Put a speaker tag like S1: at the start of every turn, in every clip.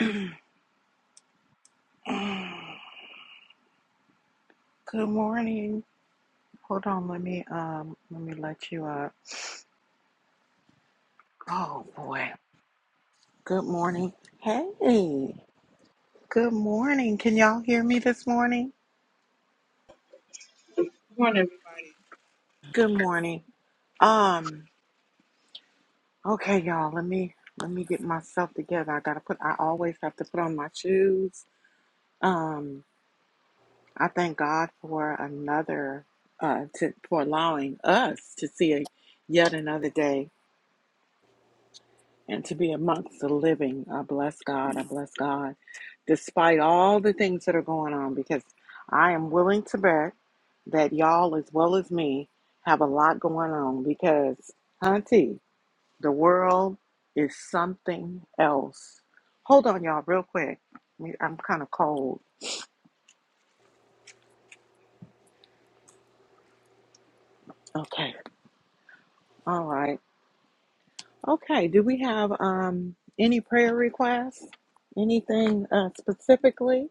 S1: Good morning. Hold on, let me um let me let you up. Oh boy. Good morning. Hey. Good morning. Can y'all hear me this morning?
S2: morning, everybody.
S1: Good morning. Um okay y'all, let me let me get myself together. I got to put I always have to put on my shoes. Um I thank God for another uh to for allowing us to see a, yet another day and to be amongst the living. I bless God. I bless God. despite all the things that are going on, because I am willing to bet that y'all, as well as me, have a lot going on. Because, hunty, the world is something else. Hold on, y'all, real quick. Me- I'm kind of cold. Okay. All right. Okay. Do we have um any prayer requests? Anything uh, specifically?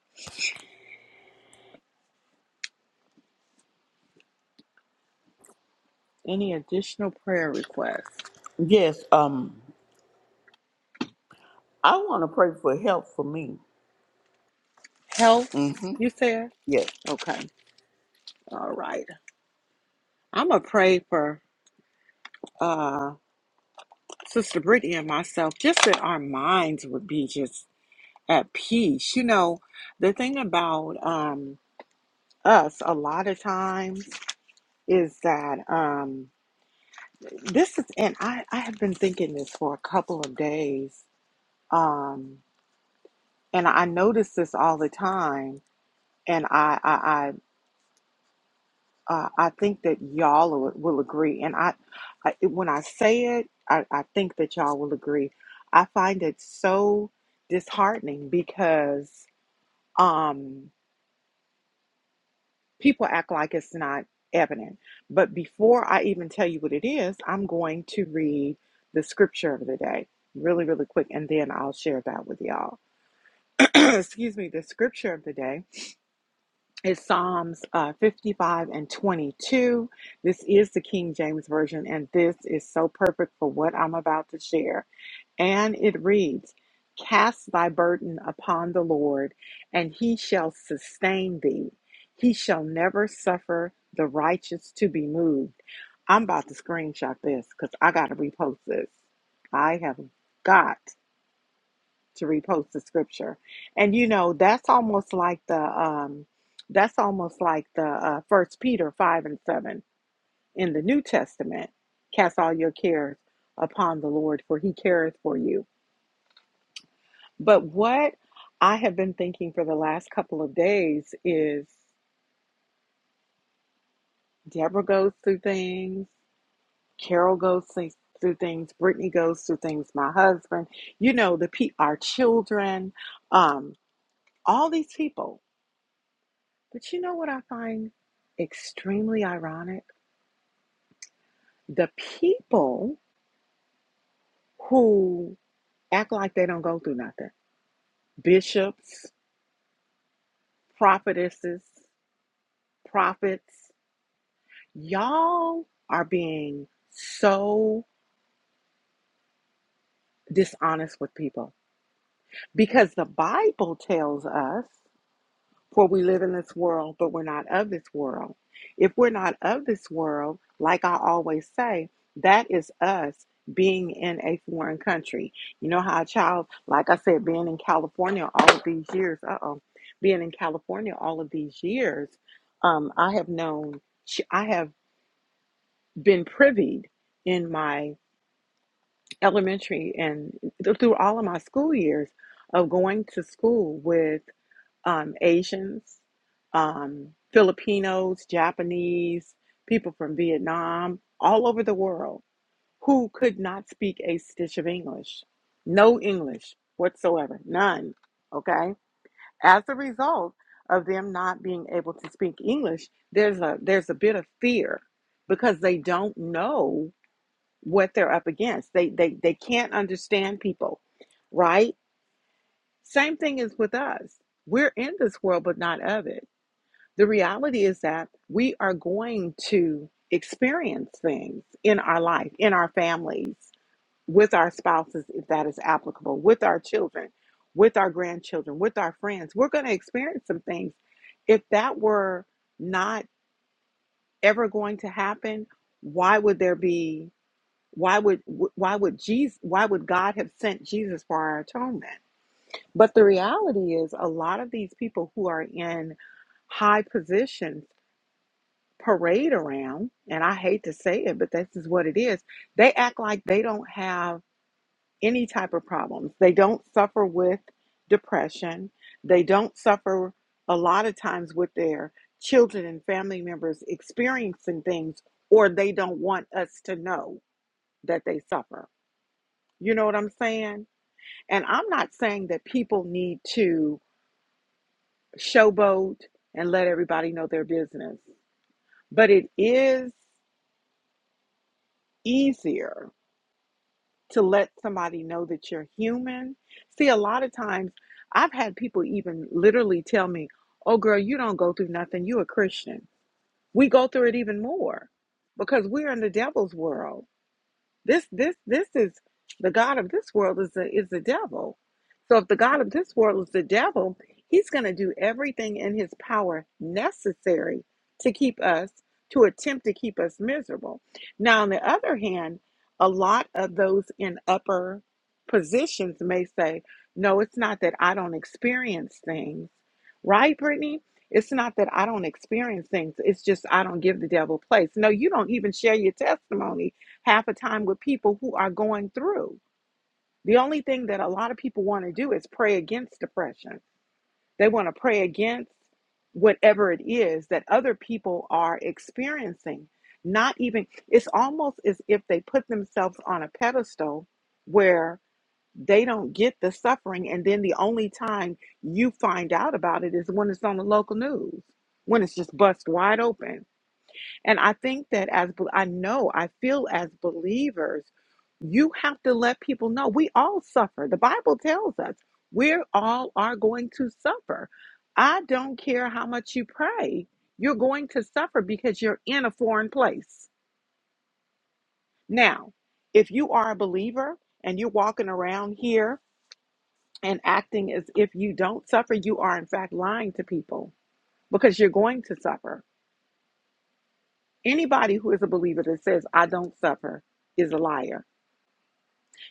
S1: Any additional prayer requests?
S3: Yes, um, I want to pray for help for me.
S1: Health,
S3: Mm-hmm.
S1: you said?
S3: Yes.
S1: Okay. All right. I'm gonna pray for uh, Sister Brittany and myself, just that our minds would be just at peace. You know, the thing about um, us a lot of times is that um, this is, and I, I have been thinking this for a couple of days, um, and I notice this all the time, and I I. uh, I think that y'all will, will agree. And I, I, when I say it, I, I think that y'all will agree. I find it so disheartening because um, people act like it's not evident. But before I even tell you what it is, I'm going to read the scripture of the day really, really quick, and then I'll share that with y'all. Excuse me, the scripture of the day is Psalms uh, 55 and 22. This is the King James Version, and this is so perfect for what I'm about to share. And it reads Cast thy burden upon the Lord, and he shall sustain thee. He shall never suffer the righteous to be moved. I'm about to screenshot this because I got to repost this. I have got to repost the scripture. And you know, that's almost like the um that's almost like the uh first Peter five and seven in the New Testament. Cast all your cares upon the Lord, for he careth for you. But what I have been thinking for the last couple of days is Deborah goes through things, Carol goes through things, Brittany goes through things, my husband, you know, the pe- our children, um, all these people But you know what I find extremely ironic? The people who act like they don't go through nothing bishops, prophetesses, prophets, y'all are being so dishonest with people because the Bible tells us For we live in this world, but we're not of this world. If we're not of this world, like I always say, that is us being in a foreign country. You know how a child, like I said, being in California all of these years, uh oh, being in California all of these years, um, I have known, I have been privied in my elementary and through all of my school years of going to school with um, Asians, um, Filipinos, Japanese, people from Vietnam, all over the world who could not speak a stitch of English. No English whatsoever, none. Okay? As a result of them not being able to speak English, there's a there's a bit of fear because they don't know what they're up against. They they they can't understand people, right? Same thing is with us. We're in this world but not of it the reality is that we are going to experience things in our life, in our families, with our spouses, if that is applicable, with our children, with our grandchildren, with our friends. We're going to experience some things. If that were not ever going to happen, why would there be? Why would why would Jesus? Why would God have sent Jesus for our atonement? But the reality is, a lot of these people who are in high positions parade around, and I hate to say it, but this is what it is. They act like they don't have any type of problems. They don't suffer with depression. They don't suffer a lot of times with their children and family members experiencing things, or they don't want us to know that they suffer. You know what I'm saying? And I'm not saying that people need to showboat and let everybody know their business, but it is easier to let somebody know that you're human. See, a lot of times I've had people even literally tell me, Oh, girl, you don't go through nothing. you a Christian. We go through it even more because we're in the devil's world. This this this is the god of this world is the is the devil. So if the god of this world is the devil, he's going to do everything in his power necessary to keep us to attempt to keep us miserable. Now on the other hand, a lot of those in upper positions may say, "No, it's not that I don't experience things." Right, Brittany? It's not that I don't experience things. It's just I don't give the devil place. No, you don't even share your testimony half the time with people who are going through. The only thing that a lot of people want to do is pray against depression. They want to pray against whatever it is that other people are experiencing. Not even, it's almost as if they put themselves on a pedestal where they don't get the suffering. And then the only time you find out about it is when it's on the local news, when it's just bust wide open and I think that as bel- I know, I feel as believers, you have to let people know we all suffer. The Bible tells us we all are going to suffer. I don't care how much you pray, you're going to suffer because you're in a foreign place. Now, if you are a believer and you're walking around here and acting as if you don't suffer, you are in fact lying to people because you're going to suffer. Anybody who is a believer that says, I don't suffer, is a liar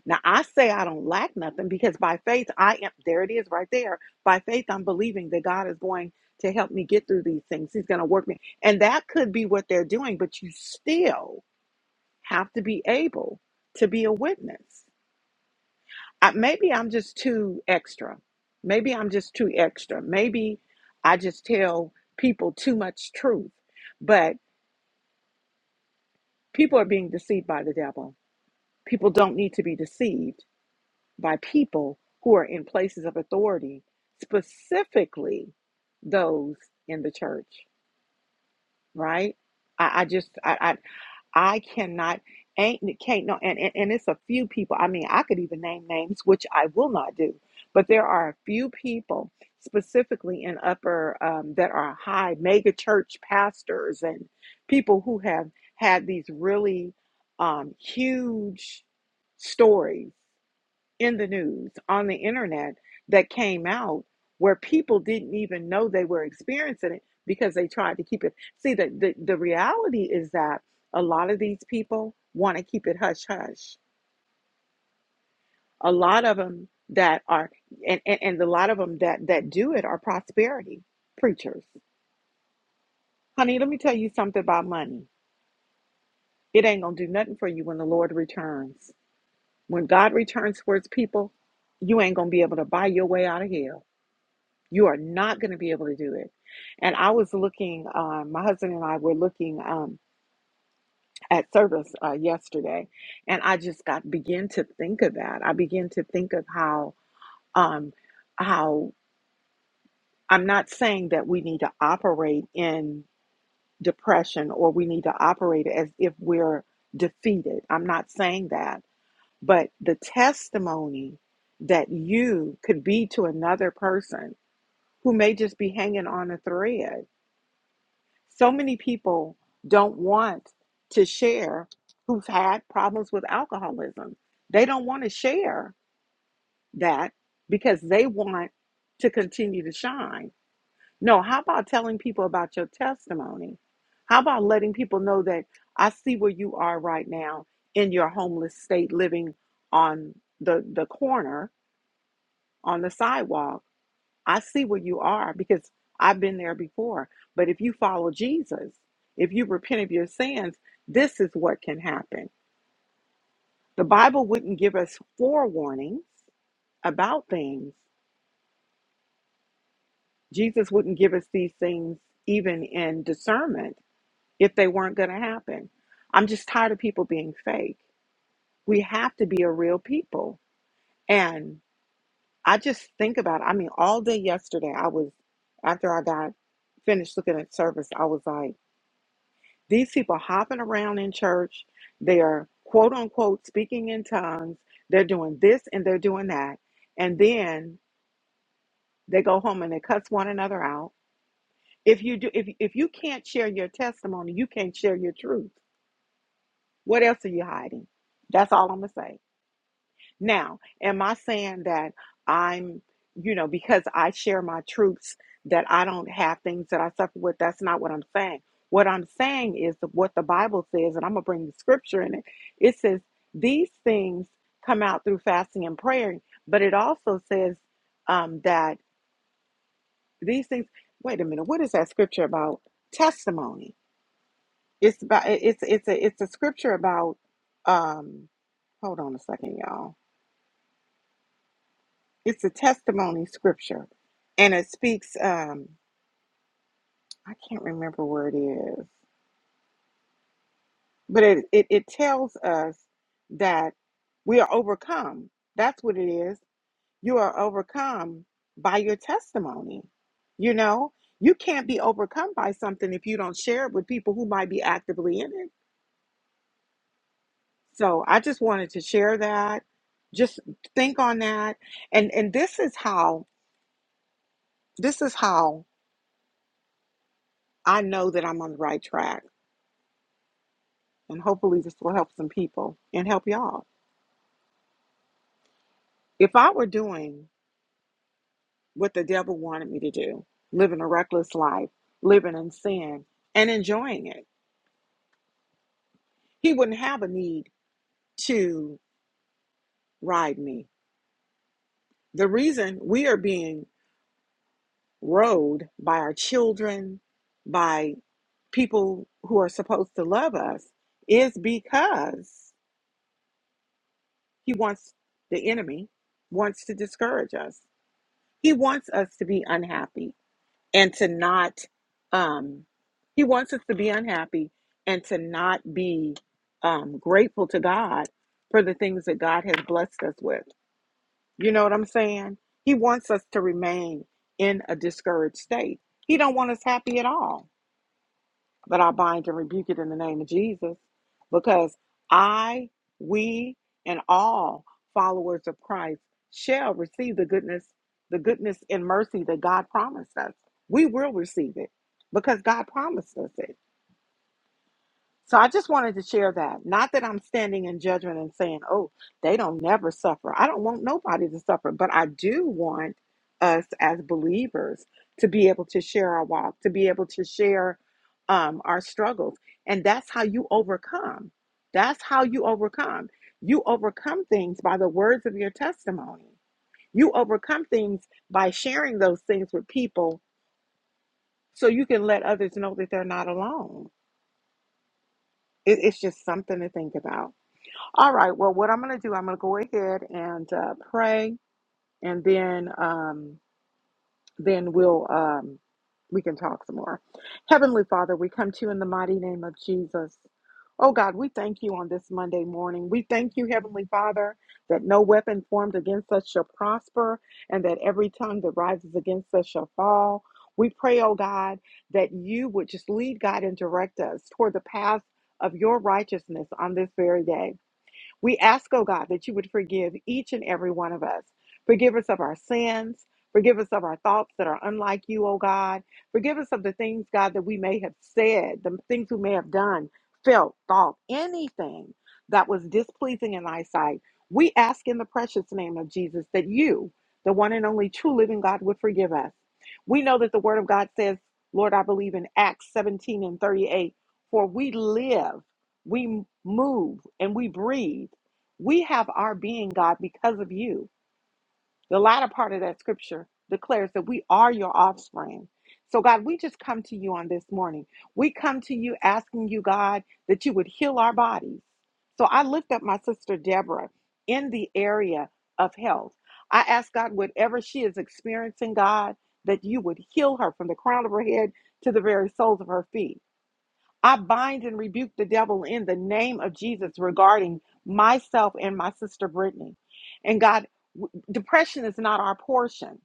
S1: Now I say I don't lack nothing because by faith I am there it is right there. By faith I'm believing that God is going to help me get through these things. He's going to work me. And that could be what they're doing, but you still have to be able to be a witness. I, maybe I'm just too extra. Maybe I'm just too extra. Maybe I just tell people too much truth. But people are being deceived by the devil. People don't need to be deceived by people who are in places of authority, specifically those in the church, right? I, I just I, I I cannot ain't can't no and, and and it's a few people. I mean, I could even name names, which I will not do, but there are a few people specifically in upper um, that are high mega church pastors and people who have had these really um, huge stories in the news, on the internet that came out where people didn't even know they were experiencing it because they tried to keep it. See, the, the, the reality is that a lot of these people want to keep it hush hush. A lot of them that are, and, and, and a lot of them that, that do it are prosperity preachers. Honey, let me tell you something about money. It ain't going to do nothing for you when the Lord returns. When God returns for his people, you ain't going to be able to buy your way out of hell. You are not going to be able to do it. And I was looking, uh, my husband and I were looking um, at service uh, yesterday, and I just got began to think of that. I began to think of how um, how I'm not saying that we need to operate in depression or we need to operate as if we're defeated. I'm not saying that, but the testimony that you could be to another person who may just be hanging on a thread So many people don't want to share who've had problems with alcoholism. They don't want to share that because they want to continue to shine. No, how about telling people about your testimony? How about letting people know that I see where you are right now in your homeless state living on the, the corner on the sidewalk I see where you are because I've been there before. But if you follow Jesus, if you repent of your sins, this is what can happen. The Bible wouldn't give us forewarnings about things. Jesus wouldn't give us these things even in discernment if they weren't going to happen. I'm just tired of people being fake. We have to be a real people. And I just think about, I mean, all day yesterday, I was, after I got finished looking at service, I was like, These people hopping around in church. They are quote unquote speaking in tongues. They're doing this and they're doing that. And then they go home and they cuss one another out. If you do if if you can't share your testimony, you can't share your truth. What else are you hiding? That's all I'm gonna say. Now, am I saying that I'm, you know, because I share my truths that I don't have things that I suffer with? That's not what I'm saying. What I'm saying is that what the Bible says, and I'm going to bring the scripture in it. It says these things come out through fasting and prayer, but it also says um, that these things. Wait a minute, what is that scripture about? Testimony. It's about it's it's a it's a scripture about. Um, hold on a second, y'all It's a testimony scripture, and it speaks. Um, I can't remember where it is, but it, it it tells us that we are overcome. That's what it is. You are overcome by your testimony. You know, you can't be overcome by something if you don't share it with people who might be actively in it. So I just wanted to share that. Just think on that, and and this is how this is how I know that I'm on the right track And hopefully, this will help some people and help y'all. If I were doing what the devil wanted me to do, living a reckless life, living in sin, and enjoying it, he wouldn't have a need to ride me. The reason we are being rode by our children, by people who are supposed to love us, is because he wants the enemy wants to discourage us. He wants us to be unhappy. and to not um he wants us to be unhappy and to not be um grateful to God for the things that God has blessed us with. You know what I'm saying? He wants us to remain in a discouraged state. He don't want us happy at all. But I bind and rebuke it in the name of Jesus because I, we, and all followers of Christ shall receive the goodness, the goodness and mercy that God promised us. We will receive it because God promised us it. So I just wanted to share that. Not that I'm standing in judgment and saying, oh, they don't never suffer. I don't want nobody to suffer, but I do want us as believers to be able to share our walk, to be able to share um, our struggles. And that's how you overcome. That's how you overcome. You overcome things by the words of your testimony. You overcome things by sharing those things with people so you can let others know that they're not alone. It, it's just something to think about. All right. Well, what I'm going to do, I'm going to go ahead and uh, pray, and then um, then we'll um, we can talk some more. Heavenly Father, we come to you in the mighty name of Jesus. Oh God, we thank you on this Monday morning. We thank you, Heavenly Father, that no weapon formed against us shall prosper, and that every tongue that rises against us shall fall. We pray, oh God, that you would just lead, God, and direct us toward the path of your righteousness on this very day. We ask, oh God, that you would forgive each and every one of us. Forgive us of our sins. Forgive us of our thoughts that are unlike you, oh God. Forgive us of the things, God, that we may have said, the things we may have done, felt, thought, anything that was displeasing in thy sight. We ask in the precious name of Jesus that you, the one and only true living God, would forgive us. We know that the word of God says, Lord, I believe in Acts 17 and 38, for we live we move and we breathe. We have our being, God, because of you. The latter part of that scripture declares that we are your offspring. So, God, we just come to you on this morning. We come to you asking you, God, that you would heal our bodies. So, I lift up my sister Deborah in the area of health. I ask God, whatever she is experiencing, God, that you would heal her from the crown of her head to the very soles of her feet. I bind and rebuke the devil in the name of Jesus regarding myself and my sister Brittany. And God, w- depression is not our portion.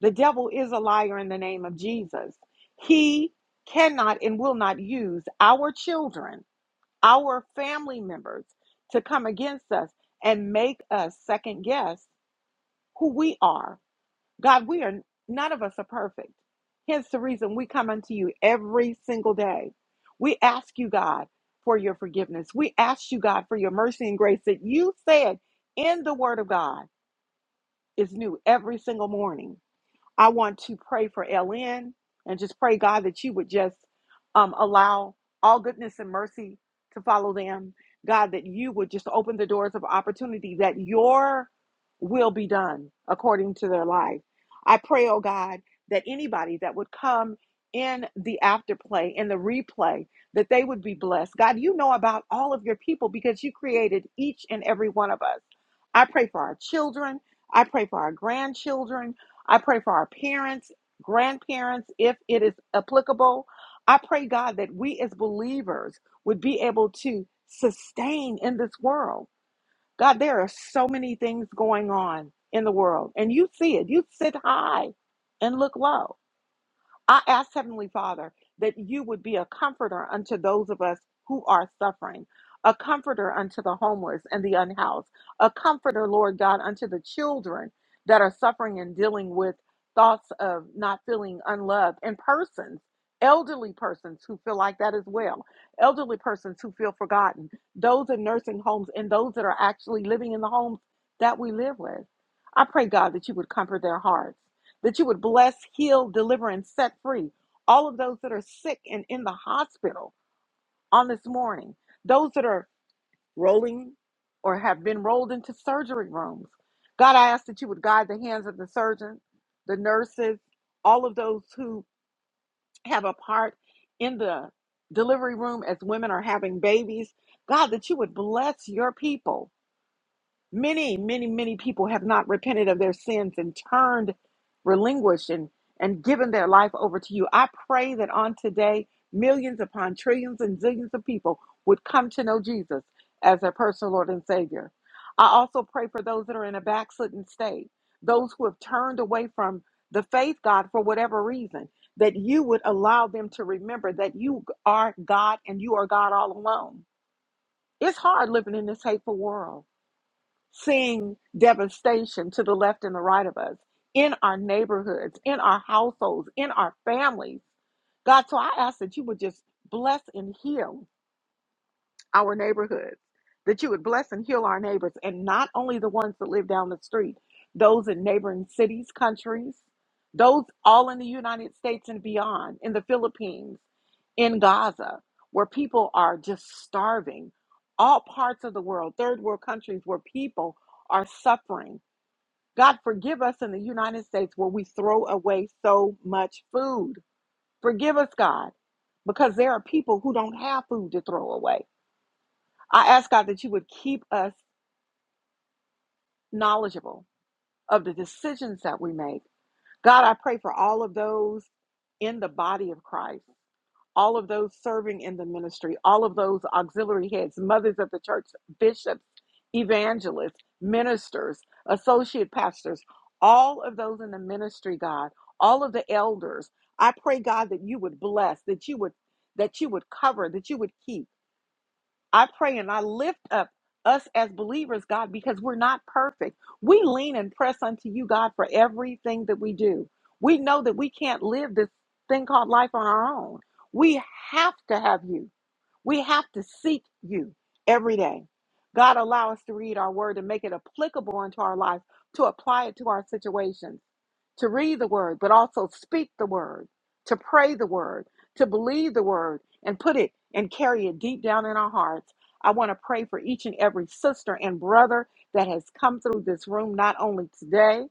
S1: The devil is a liar in the name of Jesus. He cannot and will not use our children, our family members to come against us and make us second guess who we are God, we are none of us are perfect. Hence the reason we come unto you every single day. We ask you, God, for your forgiveness. We ask you, God, for your mercy and grace that you said in the Word of God is new every single morning. I want to pray for LN and just pray, God, that you would just um, allow all goodness and mercy to follow them. God, that you would just open the doors of opportunity, that your will be done according to their life. I pray, oh God, that anybody that would come in the afterplay, in the replay, that they would be blessed. God, you know about all of your people because you created each and every one of us. I pray for our children. I pray for our grandchildren. I pray for our parents, grandparents, if it is applicable. I pray, God, that we as believers would be able to sustain in this world. God, there are so many things going on in the world, and you see it. You sit high and look low. I ask Heavenly Father that you would be a comforter unto those of us who are suffering, a comforter unto the homeless and the unhoused, a comforter, Lord God, unto the children that are suffering and dealing with thoughts of not feeling unloved, and persons, elderly persons who feel like that as well, elderly persons who feel forgotten, those in nursing homes, and those that are actually living in the homes that we live with. I pray, God, that you would comfort their hearts that you would bless, heal, deliver, and set free all of those that are sick and in the hospital on this morning, those that are rolling or have been rolled into surgery rooms. God, I ask that you would guide the hands of the surgeon, the nurses, all of those who have a part in the delivery room as women are having babies. God, that you would bless your people Many, many, many people have not repented of their sins and turned, relinquished, and, and given their life over to you. I pray that on today, millions upon trillions and zillions of people would come to know Jesus as their personal Lord and Savior. I also pray for those that are in a backslidden state, those who have turned away from the faith, God, for whatever reason, that you would allow them to remember that you are God and you are God all alone. It's hard living in this hateful world seeing devastation to the left and the right of us, in our neighborhoods, in our households, in our families. God, so I ask that you would just bless and heal our neighborhoods, that you would bless and heal our neighbors, and not only the ones that live down the street, those in neighboring cities, countries, those all in the United States and beyond, in the Philippines, in Gaza, where people are just starving, all parts of the world, third world countries where people are suffering. God, forgive us in the United States where we throw away so much food. Forgive us, God, because there are people who don't have food to throw away. I ask God that you would keep us knowledgeable of the decisions that we make. God, I pray for all of those in the body of Christ, all of those serving in the ministry, all of those auxiliary heads, mothers of the church, bishops, evangelists, ministers, associate pastors, all of those in the ministry, God, all of the elders. I pray, God, that you would bless, that you would that you would cover, that you would keep. I pray and I lift up us as believers, God, because we're not perfect. We lean and press unto you, God, for everything that we do. We know that we can't live this thing called life on our own. We have to have you. We have to seek you every day. God, allow us to read our word and make it applicable unto our life, to apply it to our situations to read the word, but also speak the word, to pray the word, to believe the word, and put it and carry it deep down in our hearts. I want to pray for each and every sister and brother that has come through this room, not only today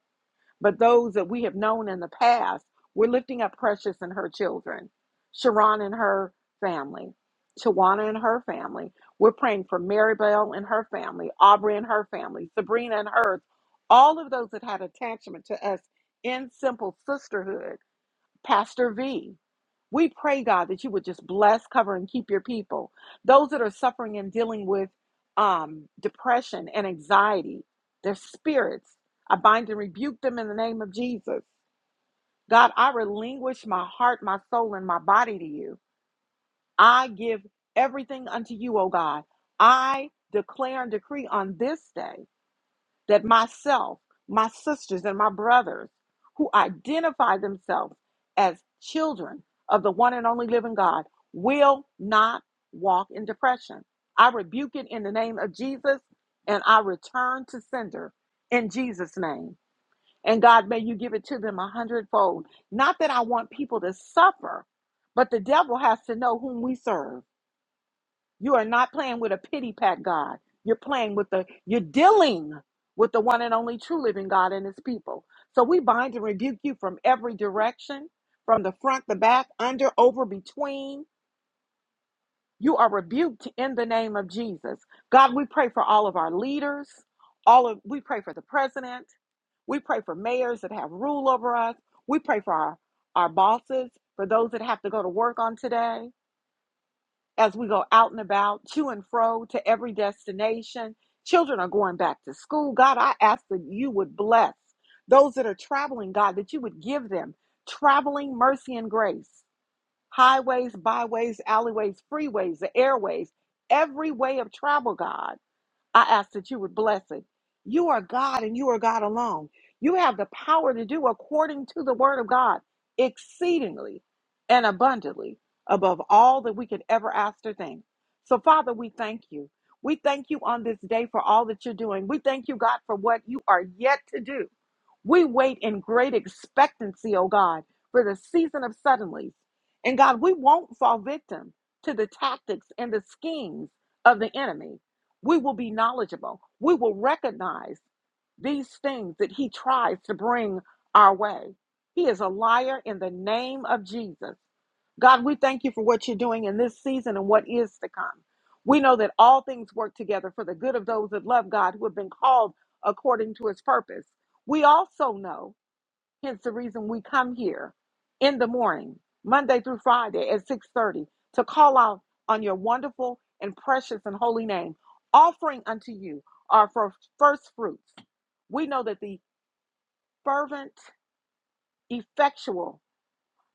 S1: but those that we have known in the past, we're lifting up Precious and her children, Sharon and her family, Shawana and her family. We're praying for Maribel and her family, Aubrey and her family, Sabrina and hers, all of those that had attachment to us in simple sisterhood, Pastor V. We pray, God, that you would just bless, cover, and keep your people. Those that are suffering and dealing with um, depression and anxiety, their spirits, I bind and rebuke them in the name of Jesus. God, I relinquish my heart, my soul, and my body to you. I give everything unto you, O God. I declare and decree on this day that myself, my sisters, and my brothers who identify themselves as children of the one and only living God will not walk in depression. I rebuke it in the name of Jesus and I return to sender in Jesus' name. And God, may you give it to them a hundredfold. Not that I want people to suffer, but the devil has to know whom we serve. You are not playing with a pity pack God. You're playing with the, you're dealing with the one and only true living God and his people. So we bind and rebuke you from every direction, from the front, the back, under, over, between. You are rebuked in the name of Jesus. God, we pray for all of our leaders, all of we pray for the president. We pray for mayors that have rule over us. We pray for our, our bosses, for those that have to go to work on today as we go out and about, to and fro, to every destination. Children are going back to school. God, I ask that you would bless those that are traveling, God, that you would give them traveling mercy and grace. Highways, byways, alleyways, freeways, the airways, every way of travel, God. I ask that you would bless it. You are God and you are God alone. You have the power to do according to the word of God exceedingly and abundantly above all that we could ever ask or think. So, Father, we thank you. We thank you on this day for all that you're doing. We thank you, God, for what you are yet to do. We wait in great expectancy, oh God, for the season of suddenlies. And God, we won't fall victim to the tactics and the schemes of the enemy we will be knowledgeable. We will recognize these things that he tries to bring our way. He is a liar in the name of Jesus. God, we thank you for what you're doing in this season and what is to come. We know that all things work together for the good of those that love God who have been called according to his purpose. We also know Hence the reason we come here in the morning, Monday through Friday at 6:30 to call out on your wonderful and precious and holy name, offering unto you our fir- first fruits. We know that the fervent, effectual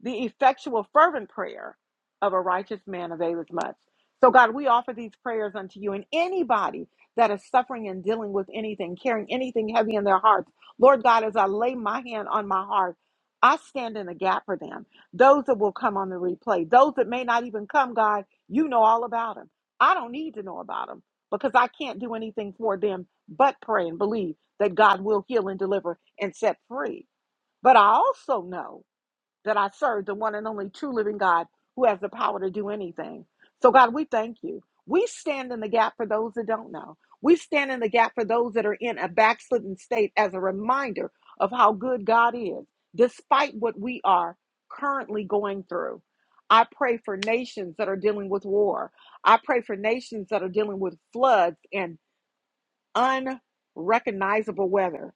S1: the effectual, fervent prayer of a righteous man availeth much. So, God, we offer these prayers unto you and anybody that is suffering and dealing with anything, carrying anything heavy in their hearts. Lord God, as I lay my hand on my heart, I stand in the gap for them. Those that will come on the replay, those that may not even come, God, you know all about them. I don't need to know about them because I can't do anything for them but pray and believe that God will heal and deliver and set free. But I also know that I serve, the one and only true living God who has the power to do anything. So, God, we thank you. We stand in the gap for those that don't know. We stand in the gap for those that are in a backslidden state as a reminder of how good God is, despite what we are currently going through. I pray for nations that are dealing with war. I pray for nations that are dealing with floods and unrecognizable weather.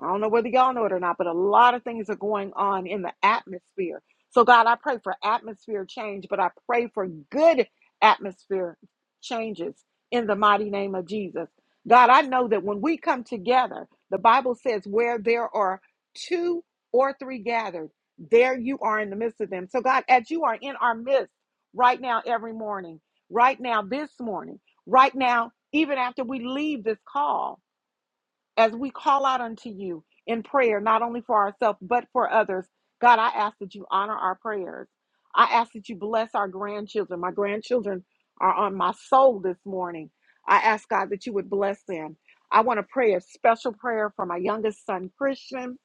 S1: I don't know whether y'all know it or not, but a lot of things are going on in the atmosphere. So, God, I pray for atmosphere change, but I pray for good atmosphere changes in the mighty name of Jesus. God, I know that when we come together, the Bible says, where there are two or three gathered, there you are in the midst of them. So, God, as you are in our midst right now, every morning, right now, this morning, right now, even after we leave this call as we call out unto you in prayer, not only for ourselves, but for others, God, I ask that you honor our prayers. I ask that you bless our grandchildren. My grandchildren are on my soul this morning. I ask God that you would bless them. I want to pray a special prayer for my youngest son, Christian,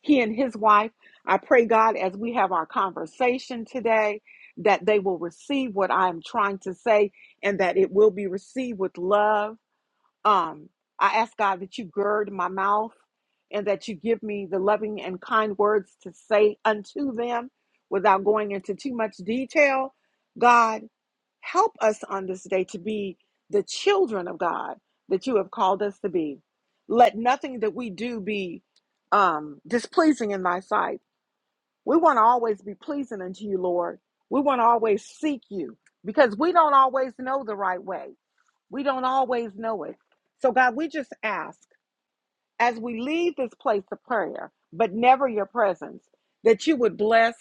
S1: he and his wife. I pray, God, as we have our conversation today, that they will receive what I am trying to say and that it will be received with love um, I ask God that you gird my mouth and that you give me the loving and kind words to say unto them without going into too much detail. God, help us on this day to be the children of God that you have called us to be. Let nothing that we do be um, displeasing in thy sight. We want to always be pleasing unto you, Lord. We want to always seek you because we don't always know the right way. We don't always know it. So, God, we just ask as we leave this place of prayer, but never your presence, that you would bless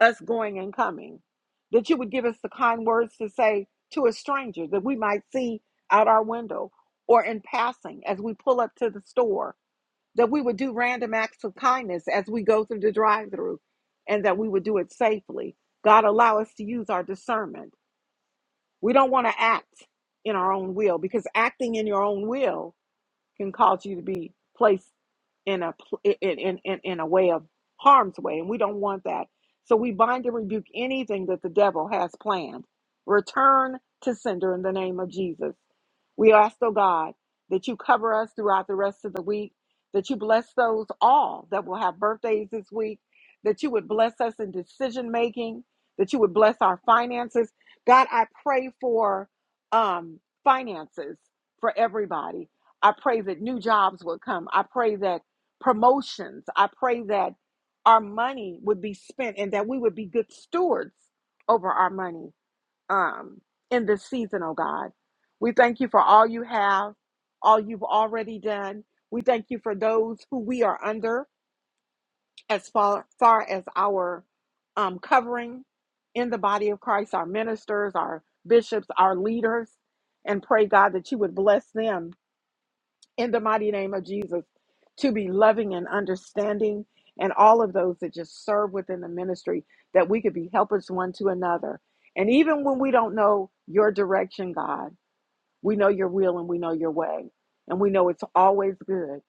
S1: us going and coming, that you would give us the kind words to say to a stranger that we might see out our window or in passing as we pull up to the store, that we would do random acts of kindness as we go through the drive through, and that we would do it safely. God, allow us to use our discernment we don't want to act in our own will because acting in your own will can cause you to be placed in a pl- in in in, in a way of harm's way, and we don't want that. So we bind and rebuke anything that the devil has planned. Return to sender in the name of Jesus. We ask, oh God, that you cover us throughout the rest of the week, that you bless those all that will have birthdays this week, that you would bless us in decision making, that you would bless our finances. God, I pray for um, finances for everybody. I pray that new jobs would come. I pray that promotions, I pray that our money would be spent and that we would be good stewards over our money um, in this season, oh God. We thank you for all you have, all you've already done. We thank you for those who we are under as far, far as our um, covering in the body of Christ, our ministers, our bishops, our leaders, and pray, God, that you would bless them in the mighty name of Jesus to be loving and understanding and all of those that just serve within the ministry that we could be helpers one to another. And even when we don't know your direction, God, we know your will and we know your way. And we know it's always good.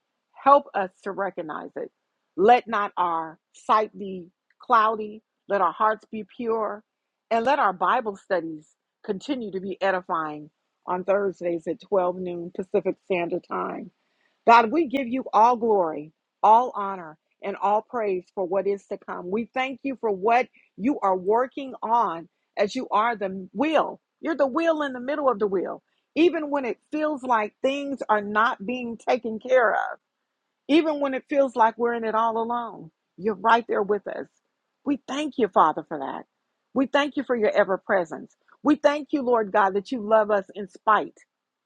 S1: Help us to recognize it. Let not our sight be cloudy. Let our hearts be pure. And let our Bible studies continue to be edifying on Thursdays at 12 noon Pacific Standard Time God, we give you all glory, all honor, and all praise for what is to come. We thank you for what you are working on as you are the wheel. You're the wheel in the middle of the wheel. Even when it feels like things are not being taken care of, even when it feels like we're in it all alone, you're right there with us. We thank you, Father, for that. We thank you for your ever presence. We thank you, Lord God, that you love us in spite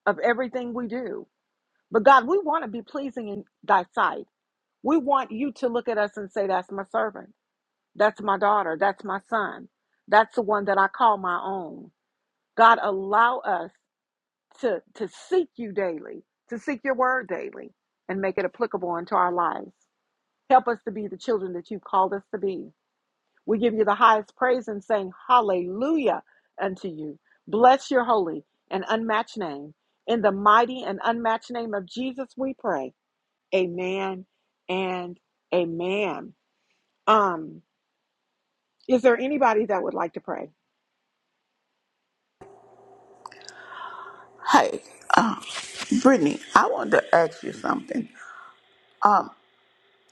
S1: of everything we do. But God, we want to be pleasing in thy sight. We want you to look at us and say, That's my servant. That's my daughter. That's my son. That's the one that I call my own. God, allow us to, to seek you daily, to seek your word daily, and make it applicable unto our lives. Help us to be the children that you've called us to be. We give you the highest praise and saying, Hallelujah unto you. Bless your holy and unmatched name. In the mighty and unmatched name of Jesus, we pray. Amen and amen. Um, is there anybody that would like to pray?
S3: Hey, um, Brittany, I wanted to ask you something. Um,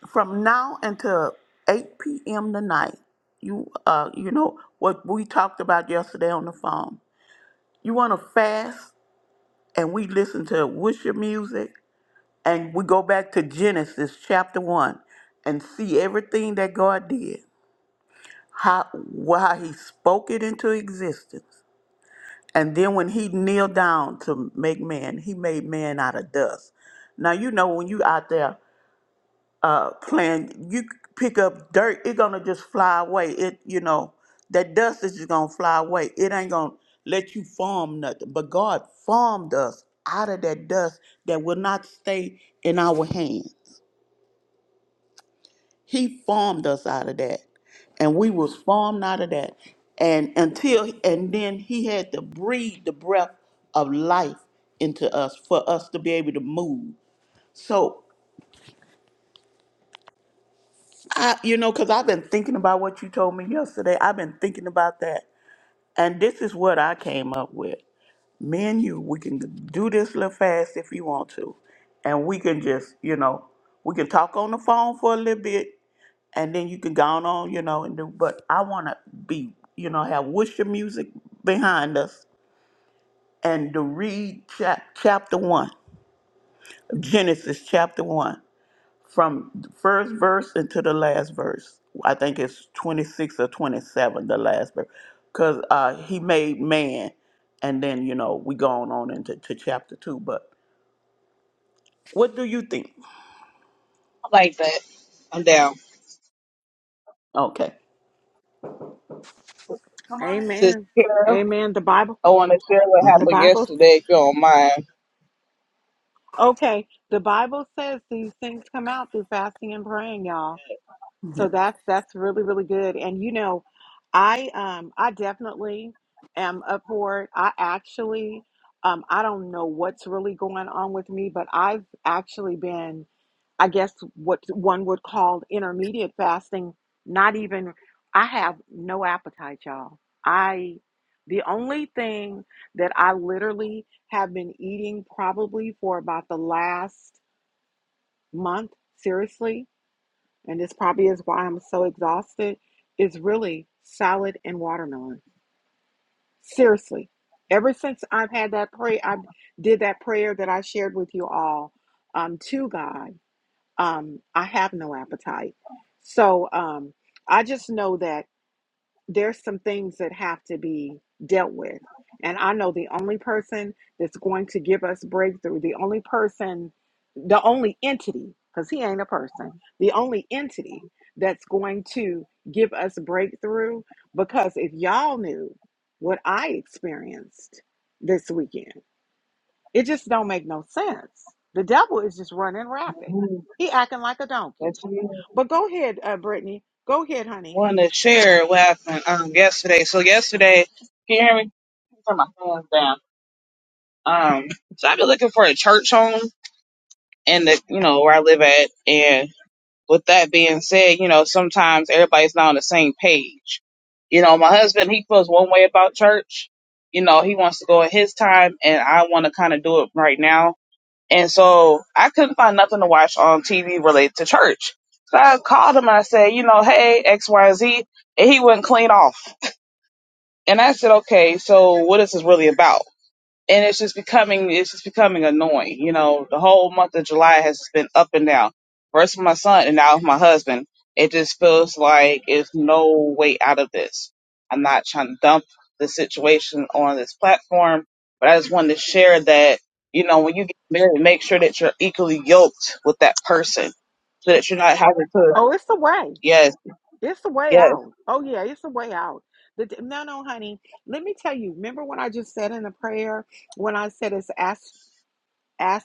S3: from now until 8 p.m. tonight, you uh, you know what we talked about yesterday on the phone. You want to fast, and we listen to worship music, and we go back to Genesis chapter one, and see everything that God did, how wh- how He spoke it into existence And then when he kneeled down to make man, he made man out of dust. Now you know when you out there uh playing, you pick up dirt, it's gonna just fly away. It you know, that dust is just gonna fly away. It ain't gonna let you form nothing. But God formed us out of that dust that will not stay in our hand. He formed us out of that. And we was formed out of that. And until and then he had to breathe the breath of life into us for us to be able to move. So I you know, because I've been thinking about what you told me yesterday. I've been thinking about that. And this is what I came up with. Me and you, we can do this little fast if you want to. And we can just, you know, we can talk on the phone for a little bit and then you can go on, you know, and do. But I want to be, you know, have worship music behind us and to read chap- chapter one, Genesis chapter one from the first verse into the last verse. I think it's 26 or 27, the last verse. Because uh, he made man, and then, you know, we going on into to chapter 2. But what do you think?
S2: I like that. I'm down.
S3: Okay.
S2: Sister
S1: Amen.
S2: Carol,
S1: Amen. The Bible,
S2: I want to share what
S3: hmm
S1: the
S2: happened
S1: Bible,
S2: yesterday, if you don't mind.
S1: okay. The Bible says these things come out through fasting and praying, y'all.
S3: Yeah.
S1: So that's that's really really good. And you know, I um I definitely am up for it. I actually um I don't know what's really going on with me, but I've actually been I guess what one would call intermediate fasting, not even, I have no appetite, y'all. I, the only thing that I literally have been eating probably for about the last month, seriously, and this probably is why I'm so exhausted, is really salad and watermelon. Seriously. Ever since I've had that prayer, I did that prayer that I shared with you all um, to God um, I have no appetite. So um, I just know that there's some things that have to be dealt with. And I know the only person that's going to give us breakthrough, the only person, the only entity, because he ain't a person, the only entity that's going to give us breakthrough. Because if y'all knew what I experienced this weekend, it just don't make no sense. The devil is just running rapid. He acting like a donkey
S2: If you I
S1: but go ahead, uh, Brittany. Go ahead, honey.
S2: want to share what happened um, yesterday. So, yesterday, can you hear me? Turn my phones down. Um, so, I've been looking for a church home and the, you know, where I live at. And with that being said, you know, sometimes everybody's not on the same page. You know, my husband, he feels one way about church. You know, he wants to go at his time, and I want to kind of do it right now. And so I couldn't find nothing to watch on TV related to church. So I called him and I said, you know, hey, X, Y, Z. And he wouldn't clean off. And I said, okay, so what is this really about? and it's just becoming it's just becoming annoying. You know, the whole month of July has been up and down. First with my son, and now with my husband. It just feels like there's no way out of this. I'm not trying to dump the situation on this platform, but I just wanted to share that you know when you get married, make sure that you're equally yoked with that person, so that you're not having to.
S1: Oh, it's the way.
S2: Yes,
S1: It's the way
S2: yes,
S1: out. Oh yeah, it's the way out. The, d- no, no, honey. Let me tell you. Remember when I just said in the prayer when I said it's as as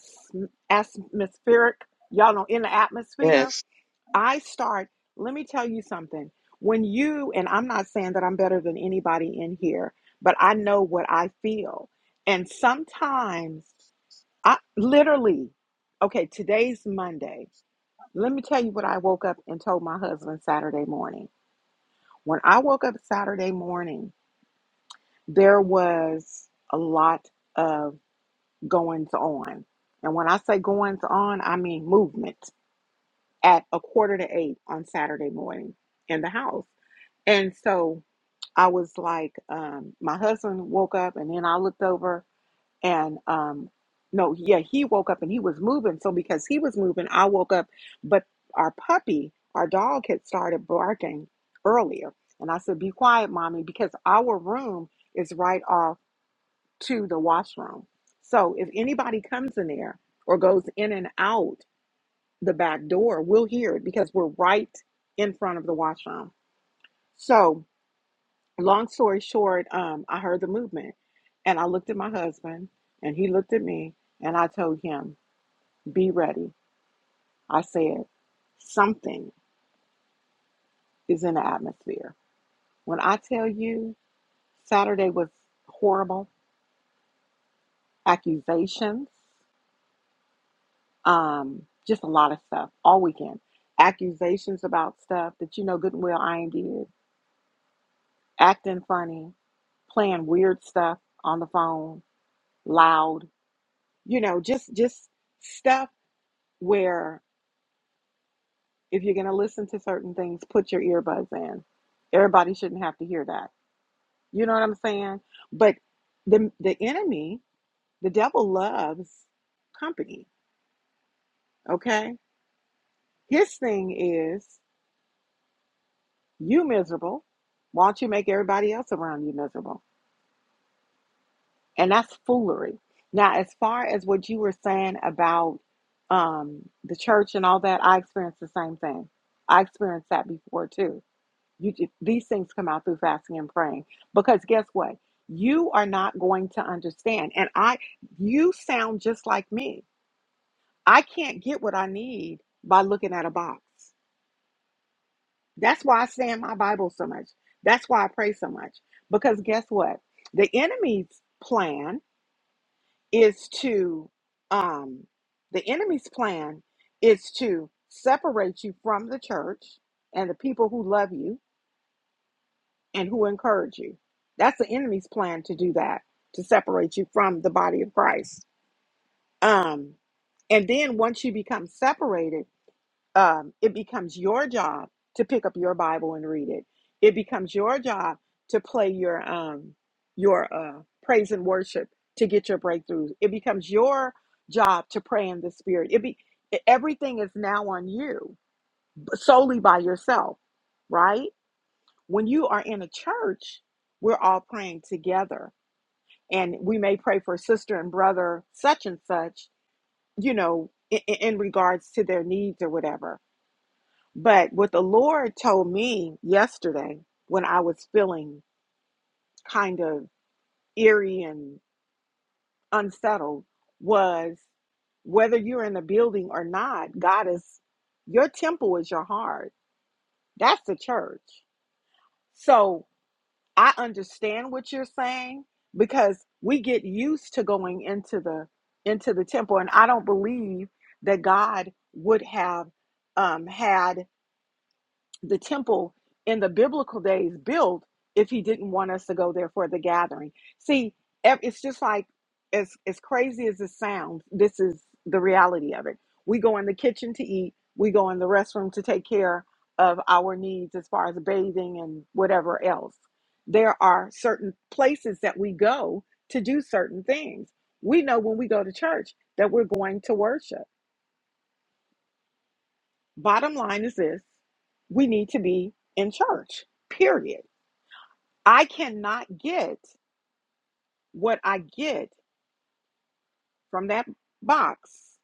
S1: atmospheric. Y'all know in the atmosphere.
S2: yes.
S1: I start. Let me tell you something. When you and I'm not saying that I'm better than anybody in here, but I know what I feel, and sometimes I literally. Okay, today's Monday. Let me tell you what I woke up and told my husband Saturday morning. When I woke up Saturday morning, there was a lot of goings on. And when I say goings on, I mean movement at a quarter to eight on Saturday morning in the house. And so I was like, um, my husband woke up and then I looked over and um no yeah he woke up and he was moving so because he was moving i woke up but our puppy our dog had started barking earlier and i said be quiet mommy because our room is right off to the washroom so if anybody comes in there or goes in and out the back door we'll hear it because we're right in front of the washroom so long story short, um, I heard the movement and I looked at my husband and he looked at me and I told him, Be ready. I said, Something is in the atmosphere. When I tell you Saturday was horrible, accusations, um, just a lot of stuff all weekend. Accusations about stuff that you know good and well I ain't did, acting funny, playing weird stuff on the phone, loud, you know, just just stuff where if you're going to listen to certain things, put your earbuds in. Everybody shouldn't have to hear that. You know what I'm saying? But the the enemy, the devil loves company, okay? His thing is you miserable. Why don't you make everybody else around you miserable? And that's foolery. Now, as far as what you were saying about um, the church and all that, I experienced the same thing. I experienced that before too You these things come out through fasting and praying because guess what? You are not going to understand. And I you sound just like me. I can't get what I need by looking at a box. That's why I stay in my Bible so much. That's why I pray so much. Because guess what? The enemy's plan is to um the enemy's plan is to separate you from the church and the people who love you and who encourage you. That's the enemy's plan to do that, to separate you from the body of Christ. Um, and then once you become separated, um, it becomes your job to pick up your Bible and read it. It becomes your job to play your um, your uh, praise and worship to get your breakthroughs. It becomes your job to pray in the Spirit. It be everything is now on you solely by yourself, right? when you are in a church, we're all praying together. And we may pray for sister and brother, such and such, you know, in, in regards to their needs or whatever. But what the Lord told me yesterday when I was feeling kind of eerie and unsettled was whether you're in a building or not, God is your temple is your heart. That's the church. So I understand what you're saying because we get used to going into the into the temple, and I don't believe that God would have um, had the temple in the biblical days built if he didn't want us to go there for the gathering. See, ev- it's just like as as crazy as it sounds, this is the reality of it. We go in the kitchen to eat, we go in the restroom to take care of our needs as far as bathing and whatever else. There are certain places that we go to do certain things. We know when we go to church that we're going to worship Bottom line is this we need to be in church, period. I cannot get what I get from that box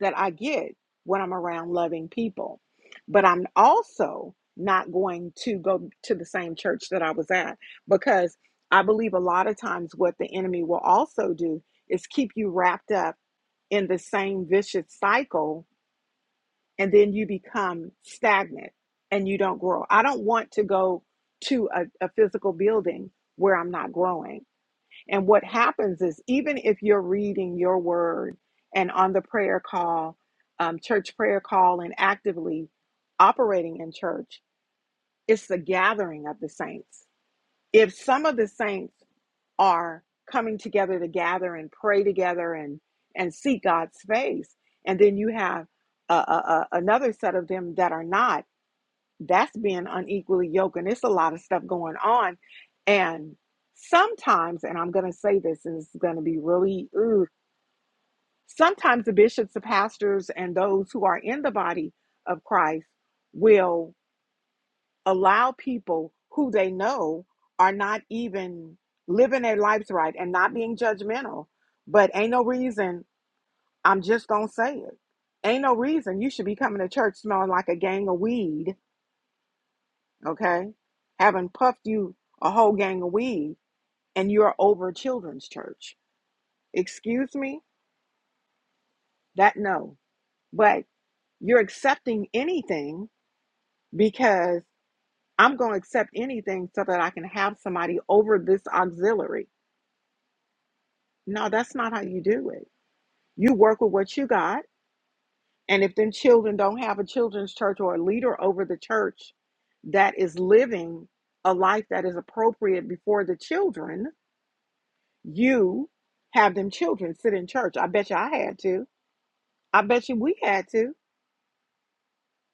S1: that I get when I'm around loving people. But I'm also not going to go to the same church that I was at because I believe a lot of times what the enemy will also do is keep you wrapped up in the same vicious cycle and then you become stagnant and you don't grow. I don't want to go to a, a physical building where I'm not growing. And what happens is, even if you're reading your word and on the prayer call, um, church prayer call, and actively operating in church, it's the gathering of the saints. If some of the saints are coming together to gather and pray together and and seek God's face. And then you have a uh, uh, another set of them that are not. That's being unequally yoked, and it's a lot of stuff going on. And sometimes, and I'm going to say this, and it's going to be really ooh, sometimes the bishops, the pastors, and those who are in the body of Christ will allow people who they know are not even living their lives right and not being judgmental. But ain't no reason, I'm just gonna say it. Ain't no reason you should be coming to church smelling like a gang of weed, okay? Having puffed you a whole gang of weed and you're over children's church. Excuse me? That no. But you're accepting anything because I'm gonna accept anything so that I can have somebody over this auxiliary No, that's not how you do it. You work with what you got. And if them children don't have a children's church or a leader over the church that is living a life that is appropriate before the children, you have them children sit in church. I bet you I had to. I bet you we had to.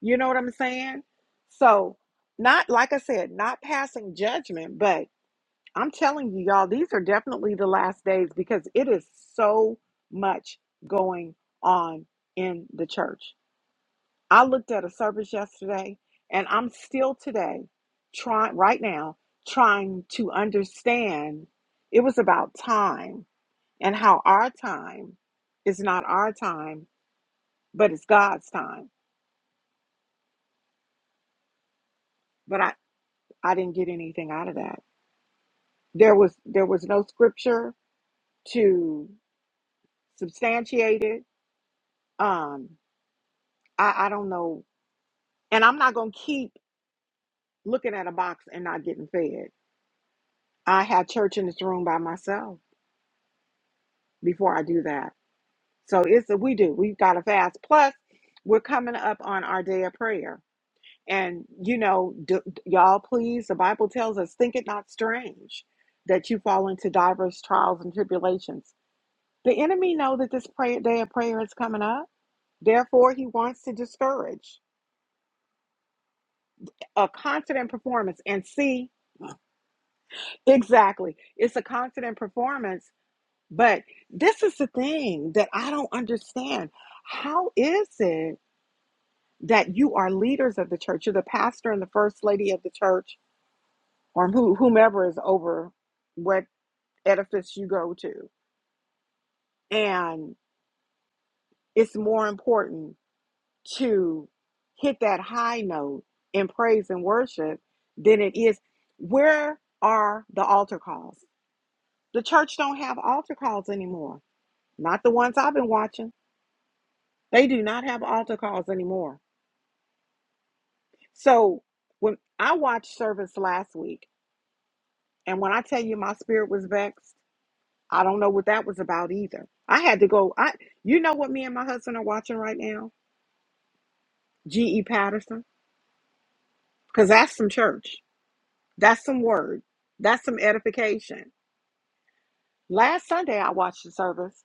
S1: You know what I'm saying? So, not like I said, not passing judgment, but I'm telling you, y'all, these are definitely the last days because it is so much going on in the church. I looked at a service yesterday and I'm still today trying, right now, trying to understand. It was about time and how our time is not our time, but it's God's time. But I, I didn't get anything out of that. There was there was no scripture to substantiate it. Um, I, I don't know. And I'm not going to keep looking at a box and not getting fed. I have church in this room by myself before I do that. So it's a, we do. We've got to fast. Plus, we're coming up on our day of prayer. And, you know, d- d- y'all, please, the Bible tells us, think it not strange that you fall into diverse trials and tribulations. The enemy know that this prayer, day of prayer is coming up. Therefore, he wants to discourage a confident performance and see Exactly. It's a constant performance. But this is the thing that I don't understand. How is it that you are leaders of the church? You're the pastor and the first lady of the church, or who, whomever is over what edifice you go to. And it's more important to hit that high note in praise and worship than it is. Where are the altar calls? The church don't have altar calls anymore not the ones I've been watching. They do not have altar calls anymore. So when I watched service last week, and when I tell you my spirit was vexed, I don't know what that was about either. I had to go. I, you know what, me and my husband are watching right now, G.E. Patterson, because that's some church. That's some word. That's some edification. Last Sunday I watched the service,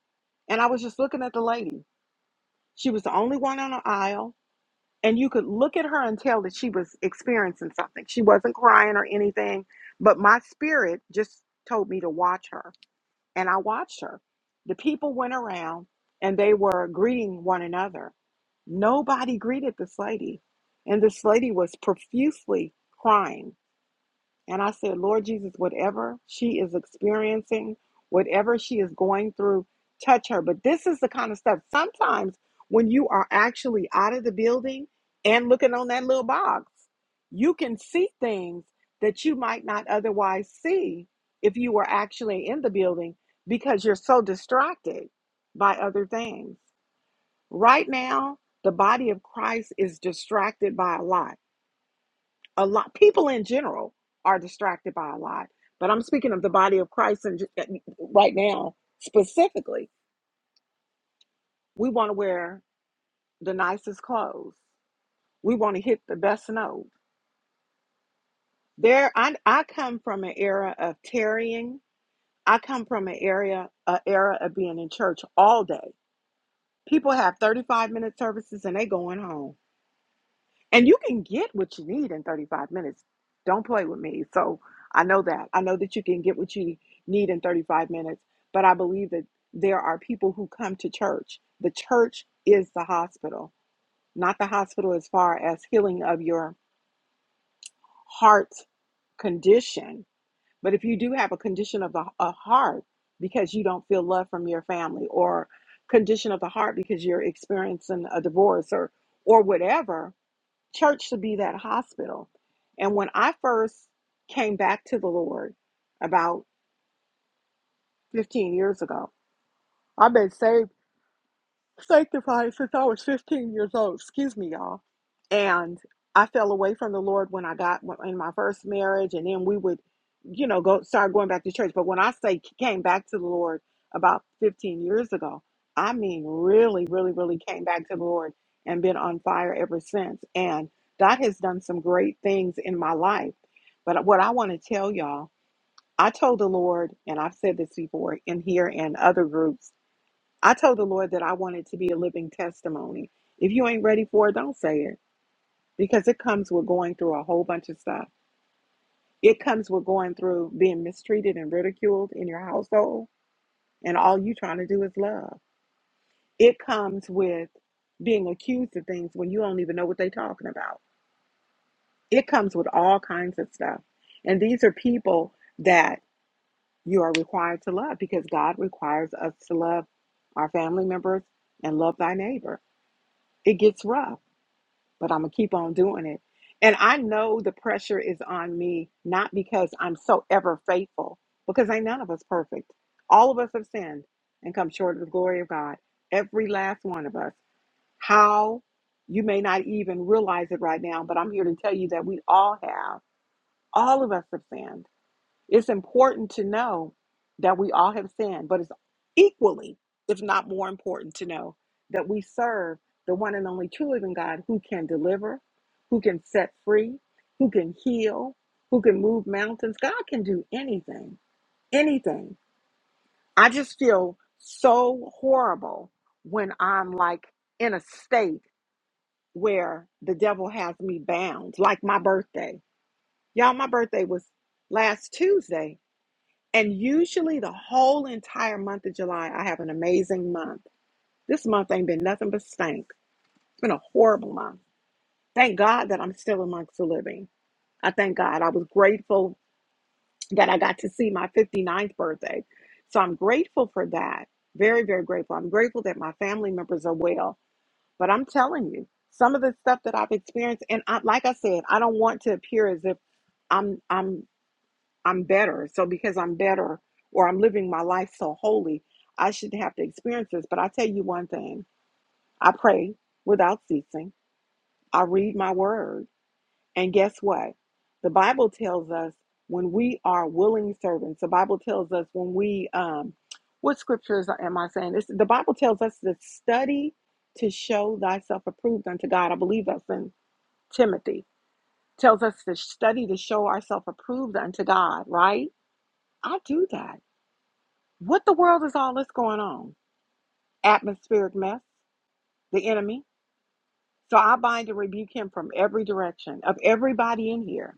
S1: and I was just looking at the lady. She was the only one on the aisle. and you could look at her and tell that she was experiencing something. She wasn't crying or anything, but my spirit just told me to watch her, and I watched her. The people went around and they were greeting one another. Nobody greeted this lady, and this lady was profusely crying. And I said, Lord Jesus, whatever she is experiencing, whatever she is going through, touch her. But this is the kind of stuff sometimes when you are actually out of the building and looking on that little box, you can see things that you might not otherwise see if you were actually in the building because you're so distracted by other things. Right now, the body of Christ is distracted by a lot a lot people in general are distracted by a lot but i'm speaking of the body of christ and ju- uh, right now specifically we want to wear the nicest clothes we want to hit the best note there i, I come from an era of tarrying i come from an area a era of being in church all day people have 35 minute services and they going home And you can get what you need in 35 minutes. Don't play with me. So I know that. I know that you can get what you need in 35 minutes, but I believe that there are people who come to church. The church is the hospital, not the hospital as far as healing of your heart condition. But if you do have a condition of the a heart because you don't feel love from your family or condition of the heart because you're experiencing a divorce or or whatever, Church should be that hospital. And when I first came back to the Lord about 15 years ago, I've been saved. sanctified since I was 15 years old. Excuse me, y'all. And I fell away from the Lord when I got in my first marriage, and then we would, you know, go start going back to church. But when I say came back to the Lord about 15 years ago, I mean really, really, really came back to the Lord and been on fire ever since. And God has done some great things in my life. But what I want to tell y'all, I told the Lord, and I've said this before in here and other groups. I told the Lord that I want it to be a living testimony. If you ain't ready for it, don't say it because it comes with going through a whole bunch of stuff. It comes with going through being mistreated and ridiculed in your household, and all you trying to do is love. It comes with being accused of things when you don't even know what they're talking about. It comes with all kinds of stuff. And these are people that you are required to love because God requires us to love our family members and love thy neighbor. It gets rough but I'm gonna keep on doing it. And I know the pressure is on me, not because I'm so ever faithful, because ain't none of us perfect. All of us have sinned and come short of the glory of God. Every last one of us. How you may not even realize it right now, but I'm here to tell you that we all have. All of us have sinned it's important to know that we all have sinned, but it's equally, if not more important, to know that we serve the one and only true living God who can deliver, who can set free, who can heal, who can move mountains. God can do anything, anything. I just feel so horrible when I'm like in a state where the devil has me bound, like my birthday. Y'all, my birthday was last Tuesday and usually the whole entire month of July, I have an amazing month. This month ain't been nothing but stank. It's been a horrible month. Thank God that I'm still amongst the living. I thank God. I was grateful that I got to see my 59th birthday. So I'm grateful for that. Very, very grateful. I'm grateful that my family members are well. But I'm telling you, some of the stuff that I've experienced, and I, like I said, I don't want to appear as if I'm I'm I'm better. So because I'm better or I'm living my life so holy, I shouldn't have to experience this. But I tell you one thing I pray without ceasing, I read my word. And guess what? The Bible tells us when we are willing servants, the Bible tells us when we, um, what scriptures am I saying? This, the Bible tells us to study to show thyself approved unto God. I believe that's in Timothy. Tells us to study to show ourselves approved unto God, right? I do that. What the world is all this going on? Atmospheric mess, the enemy. So I bind and rebuke him from every direction of everybody in here.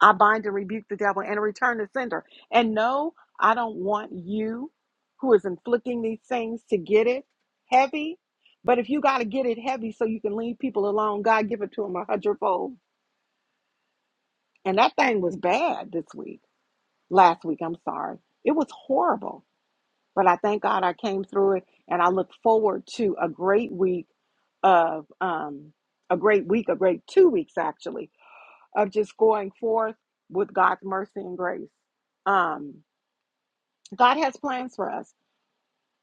S1: I bind and rebuke the devil and return the sender. And no, I don't want you who is inflicting these things to get it heavy. But if you got to get it heavy so you can leave people alone, God give it to them a hundredfold. And that thing was bad this week, last week, I'm sorry. It was horrible. But I thank God I came through it, and I look forward to a great week of um, a great week, a great two weeks actually, of just going forth with God's mercy and grace. Um, God has plans for us.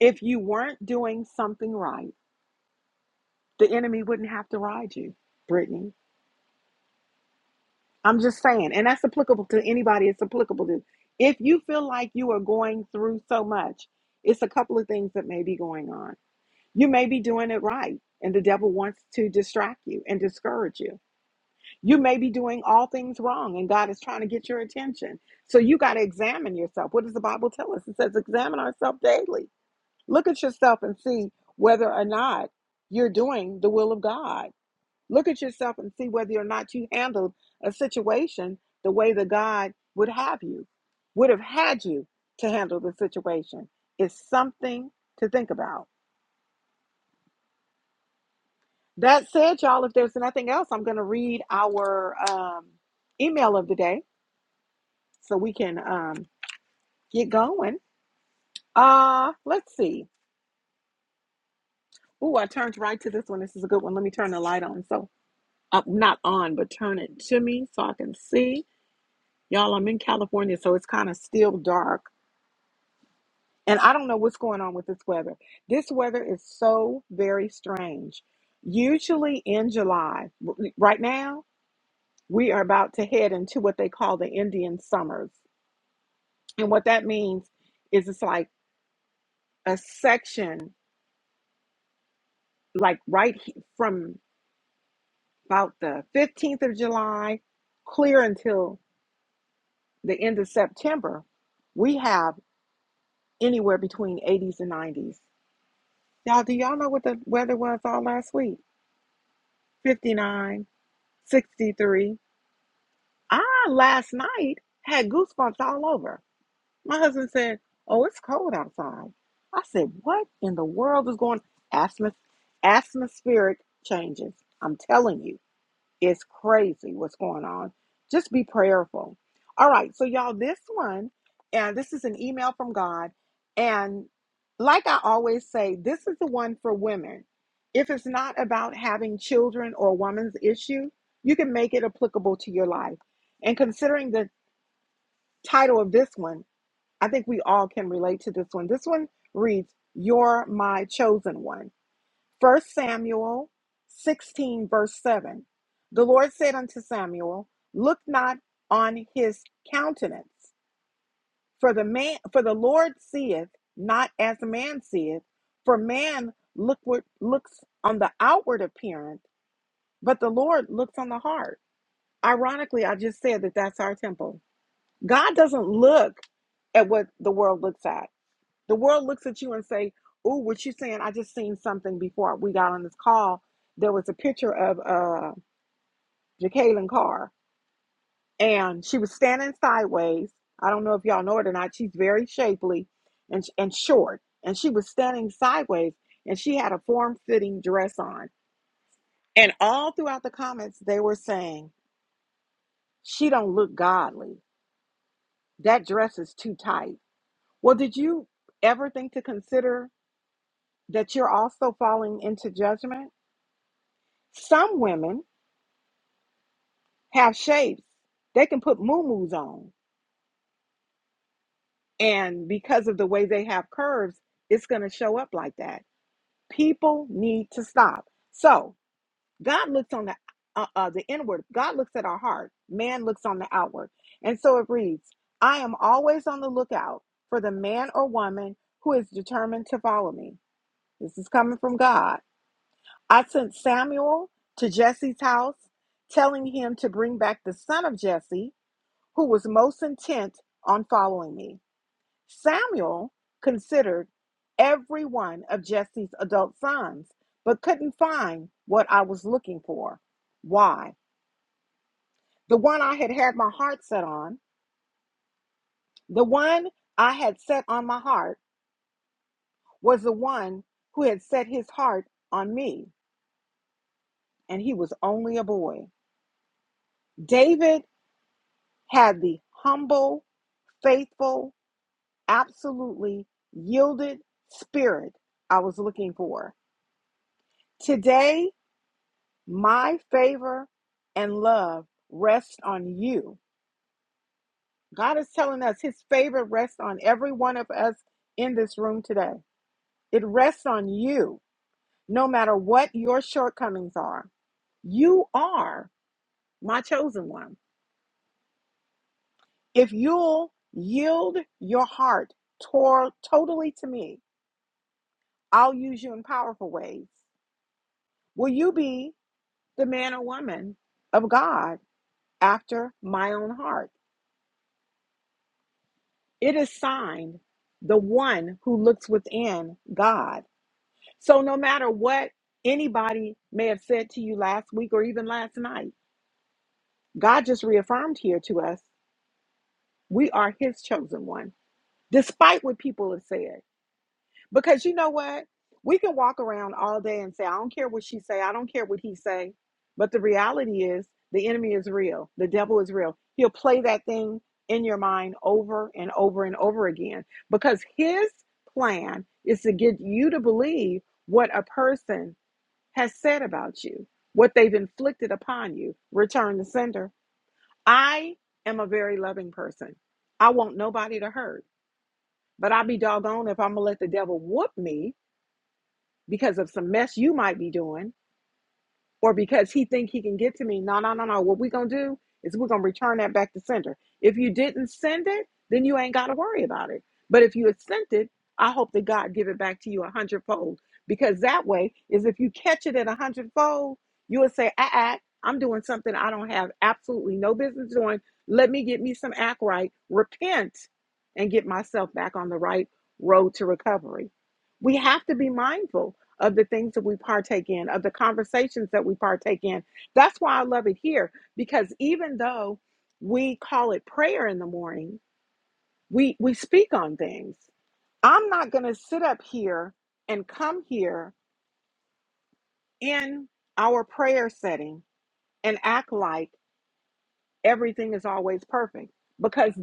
S1: If you weren't doing something right, the enemy wouldn't have to ride you, Brittany. I'm just saying, and that's applicable to anybody. It's applicable to. If you feel like you are going through so much, it's a couple of things that may be going on You may be doing it right, and the devil wants to distract you and discourage you. You may be doing all things wrong, and God is trying to get your attention. So you got to examine yourself. What does the Bible tell us? It says, examine ourselves daily. Look at yourself and see whether or not you're doing the will of God. Look at yourself and see whether or not you handled a situation the way that God would have you, would have had you to handle the situation. It's something to think about. That said, y'all, if there's nothing else, I'm going to read our um, email of the day so we can um, get going. Uh, let's see. Ooh, I turned right to this one. This is a good one. Let me turn the light on. So, uh, not on, but turn it to me so I can see. Y'all, I'm in California, so it's kind of still dark. And I don't know what's going on with this weather. This weather is so very strange. Usually in July, w- right now, we are about to head into what they call the Indian summers And what that means is it's like a section, like right he- from about the 15th of July clear until the end of September, we have anywhere between 80s and 90s. Y'all, do y'all know what the weather was all last week? Fifty nine, sixty three. 63. I last night had goosebumps all over. My husband said, Oh, it's cold outside. I said, What in the world is going on?" Atmos- Atmospheric changes. I'm telling you, it's crazy what's going on. Just be prayerful. All right, so y'all, this one, and this is an email from God. And like I always say, this is the one for women. If it's not about having children or a woman's issue, you can make it applicable to your life. And considering the title of this one, I think we all can relate to this one. This one reads, You're my chosen one. First Samuel 16, verse 7. The Lord said unto Samuel, Look not on his countenance, for the man for the Lord seeth not as man seeth, for man lookward, looks on the outward appearance, but the Lord looks on the heart. Ironically, I just said that that's our temple. God doesn't look at what the world looks at. The world looks at you and say, "Oh, what you saying? I just seen something before we got on this call. There was a picture of uh Jacqueline Carr, and she was standing sideways. I don't know if y'all know it or not. She's very shapely and and short, and she was standing sideways, and she had a form-fitting dress on. And all throughout the comments, they were saying she don't look godly. That dress is too tight. Well, did you ever think to consider that you're also falling into judgment? Some women have shapes. They can put muumuus on. And because of the way they have curves, it's going to show up like that. People need to stop. So God looks on the uh, uh, the inward. God looks at our heart. Man looks on the outward. And so it reads, I am always on the lookout for the man or woman who is determined to follow me. This is coming from God. I sent Samuel to Jesse's house, telling him to bring back the son of Jesse who was most intent on following me. Samuel considered every one of Jesse's adult sons, but couldn't find what I was looking for. Why? The one I had had my heart set on, the one I had set on my heart, was the one who had set his heart on me, and he was only a boy. David had the humble, faithful, absolutely yielded spirit I was looking for. Today, my favor and love rest on you. God is telling us his favor rests on every one of us in this room today. It rests on you, no matter what your shortcomings are. You are my chosen one. If you'll yield your heart tor- totally to me, I'll use you in powerful ways. Will you be the man or woman of God after my own heart? It is signed the one who looks within God. So no matter what anybody may have said to you last week or even last night, God just reaffirmed here to us we are his chosen one, despite what people have said. Because you know what? We can walk around all day and say, I don't care what she say, I don't care what he say. But the reality is the enemy is real. The devil is real. He'll play that thing in your mind over and over and over again because his plan is to get you to believe what a person has said about you, what they've inflicted upon you. Return the sender. I am a very loving person. I want nobody to hurt, but I'll be doggone if I'm going to let the devil whoop me because of some mess you might be doing or because he think he can get to me no no no no what we gonna do is we're gonna return that back to sender if you didn't send it then you ain't gotta worry about it but if you had sent it i hope that god give it back to you a hundredfold because that way is if you catch it at a hundredfold you would say ah, ah i'm doing something i don't have absolutely no business doing let me get me some act right repent and get myself back on the right road to recovery we have to be mindful of the things that we partake in, of the conversations that we partake in. That's why I love it here because even though we call it prayer in the morning, we we speak on things. I'm not going to sit up here and come here in our prayer setting and act like everything is always perfect because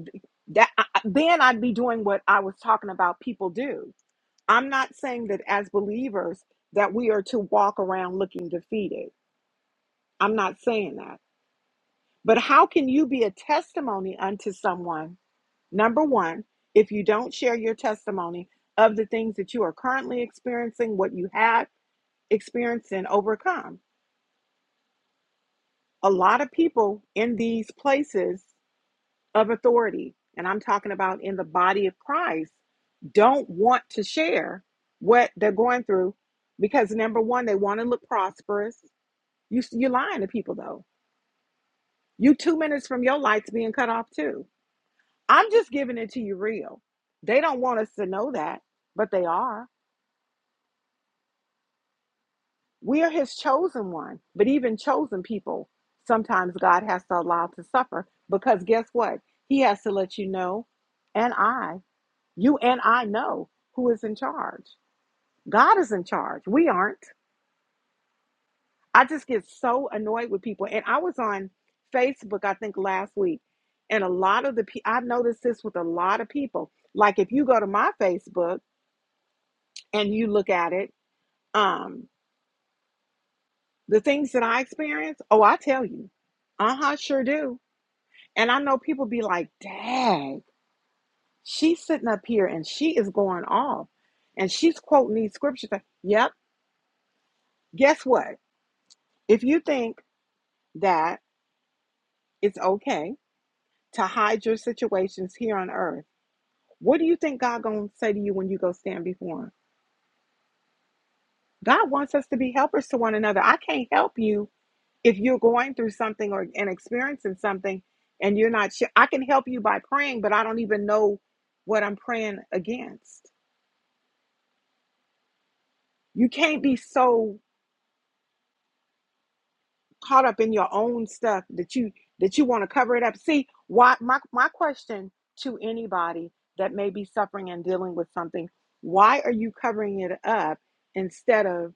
S1: that then I'd be doing what I was talking about people do. I'm not saying that as believers that we are to walk around looking defeated. I'm not saying that. But how can you be a testimony unto someone, number one, if you don't share your testimony of the things that you are currently experiencing, what you have experienced and overcome? A lot of people in these places of authority, and I'm talking about in the body of Christ, don't want to share what they're going through because number one, they want to look prosperous. You, you're lying to people though. You two minutes from your lights being cut off too I'm just giving it to you real. They don't want us to know that, but they are. We are his chosen one. But even chosen people, sometimes God has to allow to suffer because guess what? He has to let you know, and I, you and I know who is in charge. God is in charge. We aren't. I just get so annoyed with people. And I was on Facebook, I think last week, and a lot of the people, I noticed this with a lot of people. Like if you go to my Facebook and you look at it, Um, the things that I experience, oh, I tell you, uh huh, sure do. And I know people be like, "Dag, she's sitting up here and she is going off, and she's quoting these scriptures." Like, yep. Guess what? If you think that it's okay to hide your situations here on earth, what do you think God gonna say to you when you go stand before Him? God wants us to be helpers to one another. I can't help you if you're going through something or and experiencing something and you're not sure i can help you by praying but i don't even know what i'm praying against you can't be so caught up in your own stuff that you that you want to cover it up see why my, my question to anybody that may be suffering and dealing with something why are you covering it up instead of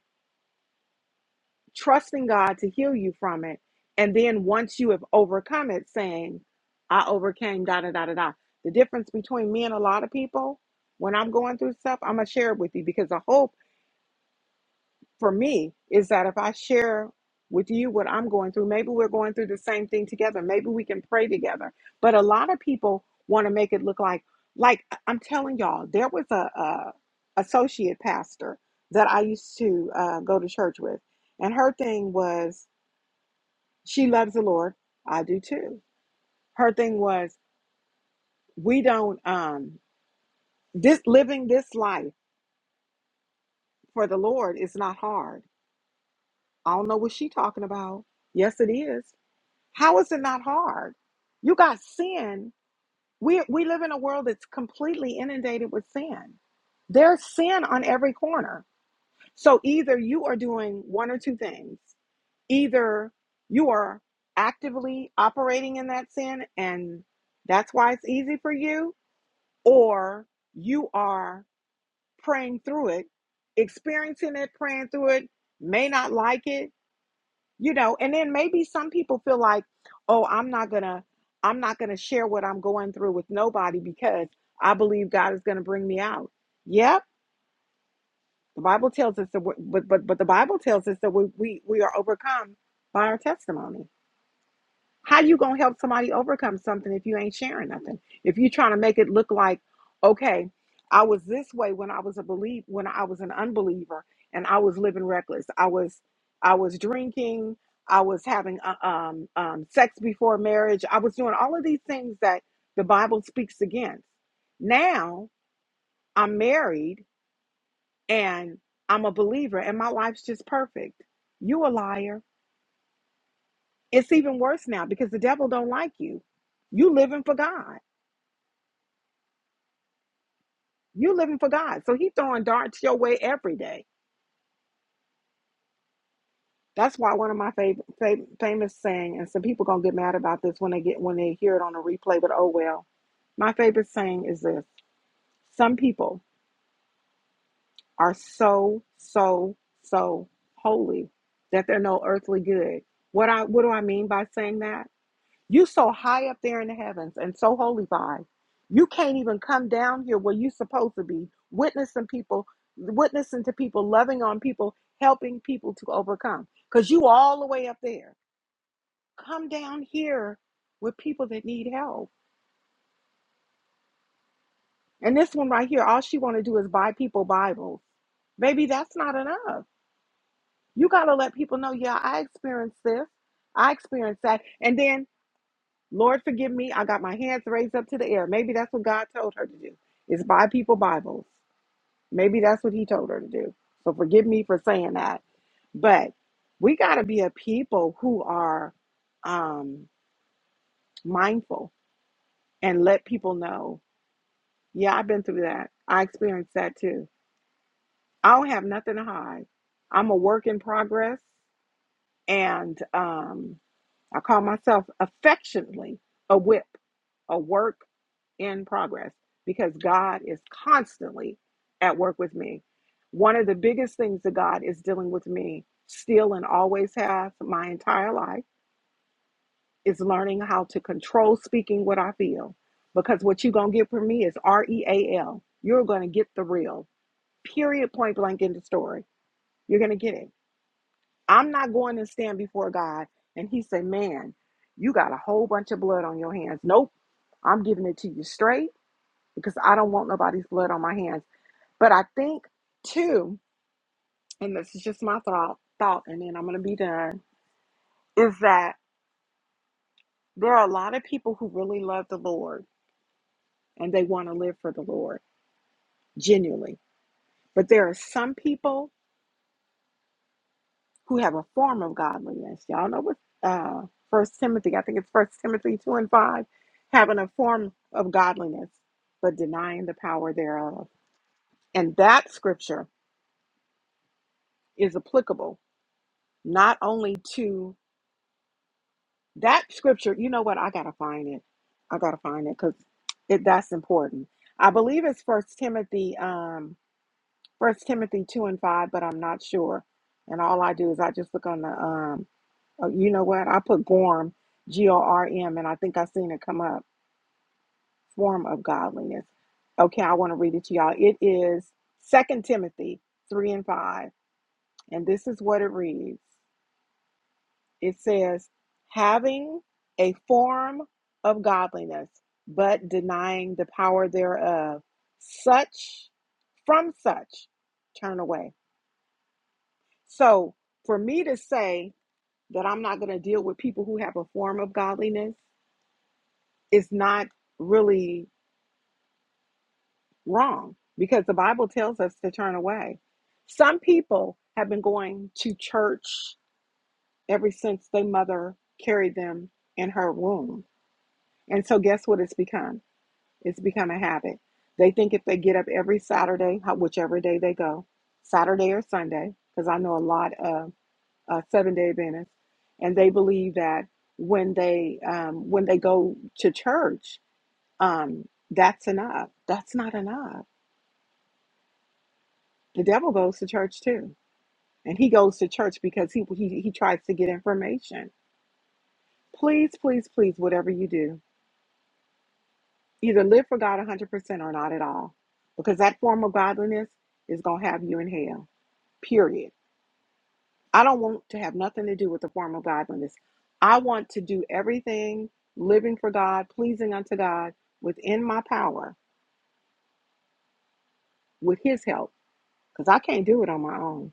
S1: trusting God to heal you from it. And then once you have overcome it, saying, I overcame, da da da da da. The difference between me and a lot of people, when I'm going through stuff, I'm going to share it with you because the hope for me is that if I share with you what I'm going through, maybe we're going through the same thing together. Maybe we can pray together. But a lot of people want to make it look like, like I'm telling y'all, there was a, a associate pastor that I used to uh, go to church with, and her thing was she loves the Lord. I do too. Her thing was, we don't um this living this life for the Lord is not hard. I don't know what she's talking about. Yes, it is. How is it not hard? You got sin. We we live in a world that's completely inundated with sin. There's sin on every corner. So either you are doing one or two things. Either you are actively operating in that sin and that's why it's easy for you, or you are praying through it, experiencing it, praying through it, may not like it, you know, and then maybe some people feel like, oh, I'm not gonna, I'm not gonna share what I'm going through with nobody because I believe God is gonna bring me out. Yep, the Bible tells us that, but but but the Bible tells us that we we we are overcome by our testimony. How you gonna help somebody overcome something if you ain't sharing nothing? If you trying to make it look like, okay, I was this way when I was a believe when I was an unbeliever and I was living reckless. I was I was drinking. I was having uh, um, um, sex before marriage. I was doing all of these things that the Bible speaks against. Now I'm married and I'm a believer and my life's just perfect. You a liar it's even worse now because the devil don't like you. You living for God. You living for God. So he throwing darts your way every day. That's why one of my favorite fam- famous saying, and some people gonna get mad about this when they get when they hear it on a replay, but oh well. My favorite saying is this: Some people are so so so holy that they're no earthly good. What I what do I mean by saying that? You so high up there in the heavens and so holy by. You can't even come down here where you supposed to be, witnessing people, witnessing to people, loving on people, helping people to overcome. Because you all the way up there. Come down here with people that need help. And this one right here, all she want to do is buy people Bibles. Baby, that's not enough. You gotta let people know, yeah, I experienced this. I experienced that. And then Lord, forgive me. I got my hands raised up to the air. Maybe that's what God told her to do. Is buy people Bibles. Maybe that's what He told her to do. So forgive me for saying that. But we got to be a people who are um, mindful and let people know. Yeah, I've been through that. I experienced that too. I don't have nothing to hide. I'm a work in progress, and um, I call myself affectionately a whip, a work in progress because God is constantly at work with me. One of the biggest things that God is dealing with me still and always has my entire life is learning how to control speaking what I feel because what you're going to get from me is R E A L. You're going to get the real, period, point blank in the story. You're going to get it. I'm not going to stand before God and He say, Man, you got a whole bunch of blood on your hands. Nope. I'm giving it to you straight. because I don't want nobody's blood on my hands. But I think too, and this is just my thought thought, and then I'm gonna be done, is that there are a lot of people who really love the Lord and they want to live for the Lord genuinely. But there are some people who have a form of godliness. Y'all know what uh First Timothy, I think it's First Timothy two and five, having a form of godliness, but denying the power thereof. And that scripture is applicable not only to That scripture, you know what? I gotta find it. I gotta find it because it that's important. I believe it's First Timothy, um, First Timothy two and five, but I'm not sure. And all I do is I just look on the, um, oh, you know what? I put Gorm, G O R M, and I think I seen it come up. Form of godliness. Okay, I want to read it to y'all. It is Second Timothy three and five, and this is what it reads. It says, having a form of godliness, but denying the power thereof, such from such turn away. So, for me to say that I'm not going to deal with people who have a form of godliness is not really wrong because the Bible tells us to turn away. Some people have been going to church ever since their mother carried them in her womb. And so, guess what it's become? It's become a habit. They think if they get up every Saturday, whichever day they go, Saturday or Sunday, because I know a lot of uh, seven day Adventists, and they believe that when they um, when they go to church, um, that's enough. That's not enough. The devil goes to church too, and he goes to church because he he, he tries to get information. Please, please, please, whatever you do, either live for God 100% or not at all, because that form of godliness is going to have you in hell. period. I don't want to have nothing to do with the form of godliness. I want to do everything living for God, pleasing unto God within my power with His help because I can't do it on my own.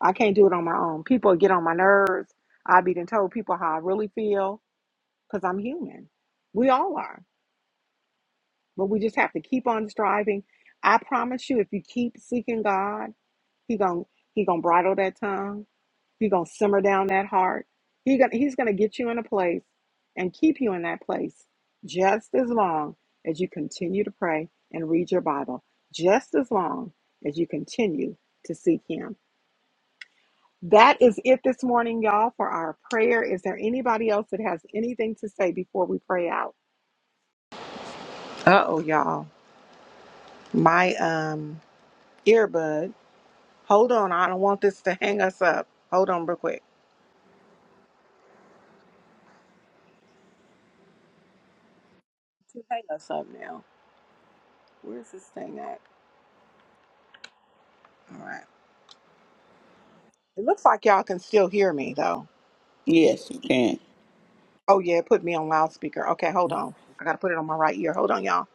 S1: I can't do it on my own. People get on my nerves. I've been told people how I really feel because I'm human. We all are, but we just have to keep on striving. I promise you, if you keep seeking God, He gon' He gonna bridle that tongue You're gonna simmer down that heart. He gonna, he's gonna get you in a place and keep you in that place just as long as you continue to pray and read your Bible, just as long as you continue to seek him. That is it this morning, y'all, for our prayer. Is there anybody else that has anything to say before we pray out? Uh oh, y'all. My um earbud. Hold on, I don't want this to hang us up. Hold on real quick. To hang us up now. Where's this thing at? All right. It looks like y'all can still hear me though.
S3: Yes, you can.
S1: Oh yeah, it put me on loudspeaker. Okay, hold on. I gotta put it on my right ear. Hold on, y'all.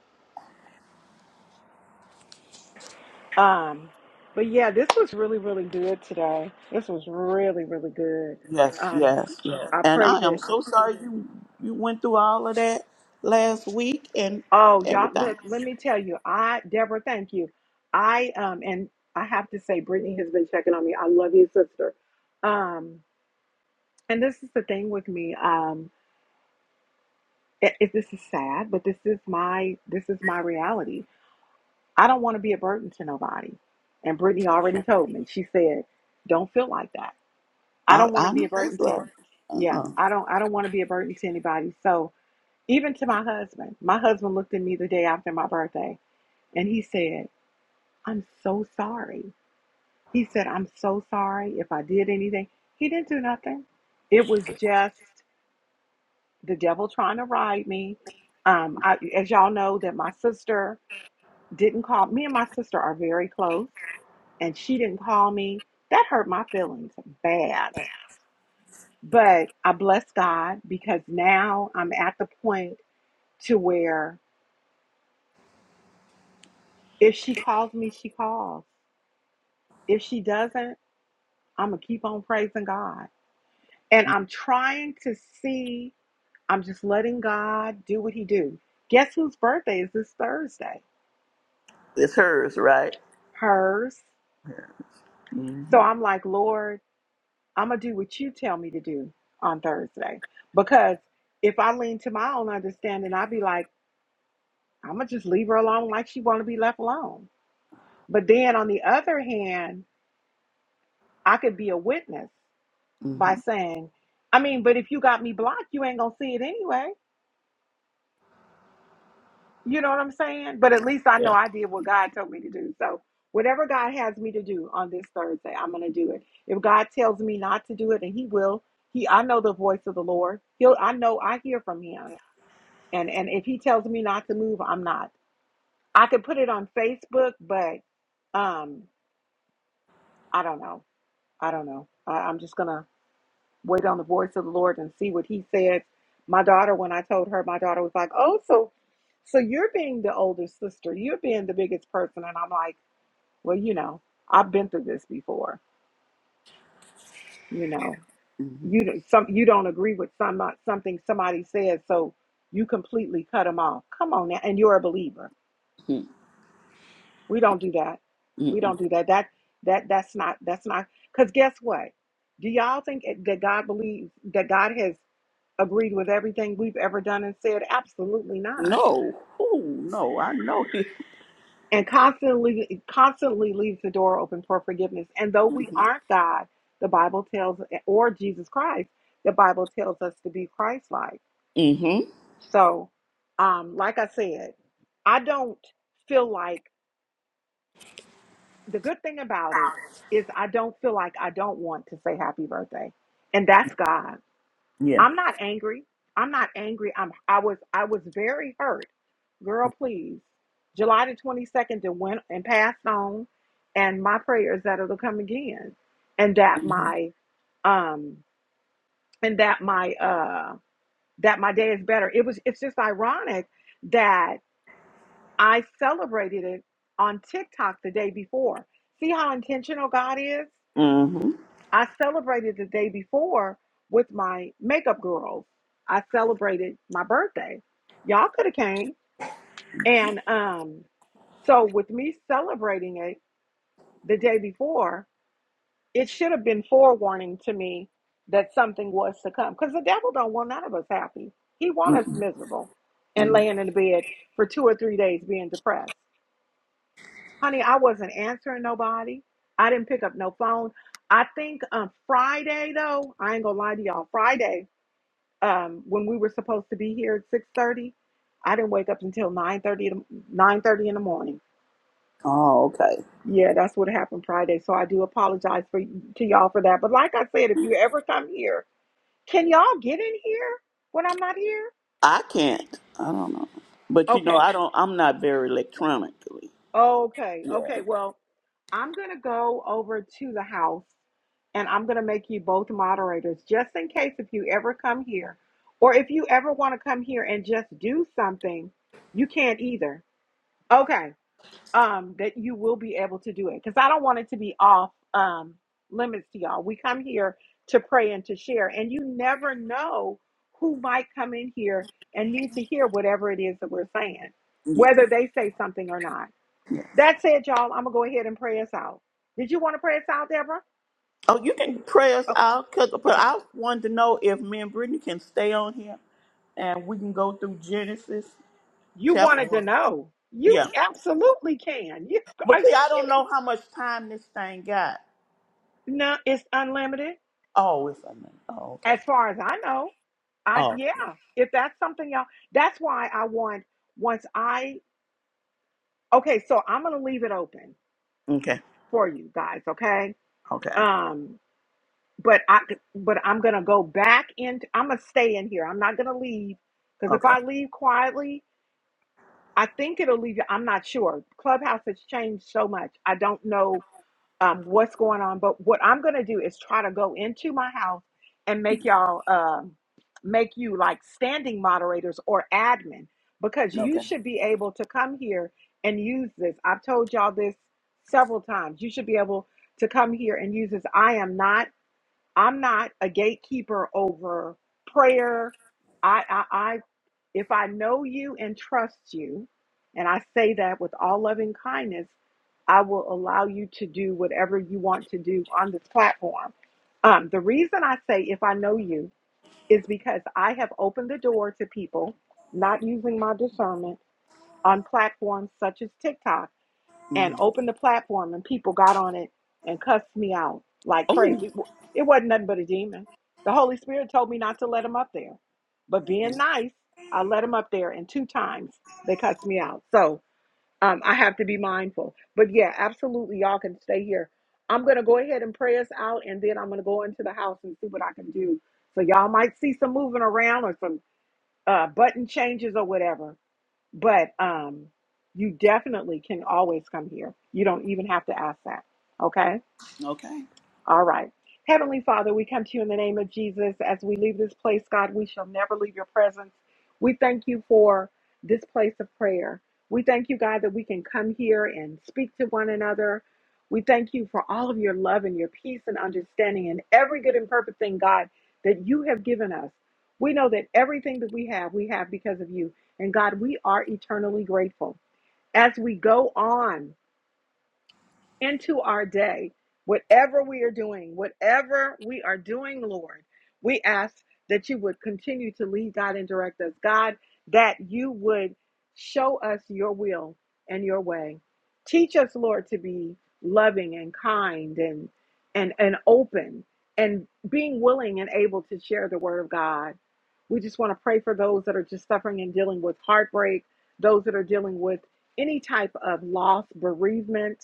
S1: Um, but yeah, this was really, really good today. This was really, really good.
S3: Yes,
S1: Um,
S3: yes, yes.
S1: I
S3: And
S1: pray
S3: I am
S1: that.
S3: so sorry you you went through all of that last week and
S1: Oh, y'all,
S3: everything.
S1: look. Let me tell you, I Deborah, thank you. I um, and I have to say, Brittany has been checking on me. I love you, sister. Um, and this is the thing with me. Um, it, it, this is sad, but this is my this is my reality I don't want to be a burden to nobody. And Brittany already told me. She said, "Don't feel like that. I
S3: I,
S1: don't want
S3: I
S1: to be
S3: know
S1: a
S3: that's
S1: burden to
S3: right.
S1: any. Yeah,
S3: Uh-uh.
S1: I don't. I don't want to be a burden to anybody. So even to my husband, my husband looked at me the day after my birthday, and he said, "I'm so sorry." He said, "I'm so sorry if I did anything." He didn't do nothing. It was just the devil trying to ride me. Um, I, as y'all know, that my sister didn't call me and my sister are very close and she didn't call me that hurt my feelings bad but i bless god because now i'm at the point to where if she calls me she calls if she doesn't i'm gonna keep on praising god and i'm trying to see i'm just letting god do what he do guess whose birthday is this thursday
S3: It's hers, right?
S1: hers
S3: hmm
S1: so i'm like lord I'm gonna do what you tell me to do on Thursday. Because if I lean to my own understanding, I'd be like, I'm gonna just leave her alone like she wanna be left alone. But then on the other hand, I could be a witness
S3: hmm
S1: by saying, I mean, but if you got me blocked, you ain't gonna see it anyway. You know what I'm saying? But at least I know
S3: Yeah.
S1: I did what God told me to do. So whatever God has me to do on this Thursday, I'm gonna do it. If God tells me not to do it, and He will, He I know the voice of the Lord. He'll I know I hear from Him. and and if he tells me not to move i'm not i could put it on facebook but um i don't know i don't know I, i'm just gonna wait on the voice of the lord and see what he says my daughter when i told her my daughter was like oh so so you're being the older sister you're being the biggest person and i'm like well you know i've been through this before you know
S3: hmm
S1: you don't- some you don't agree with some something somebody says so you completely cut them off come on now and you're a believer We don't do that. We
S3: Mm-mm.
S1: don't do that. That that that's not that's not because guess what? Do y'all think that God believes that God has agreed with everything we've ever done and said? Absolutely not.
S3: No. Oh, no. I know him.
S1: And constantly constantly leaves the door open for forgiveness. And though we aren't God, the Bible tells or Jesus Christ, the Bible tells us to be Christ like.
S3: Mm-hmm.
S1: So um, like I said, I don't feel like the good thing about it is I don't feel like I don't want to say happy birthday. And that's God.
S3: Yeah.
S1: I'm not angry. I'm not angry. I'm I was I was very hurt. Girl, please. July the 22nd that went and passed on and my prayers that it'll come again. And that
S3: Mm-hmm.
S1: my um and that my uh that my day is better. It was it's just ironic that I celebrated it on TikTok the day before. See how intentional God is?
S3: Mm-hmm.
S1: I celebrated the day before with my makeup girls. I celebrated my birthday. Y'all could have came. And um, so with me celebrating it the day before, it should have been forewarning to me that something was to come. Because the devil don't want none of us happy. He want us miserable and
S3: Mm-mm.
S1: laying in the bed for two or three days being depressed. honey, I wasn't answering nobody. I didn't pick up no phone. I think um, Friday though, I ain't gonna lie to y'all. Friday, um, when we were supposed to be here at six thirty, I didn't wake up until nine thirty nine thirty in the morning.
S3: Oh, okay.
S1: Yeah, that's what happened Friday. So I do apologize for to y'all for that. But like I said, if you ever come here, can y'all get in here when I'm not here?
S3: I can't. I don't know. But you know,
S1: Okay.
S3: I don't. I'm not very electronically.
S1: Okay,
S3: Yeah.
S1: okay. Well, I'm going to go over to the house and I'm going to make you both moderators just in case if you ever come here or if you ever want to come here and just do something, you can't either. Okay. Um that you will be able to do it cuz I don't want it to be off um limits to y'all. We come here to pray and to share and you never know who might come in here and need to hear whatever it is that we're saying,
S3: Yeah.
S1: whether they say something or not. That said, y'all, I'm gonna go ahead and pray us out. Did you want to pray us out, Deborah?
S3: Oh, you can pray us
S1: Oh,
S3: out, cause but
S1: okay.
S3: I wanted to know if me and Brittany can stay on here and we can go through Genesis
S1: You
S3: chapter
S1: wanted to
S3: one.
S1: know. You
S3: Yeah.
S1: absolutely can. You
S3: But
S1: are
S3: see,
S1: you
S3: I don't
S1: kidding?
S3: know how much time this thing got.
S1: No, it's unlimited.
S3: Oh, it's a minute. Oh, okay.
S1: As far as I know. I
S3: Oh,
S1: yeah. If that's something y'all that's why I want once I okay, so I'm gonna leave it open
S3: okay.
S1: for you guys, okay?
S3: Okay.
S1: Um but I but I'm gonna go back into I'm gonna stay in here. I'm not gonna leave because if
S3: Okay.
S1: I leave quietly I think it'll leave you. I'm not sure. Clubhouse has changed so much. I don't know um, what's going on, but what I'm going to do is try to go into my house and make y'all um, make you like standing moderators or admin because you
S3: Okay.
S1: should be able to come here and use this. I've told y'all this several times. You should be able to come here and use this. I am not. I'm not a gatekeeper over prayer. I. I. If I know you and trust you, and I say that with all loving kindness, I will allow you to do whatever you want to do on this platform. Um, the reason I say if I know you is because I have opened the door to people not using my discernment on platforms such as TikTok and
S3: Mm.
S1: opened the platform and people got on it and cussed me out like
S3: Oh,
S1: crazy. It wa- it wasn't nothing but a demon. The Holy Spirit told me not to let him up there. But being nice, I let him up there and two times they cussed me out. So um, I have to be mindful. But yeah, absolutely, y'all can stay here. I'm going to go ahead and pray us out and then I'm going to go into the house and see what I can do. So y'all might see some moving around or some uh, button changes or whatever but um, you definitely can always come here. You don't even have to ask that. Okay.
S3: okay.
S1: All right. Heavenly Father, we come to you in the name of Jesus. As we leave this place, God, we shall never leave your presence. We thank you for this place of prayer. We thank you, God, that we can come here and speak to one another. We thank you for all of your love and your peace and understanding and every good and perfect thing, God, that you have given us. We know that everything that we have, we have because of you. And God, we are eternally grateful. As we go on, into our day, whatever we are doing, whatever we are doing, Lord, we ask that you would continue to lead, God, and direct us. God, that you would show us your will and your way. Teach us, Lord, to be loving and kind and and and open and being willing and able to share the word of God. We just want to pray for those that are just suffering and dealing with heartbreak, those that are dealing with any type of loss, bereavement,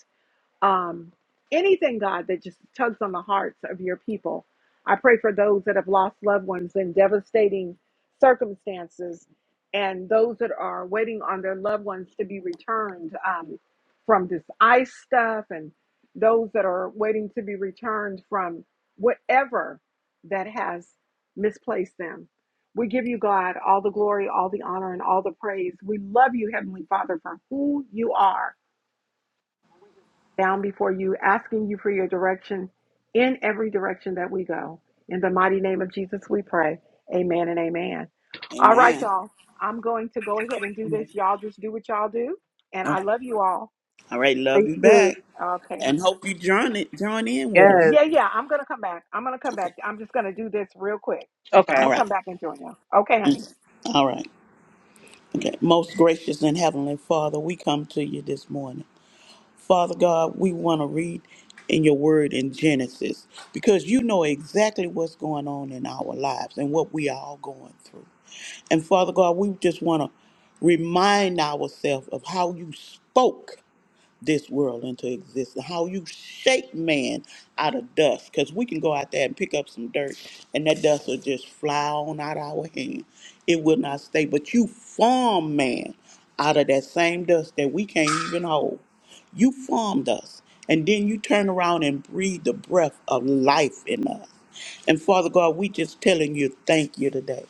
S1: um, anything, God, that just tugs on the hearts of your people. I pray for those that have lost loved ones in devastating circumstances and those that are waiting on their loved ones to be returned um, from this ice stuff and those that are waiting to be returned from whatever that has misplaced them. We give you, God, all the glory, all the honor, and all the praise. We love you, Heavenly Father, for who you are down before you, asking you for your direction in every direction that we go. In the mighty name of Jesus, we pray. Amen and amen. All right,
S3: Amen.
S1: y'all. I'm going to go ahead and do this. Y'all just do what y'all do. And I
S3: Okay.
S1: love you all.
S3: All right. Love
S2: Thank
S3: you
S2: you.
S3: back,
S1: Okay. huh?
S3: and hope you join it. Join in with us.
S2: Yes.
S1: Yeah, yeah. I'm going to come back. I'm going to come
S3: Okay.
S1: back. I'm just going to do this real quick.
S2: Okay.
S1: I'm
S3: All
S1: going to
S3: right.
S1: come back and join you. Okay,
S3: Mm.
S1: honey.
S3: All right. Okay. Most gracious and heavenly Father, we come to you this morning. Father God, we want to read in your word in Genesis because you know exactly what's going on in our lives and what we are all going through. And Father God, we just want to remind ourselves of how you spoke this world into existence. How you shake man out of dust. Because we can go out there and pick up some dirt and that dust will just fly on out our hand. It will not stay. But you form man out of that same dust that we can't even hold. You formed us. And then you turn around and breathe the breath of life in us. And Father God, we just telling you thank you today.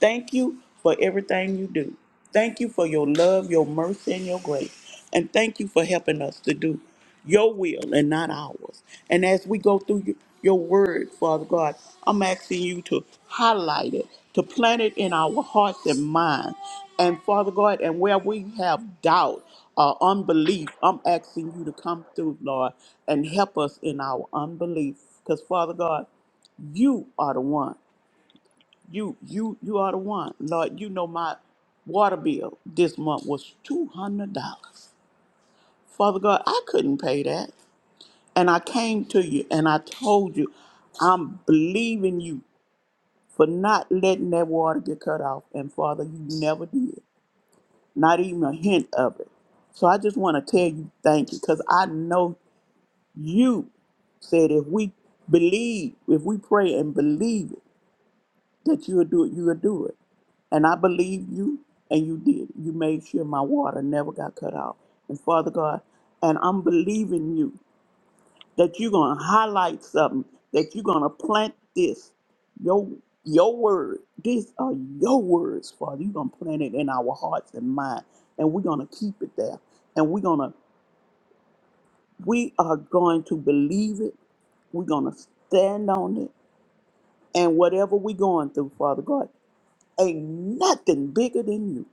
S3: Thank you for everything you do. Thank you for your love, your mercy, and your grace. And thank you for helping us to do your will and not ours. And as we go through your your word, Father God, I'm asking you to highlight it, to plant it in our hearts and minds. And Father God, and where we have doubt or unbelief, I'm asking you to come through, Lord, and help us in our unbelief. Because, Father God, you are the one. You you you are the one. Lord, you know my water bill this month was two hundred dollars. Father God, I couldn't pay that. And I came to you and I told you, I'm believing you for not letting that water get cut off. And Father, you never did. Not even a hint of it. So I just want to tell you thank you because I know you said if we believe, if we pray and believe it, that you'll do it, you'll do it. And I believe you, and you did. You made sure my water never got cut off. And Father God, and I'm believing you that you're going to highlight something, that you're going to plant this, your, your word. These are your words, Father. You're going to plant it in our hearts and mind, and we're going to keep it there. And we're going to, we are going to believe it. We're going to stand on it. And whatever we're going through, Father God, ain't nothing bigger than you.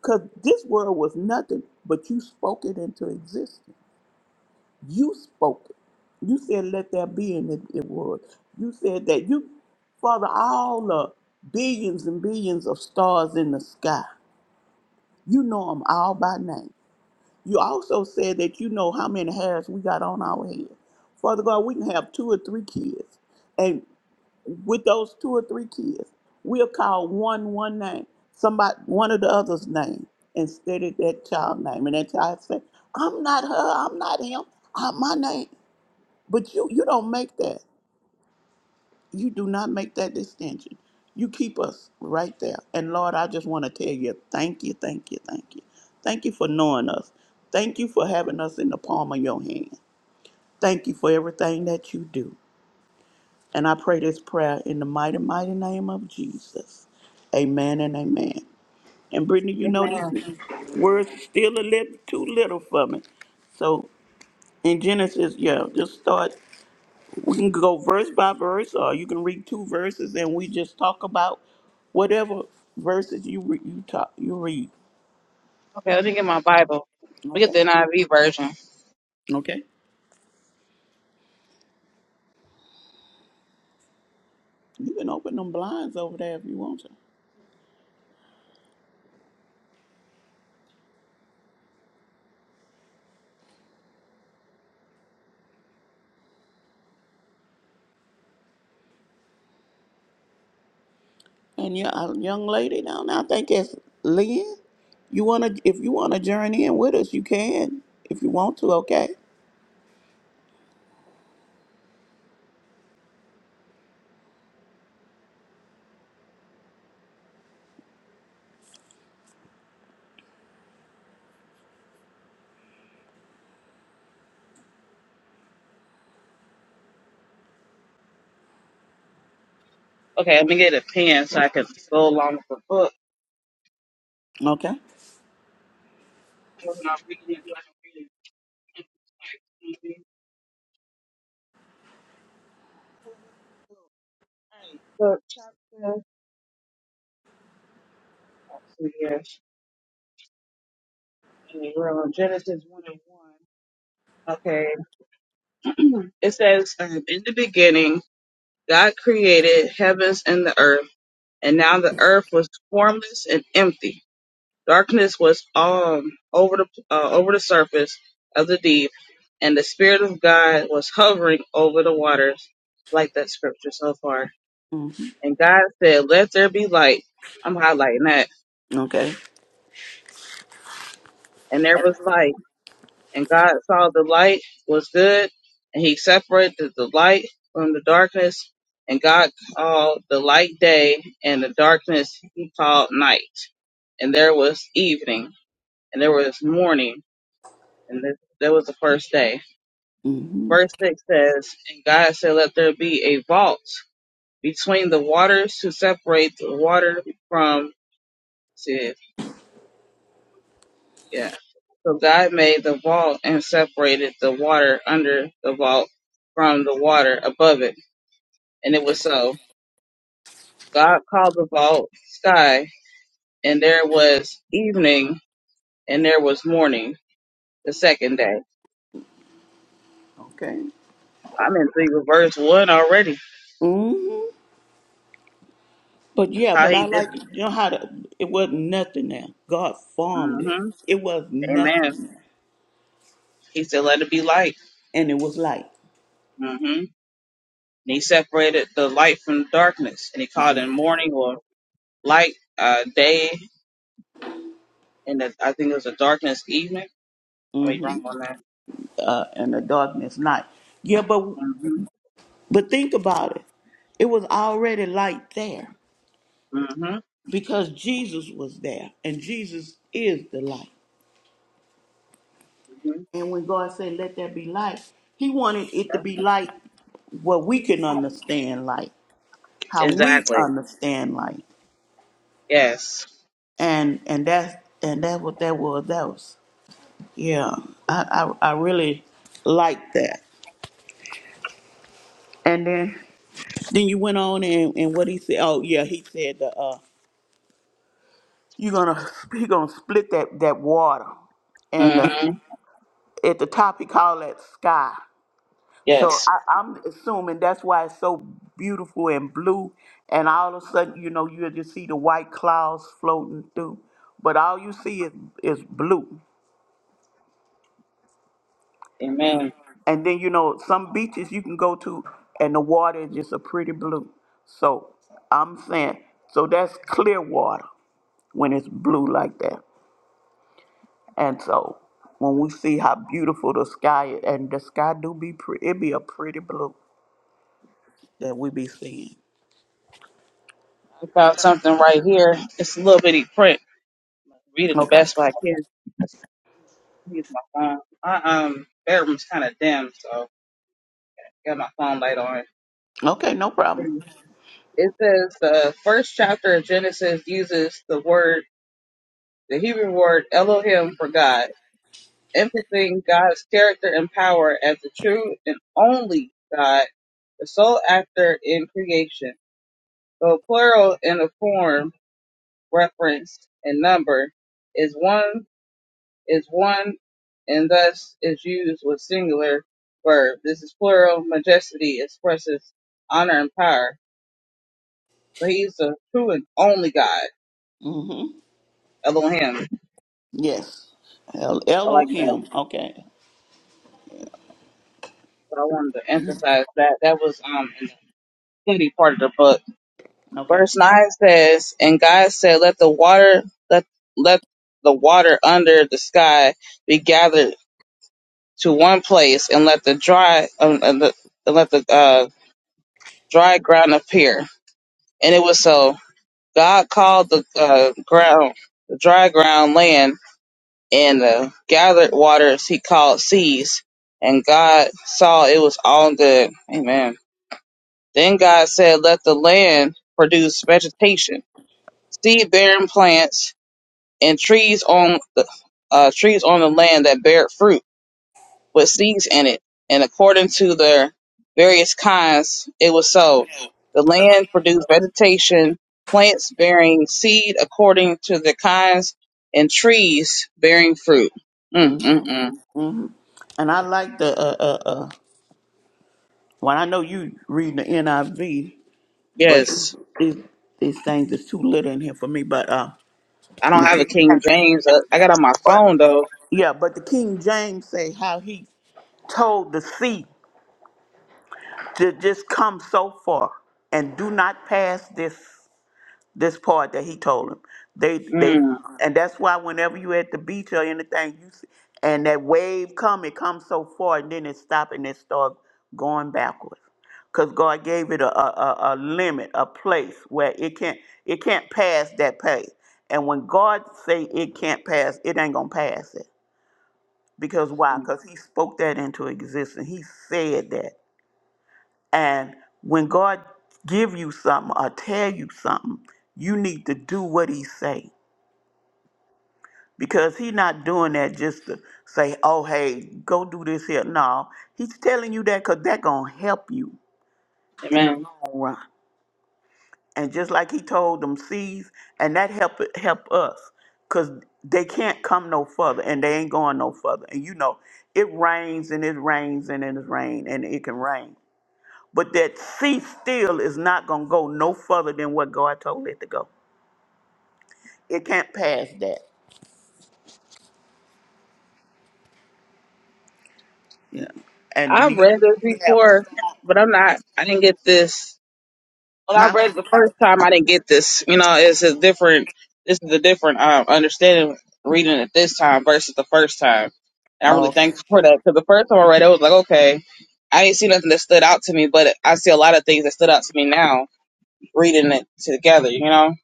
S3: Because this world was nothing, but you spoke it into existence. You spoke it. You said, let there be, and it, it was. You said that you, Father, all the billions and billions of stars in the sky, you know them all by name. You also said that you know how many hairs we got on our head. Father God, we can have two or three kids. with those two or three kids, we'll call one one name, somebody one of the other's name instead of that child name. And that child say, I'm not her, I'm not him, I'm my name. But you you don't make that. You do not make that distinction. You keep us right there. And Lord, I just want to tell you, thank you, thank you, thank you. Thank you for knowing us. Thank you for having us in the palm of your hand. Thank you for everything that you do. And I pray this prayer in the mighty, mighty name of Jesus. Amen and amen. And Brittany, you know
S2: Amen.
S3: these words are still a little too little for me. So in Genesis, yeah, just start. We can go verse by verse, or you can read two verses, and we just talk about whatever verses you re- you talk you read.
S2: Okay. Let me get my Bible. We get
S3: Okay.
S2: the NIV version.
S3: Okay. You can open them blinds over there if you want to. And you a young lady down there, I think it's Lynn. You wanna if you wanna join in with us, you can. If you want to, okay.
S2: Okay, let me get a pen so I can go along with the book.
S3: Okay.
S2: When I'm reading it, let me read it. it's like, mhm. Alright, so chapter, actually, yes, and we're on Genesis 1 and 1. Okay, it says, um, In the beginning, God created heavens and the earth, and now the earth was formless and empty. Darkness was um over the uh, over the surface of the deep, and the Spirit of God was hovering over the waters, like that scripture so far.
S3: hmm
S2: And God said, "Let there be light." I'm highlighting that.
S3: Okay.
S2: And there was light, and God saw the light was good, and He separated the light from the darkness. And God called the light day, and the darkness He called night. And there was evening, and there was morning, and this, that was the first day.
S3: hmm
S2: Verse 6 says, And God said, Let there be a vault between the waters to separate the water from. it? Yeah. So God made the vault and separated the water under the vault from the water above it. And it was so. God called the vault sky, and there was evening, and there was morning the second day.
S3: Okay.
S2: I'm in three with verse one already.
S3: hmm But yeah,
S2: How
S3: but
S2: he
S3: I
S2: did.
S3: like you know how to, it wasn't nothing there. God formed it.
S2: hmm
S3: It was nothing,
S2: Amen. He said, "Let it be light."
S3: and it was light.
S2: Mm-hmm. And he separated the light from the darkness, and he called
S3: Mm-hmm.
S2: it morning or light, uh, day, and the, I think it was a darkness evening. I mean,
S3: Mm-hmm.
S2: wrong on that.
S3: Uh, and the darkness night. Yeah, but but think about it. It was already light there
S2: hmm hmm
S3: because Jesus was there, and Jesus is the light.
S2: hmm
S3: And when God said, let there be light, he wanted it to be light what we can understand light, how we
S2: Exactly.
S3: understand light.
S2: Yes.
S3: And and that's and that's what that was. That was yeah. I I, I really liked that. And then then you went on and, and what he said oh yeah, he said the uh you're gonna he gonna split that, that water and the,
S2: hmm
S3: at the top he called that sky. So
S2: Yes.
S3: I, I'm assuming that's why it's so beautiful and blue. And all of a sudden, you know, you just see the white clouds floating through, but all you see is is blue.
S2: Amen.
S3: And then you know some beaches you can go to, and the water is just a pretty blue. So I'm saying, so that's clear water when it's blue like that. And so when we see how beautiful the sky is, and the sky do be pretty, it be a pretty blue that we be seeing.
S2: I found something right here. It's a little bitty print. Read it the
S3: Okay.
S2: best way I can. Let's Use my phone. My um bedroom's kind of dim, so I got my phone light on.
S3: Okay, no problem.
S2: It says the first chapter of Genesis uses the word. the Hebrew word Elohim for God, emphasizing God's character and power as the true and only God, the sole actor in creation. Though plural in the form, reference, and number is one is one and thus is used with singular verb. This is plural. Majesty expresses honor and power. So he's the true and only God,
S3: Mhm.
S2: Elohim.
S3: Yes. El-
S2: I like that.
S3: Elohim. Okay.
S2: So I wanted to
S3: Mhm.
S2: emphasize that. That was um study part of the book.
S3: Okay.
S2: Verse nine says, "And God said, Let the water let let the water under the sky be gathered to one place, and let the dry um, and the, and let the uh, dry ground appear." And it was so. God called the uh, ground the dry ground land, and the gathered waters He called seas. And God saw it was all good. Amen. Then God said, Let the land produce vegetation seed-bearing plants and trees on the uh, trees on the land that bear fruit with seeds in it, and according to their various kinds, it was so. The land produced vegetation, plants bearing seed according to their kinds, and trees bearing fruit. Mm, mm,
S3: Mm-hmm.
S2: mm.
S3: hmm And I like the uh uh uh. Well, I know you reading the NIV, but
S2: Yes,
S3: these these things is too little in here for me. But uh,
S2: I
S3: and
S2: don't
S3: the
S2: have a
S3: King
S2: King
S3: James,
S2: James. uh, I got on my
S3: but
S2: phone though.
S3: yeah, but the King James say how he told the sea to just come so far and do not pass this. this part that he told him. They they
S2: Mm,
S3: and that's why whenever you at the beach or anything, you see, and that wave come, it comes so far and then it stop and it start going backwards. Cause God gave it a, a, a, a limit, a place where it can't it can't pass that pace. And when God say it can't pass, it ain't gonna pass it. Because why?
S2: mm.
S3: Because he spoke that into existence. He said that. And when God give you something or tell you something, you need to do what he say. Because he not doing that just to say, oh, hey, go do this here. No, he's telling you that because that going to help you in the
S2: amen.
S3: long run. And just like he told them seeds, and that help help us because they can't come no further and they ain't going no further. And you know, it rains and it rains and it rains and it can rain. But that sea still is not going to go no further than what God told it to go. It can't pass that. Yeah. And
S2: I've
S3: you,
S2: read this
S3: we have,
S2: before, but I'm not. I didn't get this When I
S3: huh?
S2: read it the first time. I didn't get this. You know, it's a different. This is a different um, understanding reading it this time versus the first time. And I'm
S3: Oh,
S2: really
S3: okay.
S2: thankful for that because the first time I read it, I was like, okay, I ain't seen nothing that stood out to me, but I see a lot of things that stood out to me now reading it together. You know,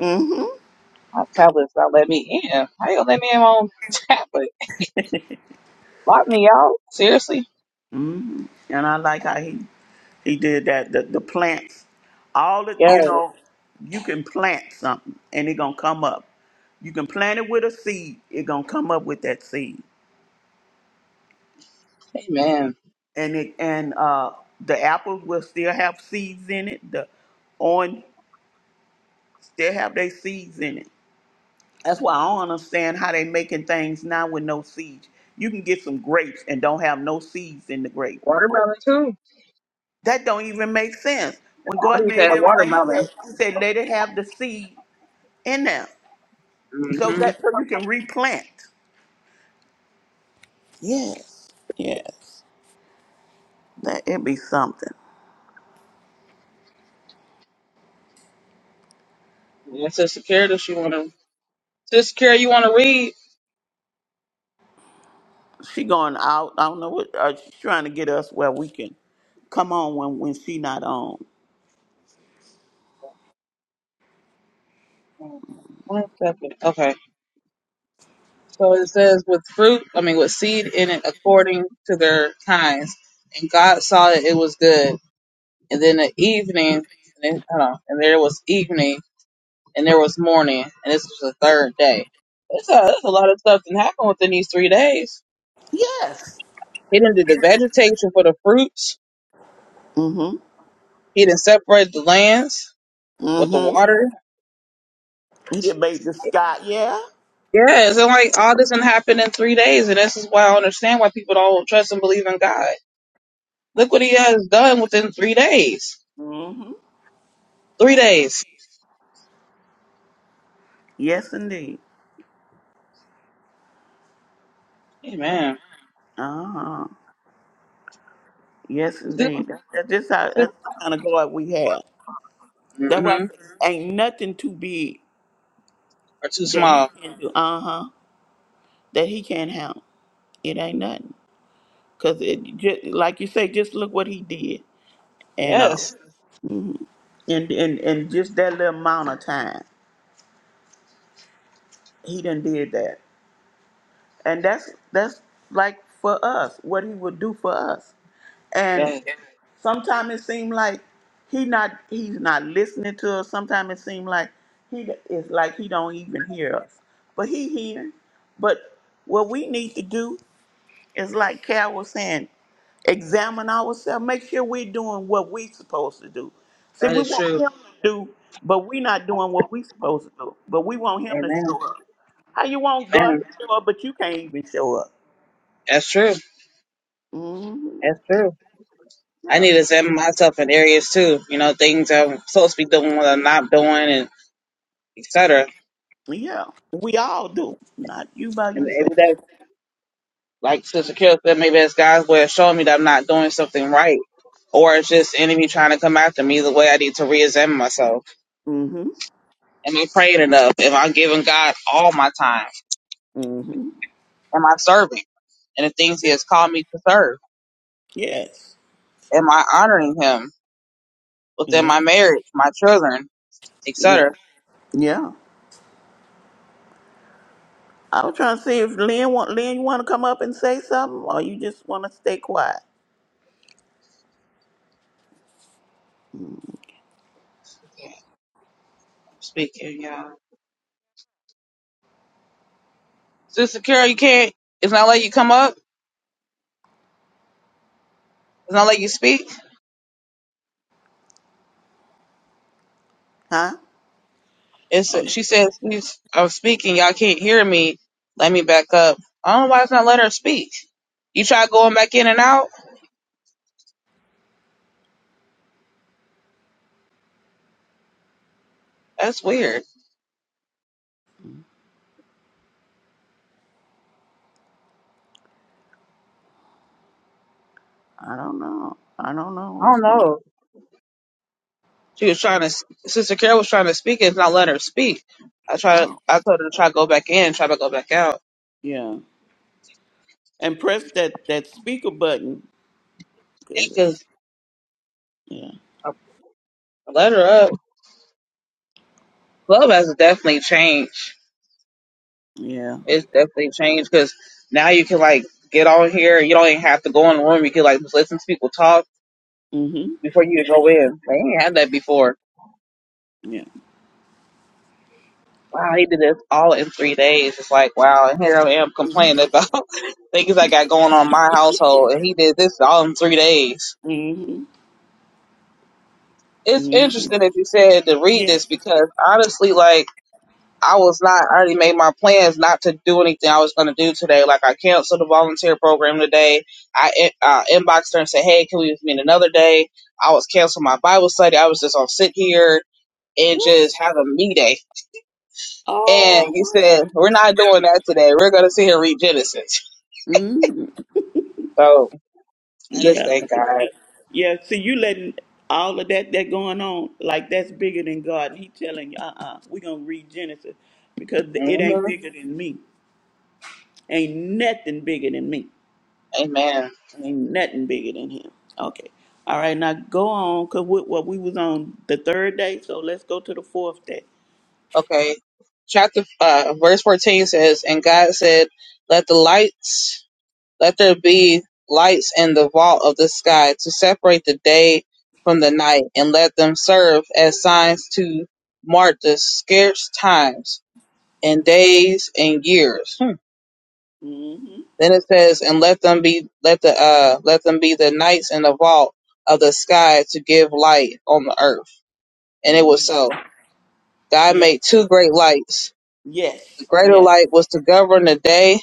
S3: Mm-hmm.
S2: my tablet's not letting me in. How you gonna let me in my own tablet? Lock me out? Seriously?
S3: Mm-hmm. And I like how he, he did that. The, the plants, all the,
S2: Yes.
S3: you know, you can plant something and it going to come up. You can plant it with a seed, it going to come up with that seed.
S2: Amen.
S3: and it and uh the apples will still have seeds in it. The orange still have their seeds in it. That's why I don't understand how they making things now with no seeds. You can get some grapes and don't have no seeds in the grape.
S2: Watermelon too.
S3: That don't even make sense. When
S2: What do
S3: God
S2: you
S3: made everything, He said,
S2: Watermelon.
S3: he said let it have the seed in there, so
S2: Mm-hmm.
S3: that so you can replant. Yes, yes, that it be something.
S2: It's a security. She want to. Sister Carrie, you want to read?
S3: She going out. I don't know what uh, she's trying to get us where we can come on when when she not on.
S2: One second. Okay. So it says, with fruit, I mean, with seed in it according to their kinds. And God saw that it was good. And then the evening, and then, hold on, and there was evening, and there was morning, and this was the third day. That's a, it's a lot of stuff that happened within these three days.
S3: Yes.
S2: He done did the vegetation for the fruits.
S3: Mm-hmm.
S2: He didn't separate the lands with the
S3: Mm-hmm.
S2: water.
S3: He did made the sky. Yeah.
S2: Yes, and like all this can happen in three days, and this is why I understand why people don't trust and believe in God. Look what He has done within three days.
S3: Mm-hmm.
S2: Three days.
S3: Yes, indeed.
S2: Amen.
S3: Uh-huh. Yes, indeed. That- That's just how that's
S2: Mm-hmm.
S3: the kind of God we have. That's why I say, ain't nothing too big
S2: Are too
S3: that he
S2: small.
S3: can do. Uh huh. That he can't handle. It ain't nothing. Cause it just like you say, just look what he did, and uh,
S2: Yes.
S3: mhm. and and and just that little amount of time he done did that, and that's that's like for us what he would do for us, And.
S2: Yes.
S3: Sometimes it seems like he not he's not listening to us. Sometimes it seems like he is like he don't even hear us, but he hearing. But what we need to do is like Carol was saying, examine ourselves, make sure we're doing what we supposed to do. See,
S2: That
S3: we
S2: is
S3: want
S2: true.
S3: him to do, but we not doing what we supposed to do. But we want him to
S2: Amen.
S3: show up. How you want God
S2: Amen.
S3: to show up, but you can't even show up?
S2: That's true.
S3: hmm
S2: That's true. I
S3: Yeah,
S2: need to examine myself in areas too. You know, things I'm supposed to be doing, what I'm not doing, and etc.
S3: yeah. We all do, not you by yourself.
S2: And Like Sister Kill said, maybe it's God's way of showing me that I'm not doing something right. Or it's just enemy trying to come after me. The way I need to re-examine myself.
S3: Mm-hmm.
S2: Am I praying enough? Am I giving God all my time?
S3: Mm-hmm.
S2: Am I serving? in the things He has called me to serve.
S3: Yes.
S2: Am I honoring Him within
S3: Yes.
S2: my marriage, my children,
S3: Yeah.
S2: etc.
S3: Yeah. I was trying to see if Lynn want Lynn, you want to come up and say something, or you just want to stay quiet,
S2: Okay, I'm speaking, yeah. Sister Carol, you can't. It's not like you come up. It's not like you speak.
S3: huh?
S2: It's
S3: Oh, yeah.
S2: she says she's I'm speaking, y'all can't hear me. Let me back up. I don't know why it's not letting her speak. You try going back in and out? That's weird.
S3: I don't know. I don't know
S2: I
S3: what's
S2: don't
S3: going
S2: know. She was trying to Sister Carol was trying to speak and it's not letting her speak. I tried
S3: on.
S2: I told her to try to go back in, try to go back out.
S3: Yeah. And press that that speaker button. 'cause it-
S2: Because
S3: Yeah.
S2: I let her up. Club has definitely changed.
S3: Yeah.
S2: It's definitely changed because now you can like get on here. You don't even have to go in the room. You can like just listen to people talk
S3: hmm
S2: before you go in. They ain't had that before.
S3: Yeah.
S2: wow, he did this all in three days. It's like, wow, and here I am complaining about things I got going on in my household, and he did this all in three days.
S3: Mm-hmm.
S2: It's
S3: hmm
S2: interesting that you said to read
S3: Yeah.
S2: this because honestly, like, I was not, I already made my plans not to do anything I was going to do today. Like, I canceled the volunteer program today. I in- uh, inboxed her and said, hey, can we meet another day? I was canceling my Bible study. I was just going to sit here and
S3: What?
S2: just have a me day. And
S3: Oh
S2: he said, we're not doing that today. We're going to sit here and read Genesis.
S3: my.
S2: So I just
S3: Yeah.
S2: thank God.
S3: See, yeah. See, you letting all of that that going on like that's bigger than God. He telling you, uh, uh-uh, uh, we gonna read Genesis because it ain't
S2: hmm
S3: bigger than me. Ain't nothing bigger than me.
S2: Amen.
S3: Ain't nothing bigger than him. Okay. All right. Now go on, cause what well, we was on the third day, so let's go to the fourth day.
S2: Okay. Chapter uh, verse fourteen says, "And God said, Let the lights, let there be lights in the vault of the sky to separate the day from the night, and let them serve as signs to mark the scarce times and days and years." Hmm.
S3: hmm
S2: Then it says, "And let them be let the uh let them be the nights in the vault of the sky to give light on the earth." And it
S3: hmm
S2: was so. God
S3: Yeah.
S2: made two great lights. The
S3: Yes.
S2: greater
S3: Yes.
S2: light was to govern the day,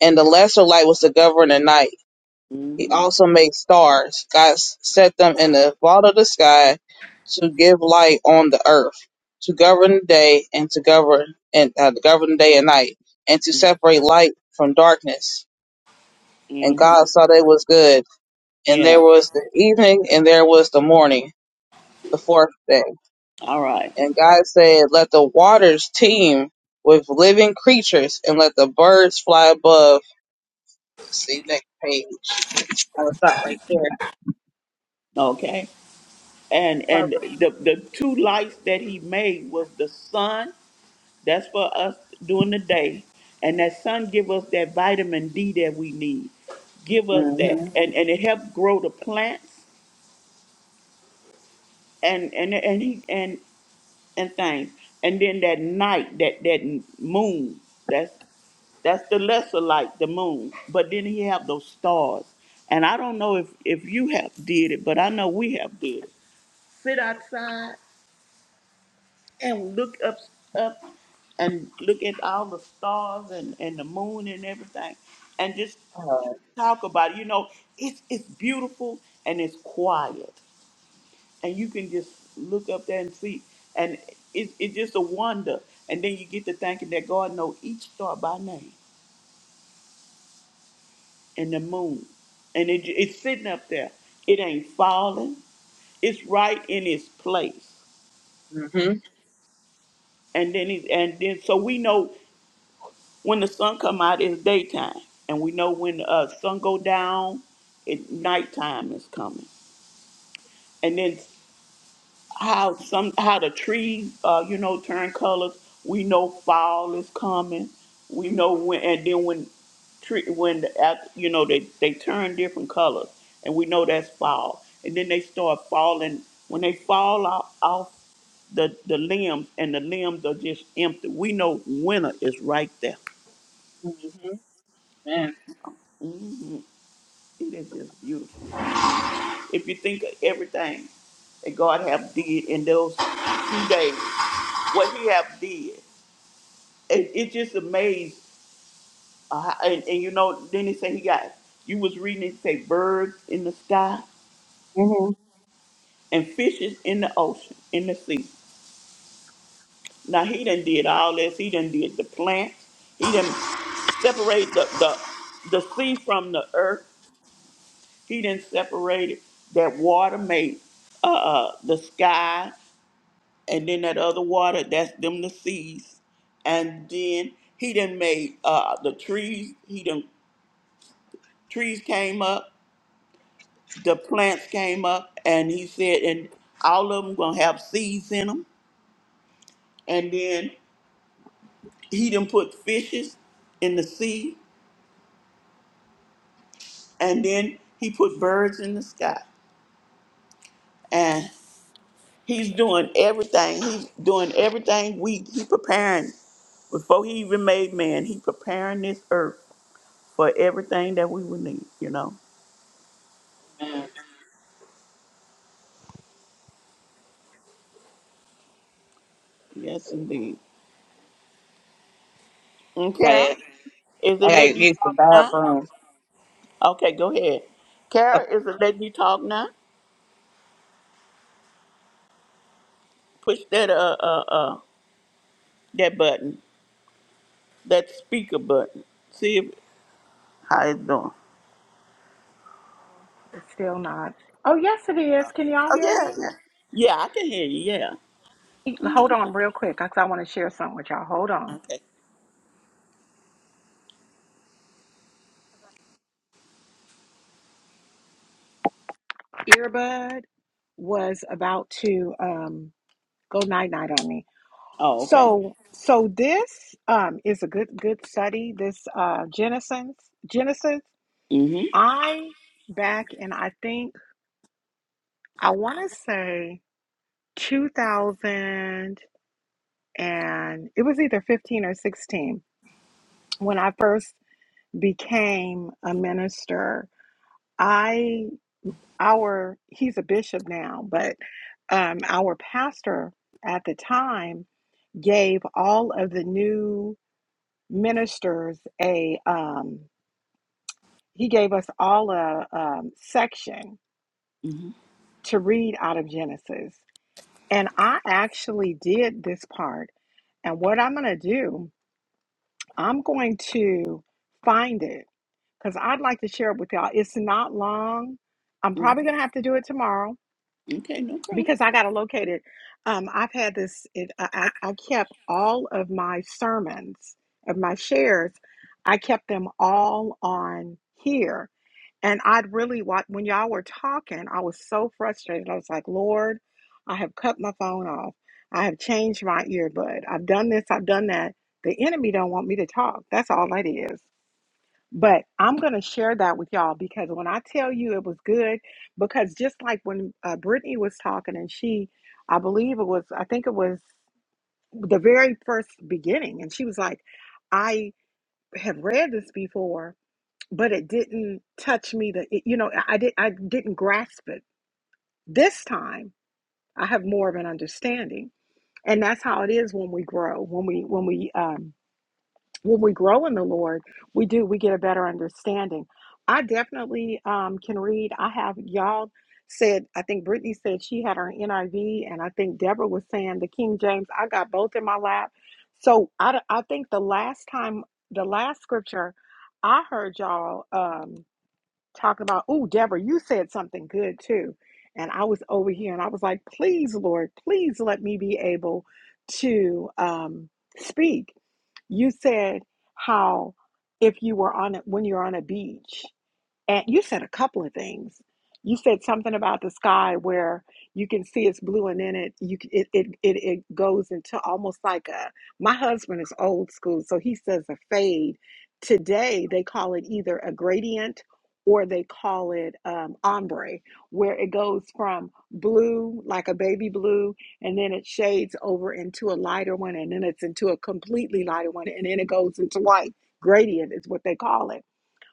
S2: and the lesser light was to govern the night. He
S3: hmm
S2: also made stars. God s- set them in the vault of the sky to give light on the earth, to govern the day and to govern and uh, to govern the day and night, and to separate light from darkness. And
S3: hmm
S2: God saw that it was good. And there
S3: Yeah.
S2: was the evening, and there was the morning, the fourth day.
S3: All right.
S2: And God said, Let the waters teem with living creatures and let the birds fly above. Let's See next page. I'm gonna stop right there.
S3: Okay. and and the the two lights that he made was the sun that's for us during the day and that sun give us that vitamin d that we need give us that
S2: Mm-hmm.
S3: and and it helps grow the plants and and and he and and things and then that night that that moon that's that's the lesser light, the moon. But then he have those stars. And I don't know if, if you have did it, but I know we have did it. Sit outside and look up up and look at all the stars and, and the moon and everything and just talk about it. You know, it's it's beautiful and it's quiet. And you can just look up there and see and it's it's just a wonder. And then you get to thinking that God know each star by name and the moon. And it, it's sitting up there. It ain't falling. It's right in its place.
S2: Mm-hmm.
S3: And then he's and then so we know when the sun come out it's daytime and we know when the uh, sun go down it nighttime is coming and then how some how the trees uh, you know turn colors we know fall is coming we know when and then when tree when the, at- you know they, they turn different colors and we know that's fall and then they start falling when they fall off, off the, the limbs and the limbs are just empty we know winter is right there
S2: Mm-hmm. Man.
S3: Mhm. It is just beautiful If you think of everything that God have did in those two days, what He have did, it, it just amazed. Uh, how- and, and you know, then he said he got. You was reading it say birds in the sky
S2: Mm-hmm.
S3: and fishes in the ocean, in the sea. Now he done did all this. He done did the plants. He done separated the the, the sea from the earth. He done separated that water made uh, uh, the sky. and then that other water, that's them the seeds. And then he done made uh, the trees. He done trees came up, the plants came up, and he said, and all of them gonna have seeds in them. And then he done put fishes in the sea, and then he put birds in the sky. And he's doing everything. He's doing everything. We he preparing before he even made man. He preparing this earth for everything that we would need. You know.
S2: Man.
S3: Yes, indeed. And
S2: I got
S3: Kara,
S2: it.
S3: is
S2: I
S3: it letting
S2: gotta
S3: you
S2: use the
S3: talk now?
S2: bathroom.
S3: Okay, go ahead. Kara,
S2: Okay.
S3: is it letting you talk now? Push that uh uh uh that button, that speaker button. See if how it's doing.
S1: No, it's still not. Oh, yes, it is. Can y'all
S3: Oh
S1: hear
S3: yeah,
S1: me?
S3: yeah, yeah. I can hear you. Yeah.
S1: Hold on real quick because I want to share something with y'all. Hold on.
S3: Okay.
S1: earbud was about to um, go night night on me.
S3: Oh okay.
S1: So so this um, is a good good study. This uh, Genesis Genesis.
S3: Mhm.
S1: I back in I think I want to say 2000 and it was either 15 or 16 when I first became a minister. I our he's a bishop now, but um, our pastor at the time gave all of the new ministers a um, he gave us all a um, section
S3: Mhm.
S1: to read out of genesis and i actually did this part and what i'm going to do i'm going to find it because i'd like to share it with y'all it's not long i'm probably
S3: Mhm.
S1: going to have to do it tomorrow
S3: Okay, no problem.
S1: because I got to locate it. Um, I've had this. It, I I I kept all of my sermons of my shares. I kept them all on here, and I'd really wa- when y'all were talking, I was so frustrated. I was like, Lord, I have cut my phone off. I have changed my earbud. I've done this. I've done that. The enemy don't want me to talk. That's all that is. But I'm going to share that with y'all because when I tell you it was good, because just like when uh, Brittany was talking and she, I believe it was, I think it was the very first beginning, and she was like, I have read this before, but it didn't touch me. That it, you know, I I did, I didn't grasp it. This time, I have more of an understanding, and that's how it is when we grow, when we when we um, when we grow in the Lord, we do, we get a better understanding. I definitely um, can read. I have y'all said, I think Brittany said she had her NIV, and I think Deborah was saying the King James. I got both in my lap. So I, d- I think the last time, the last scripture I heard y'all um, talking about, oh, Deborah, you said something good too. And I was over here and I was like, please, Lord, please let me be able to um, speak you said how if you were on a, when you're on a beach, and you said a couple of things. You said something about the sky where you can see it's blue, and then it you c- it it it, it goes into almost like a. My husband is old school, so he says a fade. Today they call it either a gradient or they call it um, ombre, where it goes from blue like a baby blue, and then it shades over into a lighter one, and then it's into a completely lighter one, and then it goes into white. Gradient is what they call it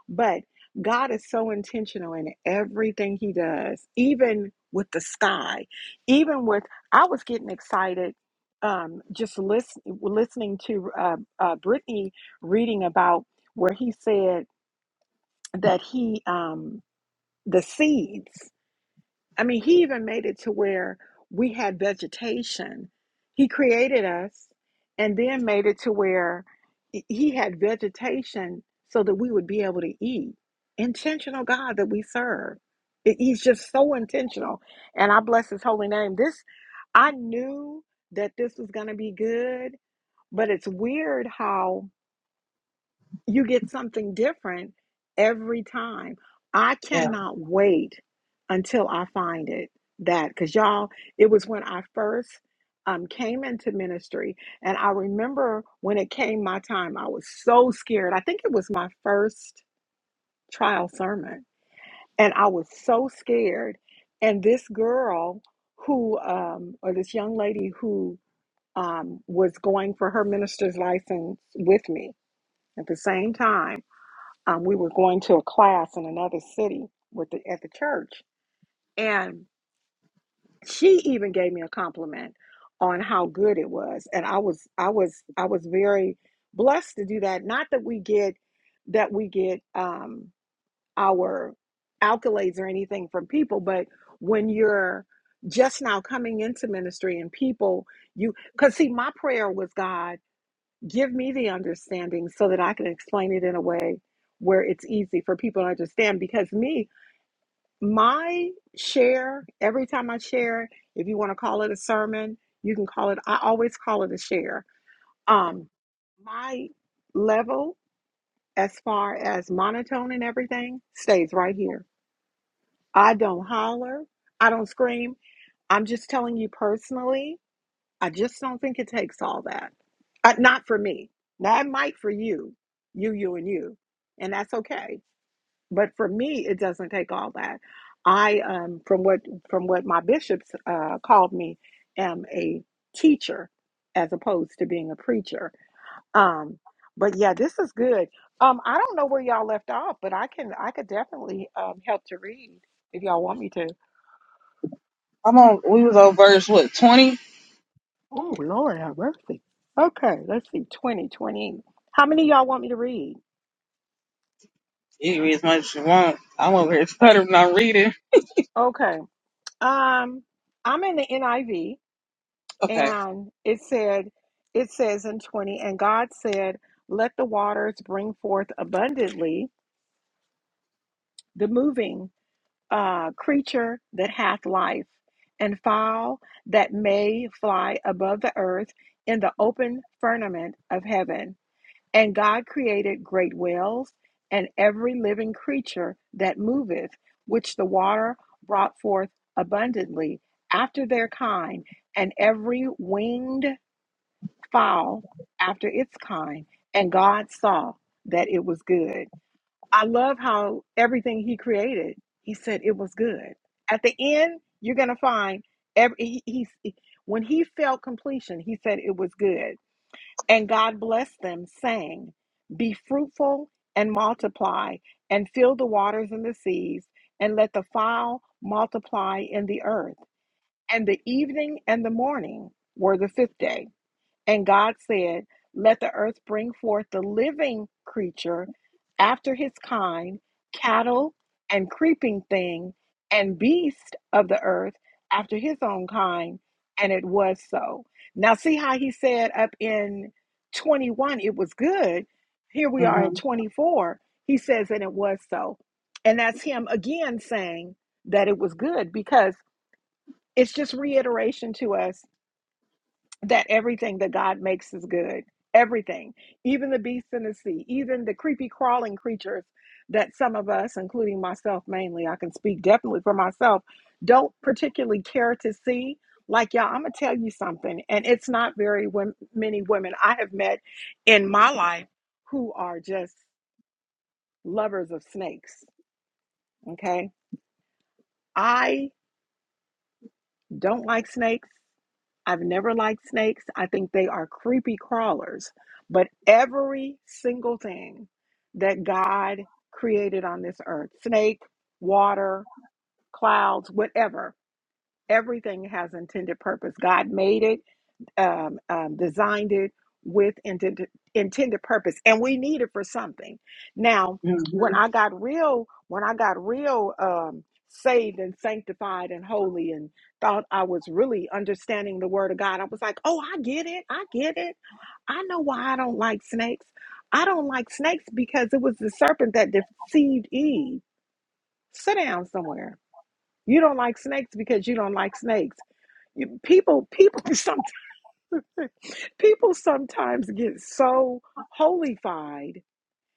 S1: but God is so intentional in everything He does, even with the sky, even with. I was getting excited um, just listen, listening to uh, uh, Brittany reading about where he said that he um, the seeds. I mean, he even made it to where we had vegetation. He created us and then made it to where he had vegetation so that we would be able to eat. Intentional God that we serve. He- He's just so intentional. And I bless his holy name. This, I knew that this was going to be good, but it's weird how you get something different every time. I
S2: Yeah.
S1: cannot wait until I find it that because y'all, it was when I first um, came into ministry, and I remember when it came my time, I was so scared. I think it was my first trial sermon, and I was so scared. And this girl who, um, or this young lady who um, was going for her minister's license with me at the same time um, we were going to a class in another city with the, at the church, and she even gave me a compliment on how good it was, and I was I was I was very blessed to do that. Not that we get that we get um, our accolades or anything from people, but when you're just now coming into ministry and people you because see my prayer was god give me the understanding so that I can explain it in a way where it's easy for people to understand. Because me, my share, every time I share, if you want to call it a sermon, you can call it, I always call it a share. Um, my level, as far as monotone and everything, stays right here. I don't holler, I don't scream. I'm just telling you personally I just don't think it takes all that. Uh, not for me. Now, it might for you, you, you, and you, and that's okay. But for me, it doesn't take all that. I, um, from what from what my bishops uh, called me, am a teacher as opposed to being a preacher. Um, but yeah, this is good. Um, I don't know where y'all left off, but I can I could definitely um, help to read if y'all want me to.
S2: I'm on we was on verse what, twenty?
S1: Oh, Lord, have mercy. Okay, let's see. 20, 20. How many of y'all want me to read?
S2: You can read as much as you want. I'm over here stuttering I'm reading.
S1: Okay. Um, I'm in the NIV
S2: Okay.
S1: and it said, it says in 20, and God said, let the waters bring forth abundantly the moving uh, creature that hath life and fowl that may fly above the earth in the open firmament of heaven. And God created great whales and every living creature that moveth, which the water brought forth abundantly after their kind, and every winged fowl after its kind. And God saw that it was good. I love how everything He created, He said it was good. At the end, you're going to find every, he, he, when He felt completion, He said it was good. And God blessed them, saying, Be fruitful and multiply, and fill the waters and the seas, and let the fowl multiply in the earth. And the evening and the morning were the fifth day. And God said, Let the earth bring forth the living creature after his kind, cattle and creeping thing, and beast of the earth after his own kind. And it was so. Now, see how he said up in 21 it was good. Here we are at
S2: Mm-hmm.
S1: 24. He says, And it was so. And that's him again saying that it was good because it's just reiteration to us that everything that God makes is good. Everything, even the beasts in the sea, even the creepy crawling creatures that some of us, including myself mainly, I can speak definitely for myself, don't particularly care to see. Like, y'all, I'm going to tell you something, and it's not very wom- many women I have met in my life who are just lovers of snakes. Okay. I don't like snakes. I've never liked snakes. I think they are creepy crawlers. But every single thing that God created on this earth snake, water, clouds, whatever everything has intended purpose. God made it, um, um, designed it with intended, intended purpose, and we need it for something. Now, when
S2: Mm-hmm.
S1: I got real, when I got real um, saved and sanctified and holy, and thought I was really understanding the Word of God, I was like, "Oh, I get it! I get it! I know why I don't like snakes. I don't like snakes because it was the serpent that deceived Eve. Sit down somewhere. You don't like snakes because you don't like snakes. You, people, people. Some People sometimes get so holified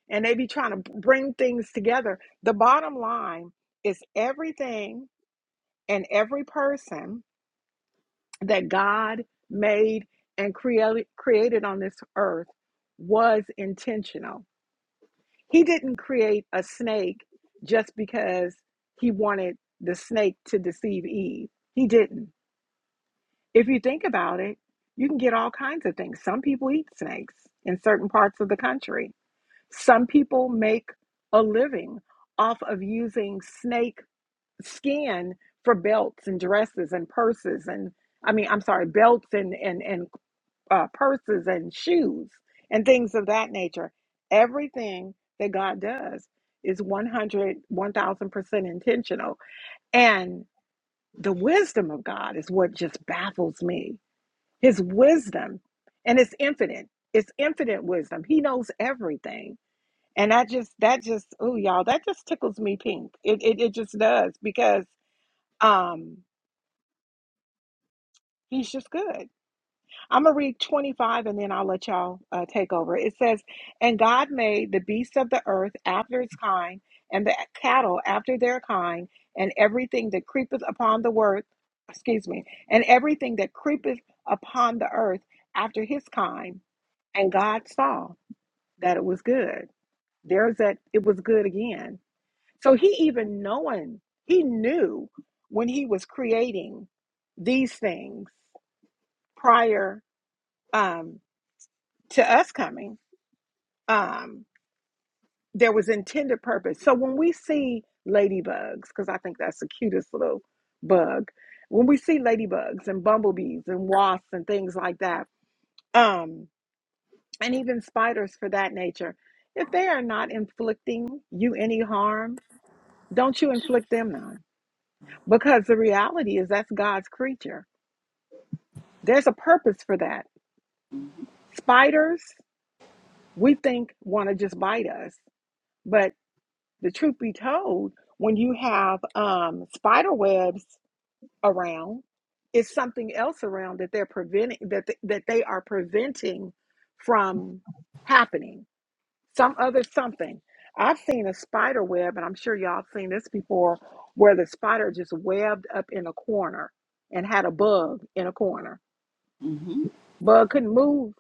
S1: and they be trying to bring things together. The bottom line is everything and every person that God made and created created on this earth was intentional. He didn't create a snake just because he wanted the snake to deceive Eve. He didn't. If you think about it, you can get all kinds of things. Some people eat snakes in certain parts of the country. Some people make a living off of using snake skin for belts and dresses and purses and I mean, I'm sorry, belts and and and uh, purses and shoes and things of that nature. Everything that God does is one hundred, one thousand percent intentional and the wisdom of God is what just baffles me his wisdom, and it's infinite. It's infinite wisdom. He knows everything. And that just that just oh y'all, that just tickles me pink. It it, it just does because um he's just good. I'm gonna read 25 and then I'll let y'all uh, take over. It says, And God made the beasts of the earth after its kind, and the cattle after their kind, and everything that creepeth upon the earth, excuse me, and everything that creepeth upon the earth after his kind and God saw that it was good. There's that it was good again. So he even knowing, he knew when he was creating these things prior um, to us coming, um, there was intended purpose. So when we see ladybugs, because I think that's the cutest little bug, when we see ladybugs and bumblebees and wasps and things like that, um, and even spiders for that nature, if they are not inflicting you any harm, don't you inflict them none. Because the reality is that's God's creature. There's a purpose for that. Spiders, we think, want to just bite us. But the truth be told, when you have um, spider webs around, it's something else around that they're preventing that, th- that they are preventing from happening some other something. I've seen a spider web, and I'm sure y'all seen this before, where the spider just webbed up in a corner and had a bug in a corner.
S3: Mhm.
S1: Bug couldn't move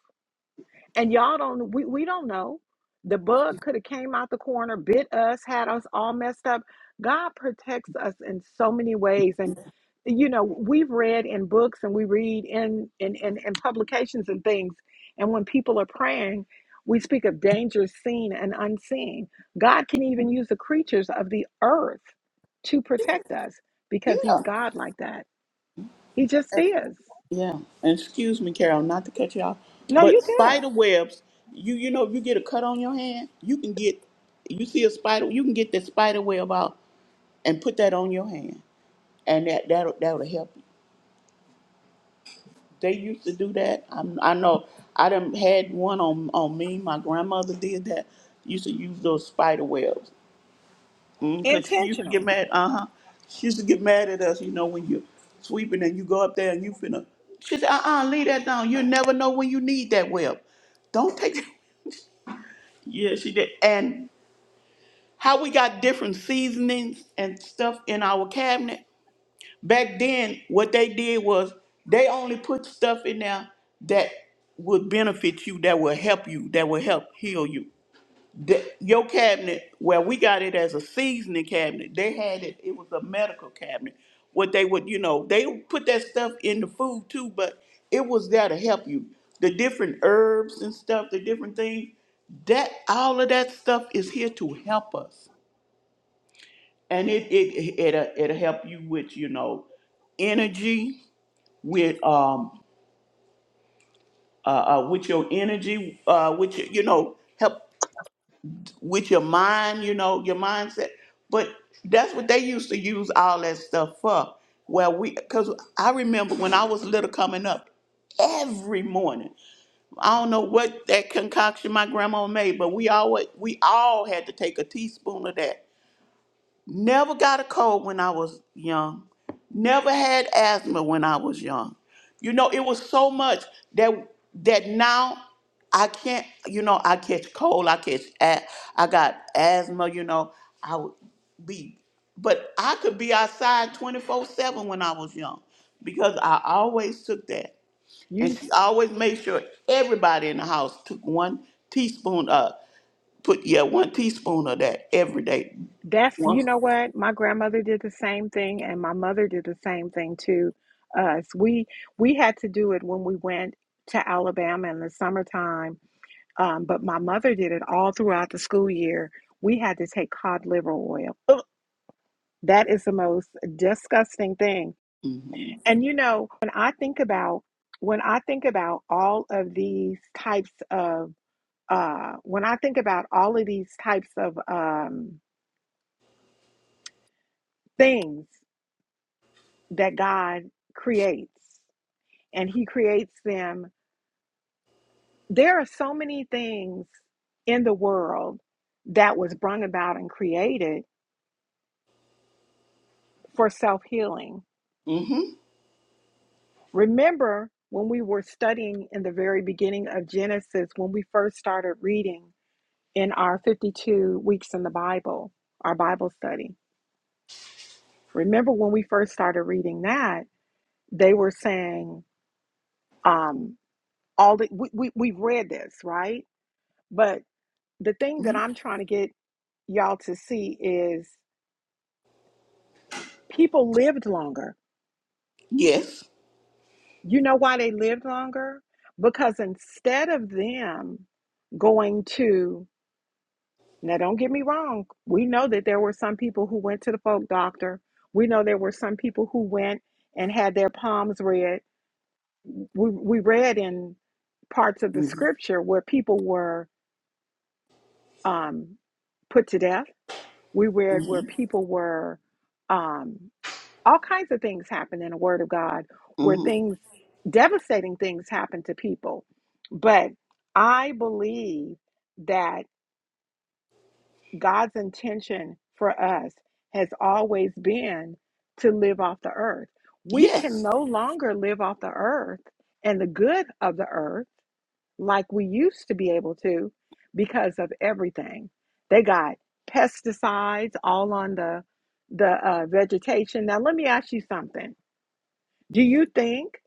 S1: and y'all don't we, we don't know the bug could have came out the corner bit us had us all messed up god protects us in so many ways and you know we've read in books and we read in in in, in publications and things and when people are praying we speak of dangers seen and unseen god can even use the creatures of the earth to protect us because he's
S3: Yeah.
S1: god like that he just is
S3: Yeah, and excuse me, Carol, not to cut you off,
S1: no
S3: but
S1: you good
S3: spider webs, you you know, if you get a cut on your hand, you can get, you see a spider, you can get that spider web out and put that on your hand, and that that will that'll help you. They used to do that. I I know I done had one on on me. My grandmother did that. Used to use those spider webs, Because she used to get
S1: intentional
S3: mad. Uh huh. She used to get mad at us, you know, when you're sweeping and you go up there and you finna. She said, uh uh leave that down. You never know when you need that web. Don't take that. Yeah, she did. And how we got different seasonings and stuff in our cabinet. Back then, what they did was they only put stuff in there that would benefit you, that would help you, that would help heal you. the, your cabinet where we got it as a seasoning cabinet they had it it was a medical cabinet what they would you know they would put that stuff in the food too but it was there to help you the different herbs and stuff the different things that all of that stuff is here to help us and it it it'll, it'll help you with you know energy with um uh, uh with your energy uh with your, you know help with your mind, you know, your mindset. But that's what they used to use all that stuff for. Well, we, because I remember when I was little coming up, every morning, I don't know what that concoction my grandma made, but we always, we all had to take a teaspoon of that Never got a cold when I was young. Never had asthma when I was young. You know, it was so much that that now I can't. You know, I catch cold. I catch. a- I got asthma. You know, I would be, but I could be outside twenty four seven when I was young, because I always took that, and
S1: you.
S3: she always made sure everybody in the house took one teaspoon. Uh, put yeah, one teaspoon of that every day.
S1: That's, you
S3: Once.
S1: know what? My grandmother did the same thing, and my mother did the same thing to us. We we had to do it when we went to Alabama in the summertime, um, but my mother did it all throughout the school year. We had to take cod liver oil. Ugh, that is the most disgusting thing.
S3: Mm-hmm.
S1: And you know, when I think about when I think about all of these types of uh, when I think about all of these types of um, things that God creates, and He creates them. There are so many things in the world that was brought about and created for self healing.
S3: Mm-hmm.
S1: Remember when we were studying in the very beginning of Genesis, when we first started reading in our 52 weeks in the Bible, our Bible study. Remember when we first started reading that, they were saying, um, all the, we, we, we've read this, right? but. the thing that I'm trying to get y'all to see is people lived longer.
S3: Yes.
S1: You know why they lived longer? Because instead of them going to, now don't get me wrong, we know that there were some people who went to the folk doctor. We know there were some people who went and had their palms read. We, we read in parts of the
S3: Mm-hmm.
S1: scripture where people were um, put to death. We read where
S3: Mm-hmm.
S1: people were um. all kinds of things happen in the word of god where
S3: Mm-hmm.
S1: things devastating things happen to people but i believe that god's intention for us has always been to live off the earth we can
S3: Yes.
S1: no longer live off the earth and the good of the earth like we used to be able to because of everything they got pesticides all on the the uh, vegetation now let me ask you something do you think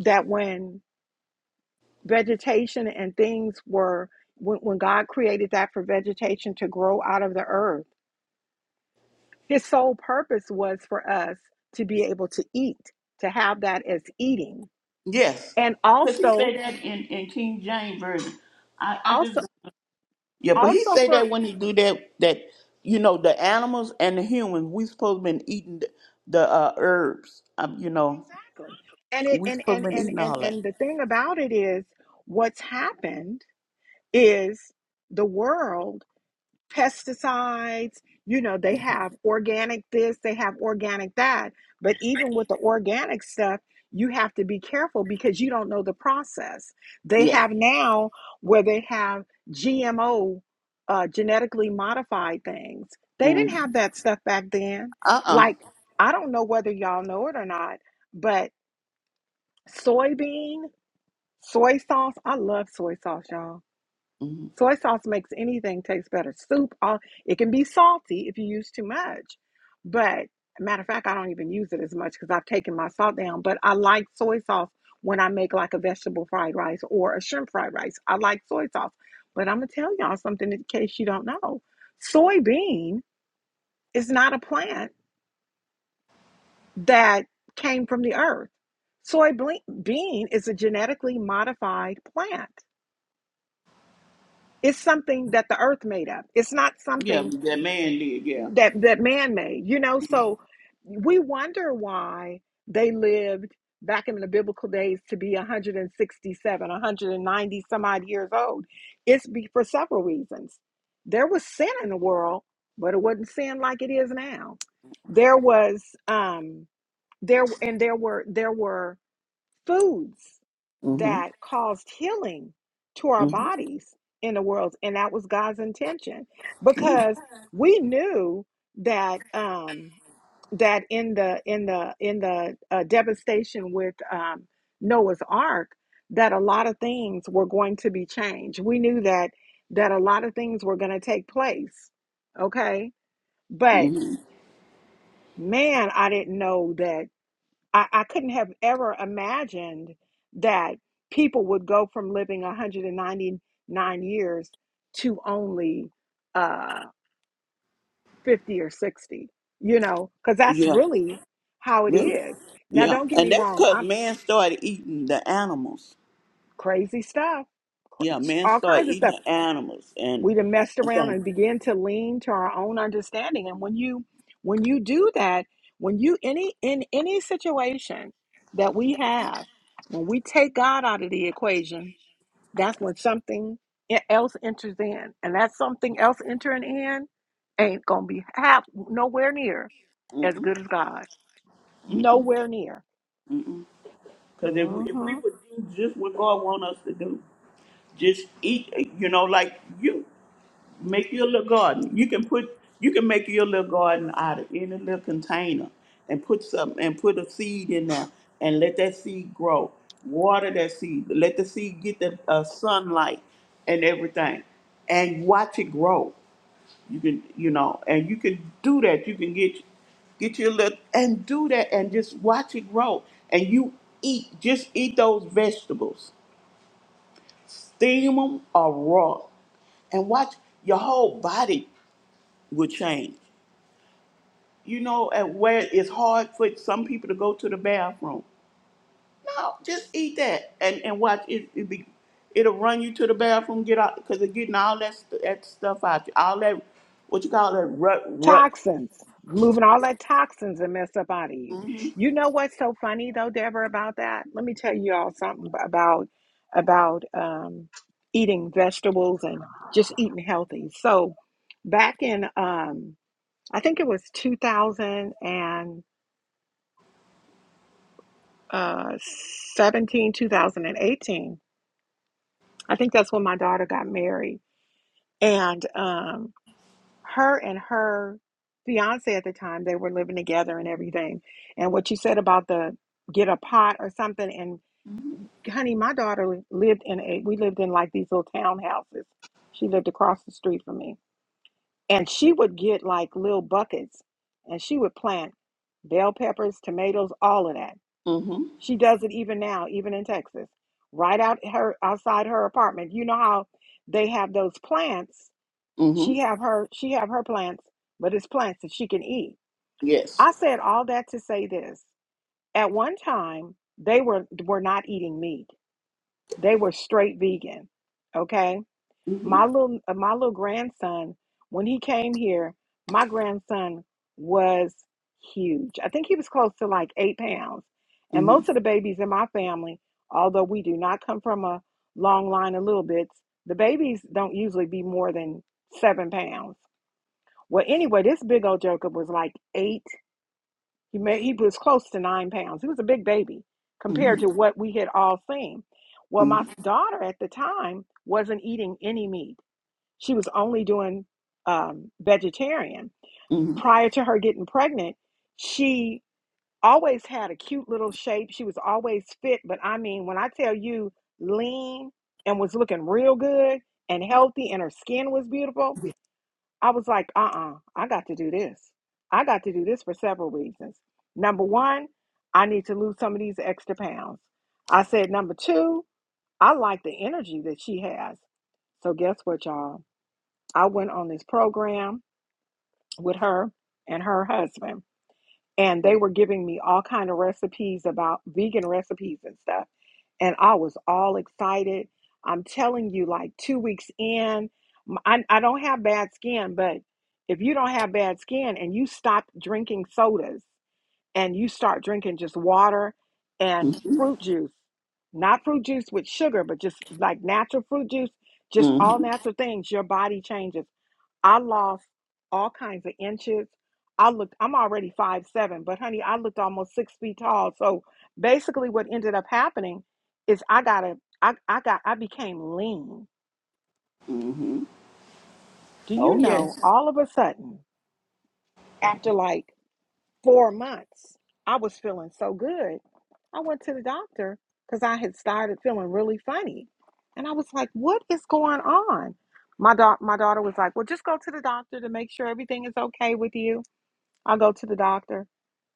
S1: that when vegetation and things were, when, when God created that for vegetation to grow out of the earth, his sole purpose was for us to be able to eat, to have that as eating.
S3: Yes.
S1: And
S3: Because he
S1: also,
S3: say that in, in King James Version. I, I
S1: also,
S3: just Yeah, but he
S1: also
S3: say
S1: for,
S3: that when he do that that you know, the animals and the humans, we supposed to been eating the, the uh herbs. Um, you know,
S1: exactly. And it,
S3: we
S1: and,
S3: supposed to
S1: and,
S3: been
S1: and,
S3: eating
S1: and,
S3: all that.
S1: and the thing about it is what's happened is the world pesticides. You know, they have organic this, they have organic that. But even with the organic stuff, you have to be careful because you don't know the process. They
S3: Yeah.
S1: have now where they have GMO, uh, genetically modified things. They didn't
S3: Mm-hmm.
S1: have that stuff back then.
S3: Uh uh.
S1: Like, I don't know whether y'all know it or not, but soybean, soy sauce, I love soy sauce, y'all
S3: Mm-hmm.
S1: Soy sauce makes anything taste better. Soup, all it can be salty if you use too much. But matter of fact, I don't even use it as much because I've taken my salt down. But I like soy sauce when I make like a vegetable fried rice or a shrimp fried rice. I like soy sauce. But I'm gonna tell y'all something in case you don't know. Soybean is not a plant that came from the earth. Soybean is a genetically modified plant. It's something that the earth made up. It's not
S3: Yeah,
S1: something
S3: that man did, yeah.
S1: that that man made you know so we wonder why they lived back in the biblical days to be 167 190 some odd years old it's be for several reasons there was sin in the world but it wasn't sin like it is now there was um there and there were there were foods
S3: Mm-hmm.
S1: that caused healing to our
S3: Mm-hmm.
S1: bodies in the world and that was god's intention because we knew that um that in the in the in the uh, devastation with um noah's ark that a lot of things were going to be changed we knew that that a lot of things were going to take place okay but
S3: Mm-hmm.
S1: man i didn't know that I, I couldn't have ever imagined that people would go from living 199 years to only uh, 50 or 60, you know, because that's
S3: Yeah,
S1: really how it
S3: really.
S1: is. Now,
S3: Yeah.
S1: don't get
S3: And
S1: me
S3: that's
S1: wrong,
S3: because
S1: I'm
S3: man started eating the animals.
S1: crazy stuff, cra-
S3: Yeah, man
S1: all
S3: started
S1: kinds of
S3: eating
S1: stuff.
S3: the animals and
S1: we done messed
S3: and
S1: around
S3: things.
S1: and begin to lean to our own understanding and when you when you do that when you any in any situation that we have when we take god out of the equation that's when something e- else enters in and that something else entering in ain't gonna be half nowhere near as
S3: Mm-mm,
S1: good as god nowhere near
S3: mm-mm. Cause if we, if we
S1: Mm-hmm.
S3: would do just what God want us to do, just eat. You know, like you make your little garden. You can put you can make your little garden out of any little container and put some and put a seed in there and let that seed grow. Water that seed. Let the seed get the uh, sunlight and everything, and watch it grow. You can, you know, and you can do that. You can get get your little and do that and just watch it grow. And you eat, just eat those vegetables, steam them or raw, and watch your whole body will change. You know, and where it's hard for some people to go to the bathroom. No, just eat that and and watch it. it be, it'll run you to the bathroom, get out because it's getting all that st- that stuff out, you, all that what you call that rut rut.
S1: Toxins, moving all that toxins and mess up out of you. You know what's so funny though, Deborah, about that? Let me tell you all something b- about about um, eating vegetables and just eating healthy. So back in um, I think it was two thousand and uh, seventeen, two thousand and eighteen. I think that's when my daughter got married. And um, her and her fiance at the time they were living together and everything and what you said about the get a pot or something and honey my daughter lived in a we lived in like these little townhouses she lived across the street from me and she would get like little buckets and she would plant bell peppers tomatoes all of that
S3: Mm-hmm.
S1: she does it even now even in texas right out her outside her apartment you know how they have those plants
S3: mm-hmm.
S1: she have her she have her plants, but it's plants that she can eat.
S3: Yes.
S1: I said all that to say this. At one time, they were were not eating meat. They were straight vegan. Okay?
S3: Mm-hmm.
S1: My little uh, my little grandson, when he came here, my grandson was huge. I think he was close to like 8 pounds. And
S3: Mm-hmm.
S1: most of the babies in my family, although we do not come from a long line of little bits, the babies don't usually be more than 7 pounds well, anyway, this big old Jacob was like eight. He made he was close to nine pounds. He was a big baby compared
S3: Mm-hmm.
S1: to what we had all seen. Well, my daughter at the time wasn't eating any meat. She was only doing um, vegetarian.
S3: Mm-hmm.
S1: Prior to her getting pregnant, she always had a cute little shape. She was always fit, but I mean, when I tell you lean and was looking real good and healthy, and her skin was beautiful, I was like, uh uh I got to do this. I got to do this for several reasons. Number one, I need to lose some of these extra pounds. I said, number two, I like the energy that she has. So, guess what, y'all? I went on this program with her and her husband, and they were giving me all kind of recipes about vegan recipes and stuff and I was all excited. I'm telling you, like two weeks in, m- I, I don't have bad skin, but if you don't have bad skin and you stop drinking sodas and you start drinking just water and
S3: Mm-hmm.
S1: fruit juice, not fruit juice with sugar, but just like natural fruit juice, just all
S3: Mm-hmm.
S1: natural things, your body changes. I lost all kinds of inches. I looked, I'm already five seven, but honey, I looked almost six feet tall. So basically what ended up happening is I got a I, I got I became lean.
S3: Mm-hmm.
S1: Do
S3: Oh
S1: you know
S3: yes.
S1: all of a sudden, after like four months, I was feeling so good. I went to the doctor because I had started feeling really funny. And I was like, what is going on? My, da- my daughter was like, well, just go to the doctor to make sure everything is okay with you. I'll go to the doctor.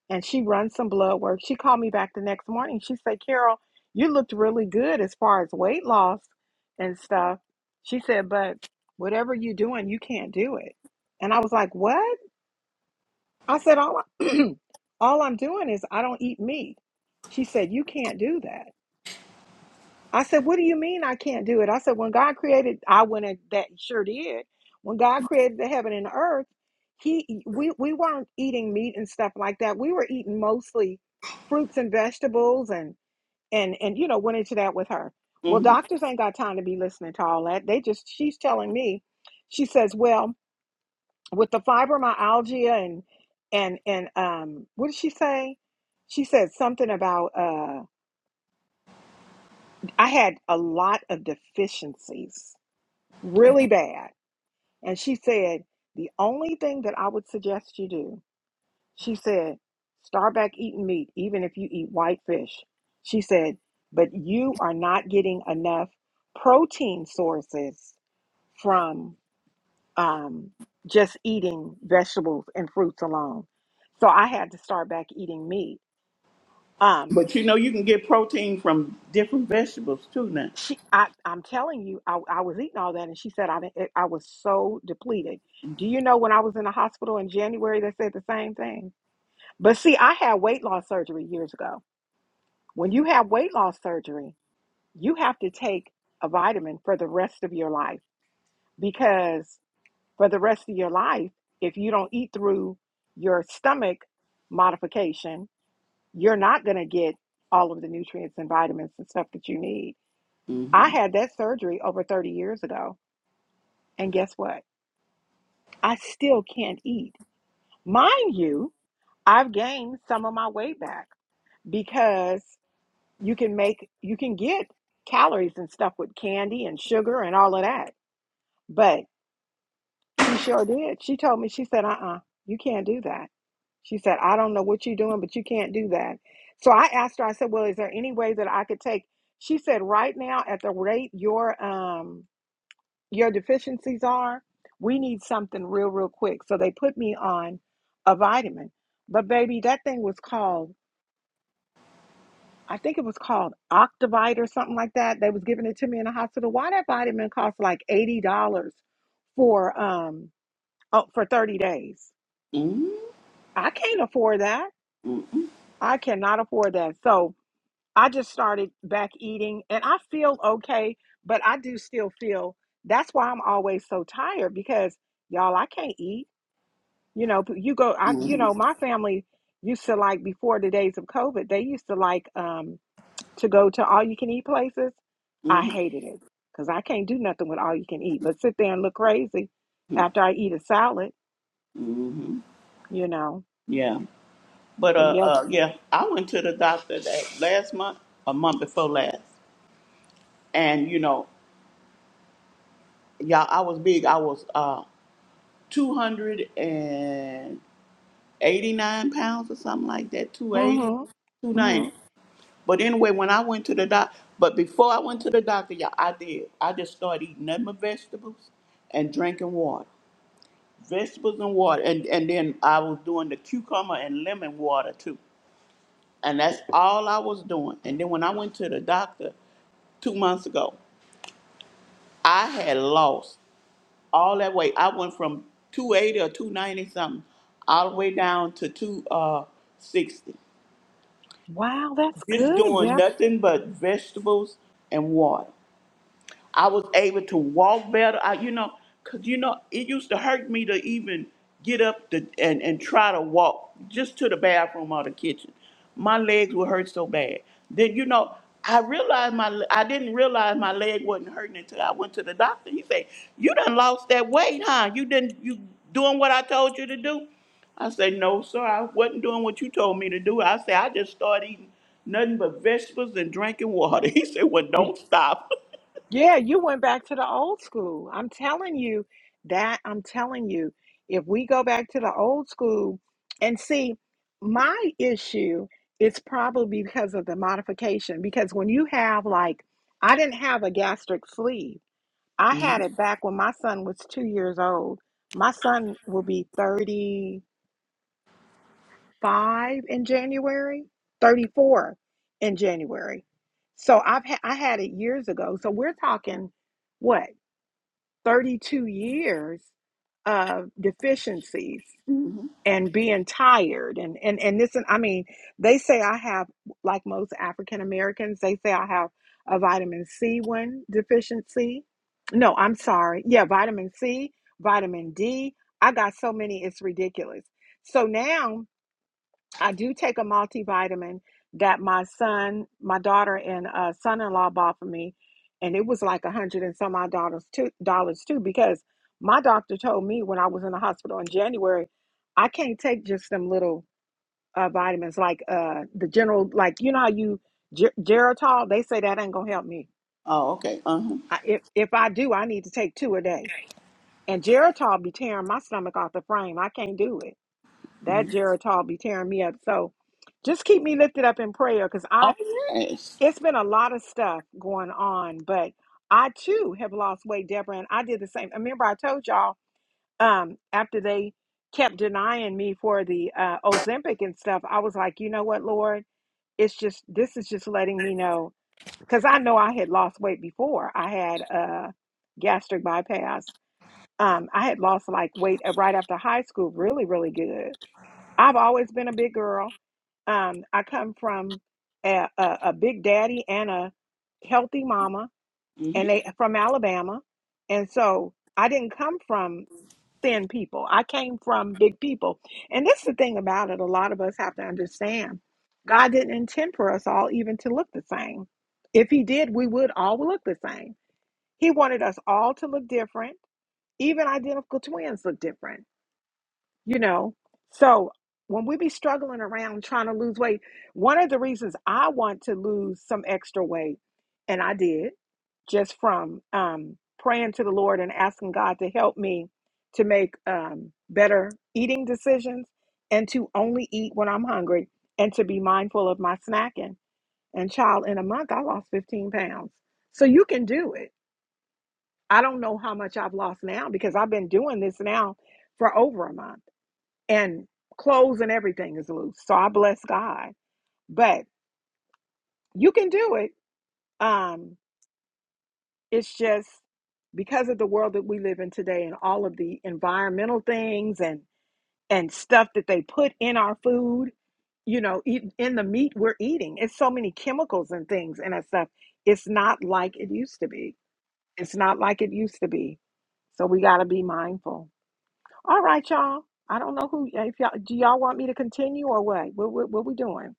S1: and she runs some blood work. She called me back the next morning. She said, Carol, you looked really good as far as weight loss and stuff. She said, but whatever you're doing, you can't do it. And I was like, what? I said, all, I, all I'm doing is I don't eat meat. She said, you can't do that. I said, What do you mean I can't do it? I said, When God created, I went and that sure did. When God created the heaven and the earth, he we we weren't eating meat and stuff like that. We were eating mostly fruits and vegetables and and and you know went into that with her. Well,
S3: Mm-hmm.
S1: doctors ain't got time to be listening to all that. They just she's telling me, she says, Well, with the fibromyalgia and and and um what did she say? She said something about uh I had a lot of deficiencies really bad. And she said, The only thing that I would suggest you do, she said, start back eating meat, even if you eat white fish. She said, But you are not getting enough protein sources from um, just eating vegetables and fruits alone. So I had to start back eating meat. um,
S3: But you know you can get protein from different vegetables too now.
S1: she I, i'm telling you I, I was eating all that and she said i didn't, it, i was so depleted do you know when i was in the hospital in january they said the same thing but see i had weight loss surgery years ago when you have weight loss surgery you have to take a vitamin for the rest of your life because for the rest of your life if you don't eat through your stomach modification you're not going to get all of the nutrients and vitamins and stuff that you need i
S3: Mm-hmm.
S1: had that surgery over 30 years ago And guess what? I still can't eat. Mind you, I've gained some of my weight back because you can make, you can get calories and stuff with candy and sugar and all of that. But she sure did. She told me, she said, uh uh you can't do that. She said, I don't know what you're doing, but you can't do that. So I asked her, I said, well, is there any way that I could take? She said, right now, at the rate your um, your deficiencies are. We need something real, real quick. So they put me on a vitamin. But baby, that thing was called, I think it was called Octavite or something like that. They was giving it to me in the hospital. Why that vitamin cost like $80 for um oh, for 30 days?
S3: Mm-hmm.
S1: I can't afford that. I cannot afford that. So I just started back eating and I feel okay, but I do still feel that's why I'm always so tired because y'all, I can't eat. You know, but you go, I, you
S3: Mm-hmm.
S1: know, my family used to like before the days of COVID, they used to like um to go to all you can eat places. I
S3: Mm-hmm.
S1: hated it because I can't do nothing with all you can eat, but sit there and look crazy after I eat a salad,
S3: Mm-hmm.
S1: you know.
S3: Yeah. But
S1: But
S3: uh,
S1: yes,
S3: uh yeah, I went to the doctor that last month, a month before last. And you know, y'all I was big. I was uh two hundred and eighty nine pounds or something like that, Two eighty, two
S1: mm-hmm, mm-hmm.
S3: ninety. But anyway, when I went to the doc, but before I went to the doctor, y'all, I did. I just started eating nothing but vegetables and drinking water. Vegetables and water. And, and then I was doing the cucumber and lemon water too. And that's all I was doing. And then when I went to the doctor two months ago, I had lost all that weight. I went from 280 or 290 something all the way down to 260.
S1: Wow, that's
S3: Just
S1: good,
S3: doing
S1: Deb.
S3: nothing but vegetables and water. I was able to walk better. I, you know, cause you know, it used to hurt me to even get up to, and and try to walk just to the bathroom or the kitchen. My legs would hurt so bad. Then you know, I realized my le- I didn't realize my leg wasn't hurting until I went to the doctor. He said, "You done lost that weight, huh? You didn't you doing what I told you to do?" I said, "No, sir. I wasn't doing what you told me to do." I said, "I just started eating." Nothing but vegetables and drinking water. He said, Well, don't stop.
S1: Yeah, you went back to the old school. I'm telling you that. I'm telling you, if we go back to the old school and see, my issue is probably because of the modification. Because when you have, like, I didn't have a gastric sleeve, I had it back when my son was two years old. My son will be 35 in January, 34 in January. So I've ha- I had it years ago. So we're talking what? 32 years of deficiencies and being tired and and and this and I mean they say I have like most African Americans they say I have a vitamin C one deficiency no I'm sorry yeah vitamin C vitamin D I got so many it's ridiculous so now I do take a multivitamin that my son, my daughter, and uh, son-in-law bought for me, and it was like a hundred and some odd dollars too, dollars too, because my doctor told me when I was in the hospital in January, I can't take just them little uh, vitamins like uh, the general, like you know how you Ge- Geritol. They say that ain't gonna help me.
S3: Oh, okay. Uh
S1: I, if if I do, I need to take two a day, and Geritol be tearing my stomach off the frame. I can't do it.
S3: huh.
S1: That Geritol be tearing me up. So just keep me lifted up in prayer because I
S3: Oh yes.
S1: it's been a lot of stuff going on, but I too have lost weight, Deborah, and I did the same. Remember I told y'all um after they kept denying me for the uh Ozempic and stuff, I was like, you know what, Lord, it's just this is just letting me know because I know I had lost weight before. I had a gastric bypass. Um, I had lost like weight uh, right after high school, really, really good. I've always been a big girl um, I come from a, a, a big daddy and a healthy mama,
S3: hmm
S1: and they from Alabama, and so I didn't come from thin people. I came from big people, and that's the thing about it. A lot of us have to understand God didn't intend for us all even to look the same. If He did, we would all look the same. He wanted us all to look different. Even identical twins look different you know so when we be struggling around trying to lose weight one of the reasons i want to lose some extra weight and i did just from um, praying to the lord and asking god to help me to make um, better eating decisions and to only eat when i'm hungry and to be mindful of my snacking and child in a month i lost 15 pounds so you can do it i don't know how much i've lost now because i've been doing this now for over a month and clothes and everything is loose. So I bless God. But you can do it. Um, it's just because of the world that we live in today and all of the environmental things and and stuff that they put in our food, you know, e- in the meat we're eating. It's so many chemicals and things and that stuff. It's not like it used to be. It's not like it used to be. So we got to be mindful. All right, y'all. I don't know who if y'all do y'all want me to continue or what? What what, what we doing?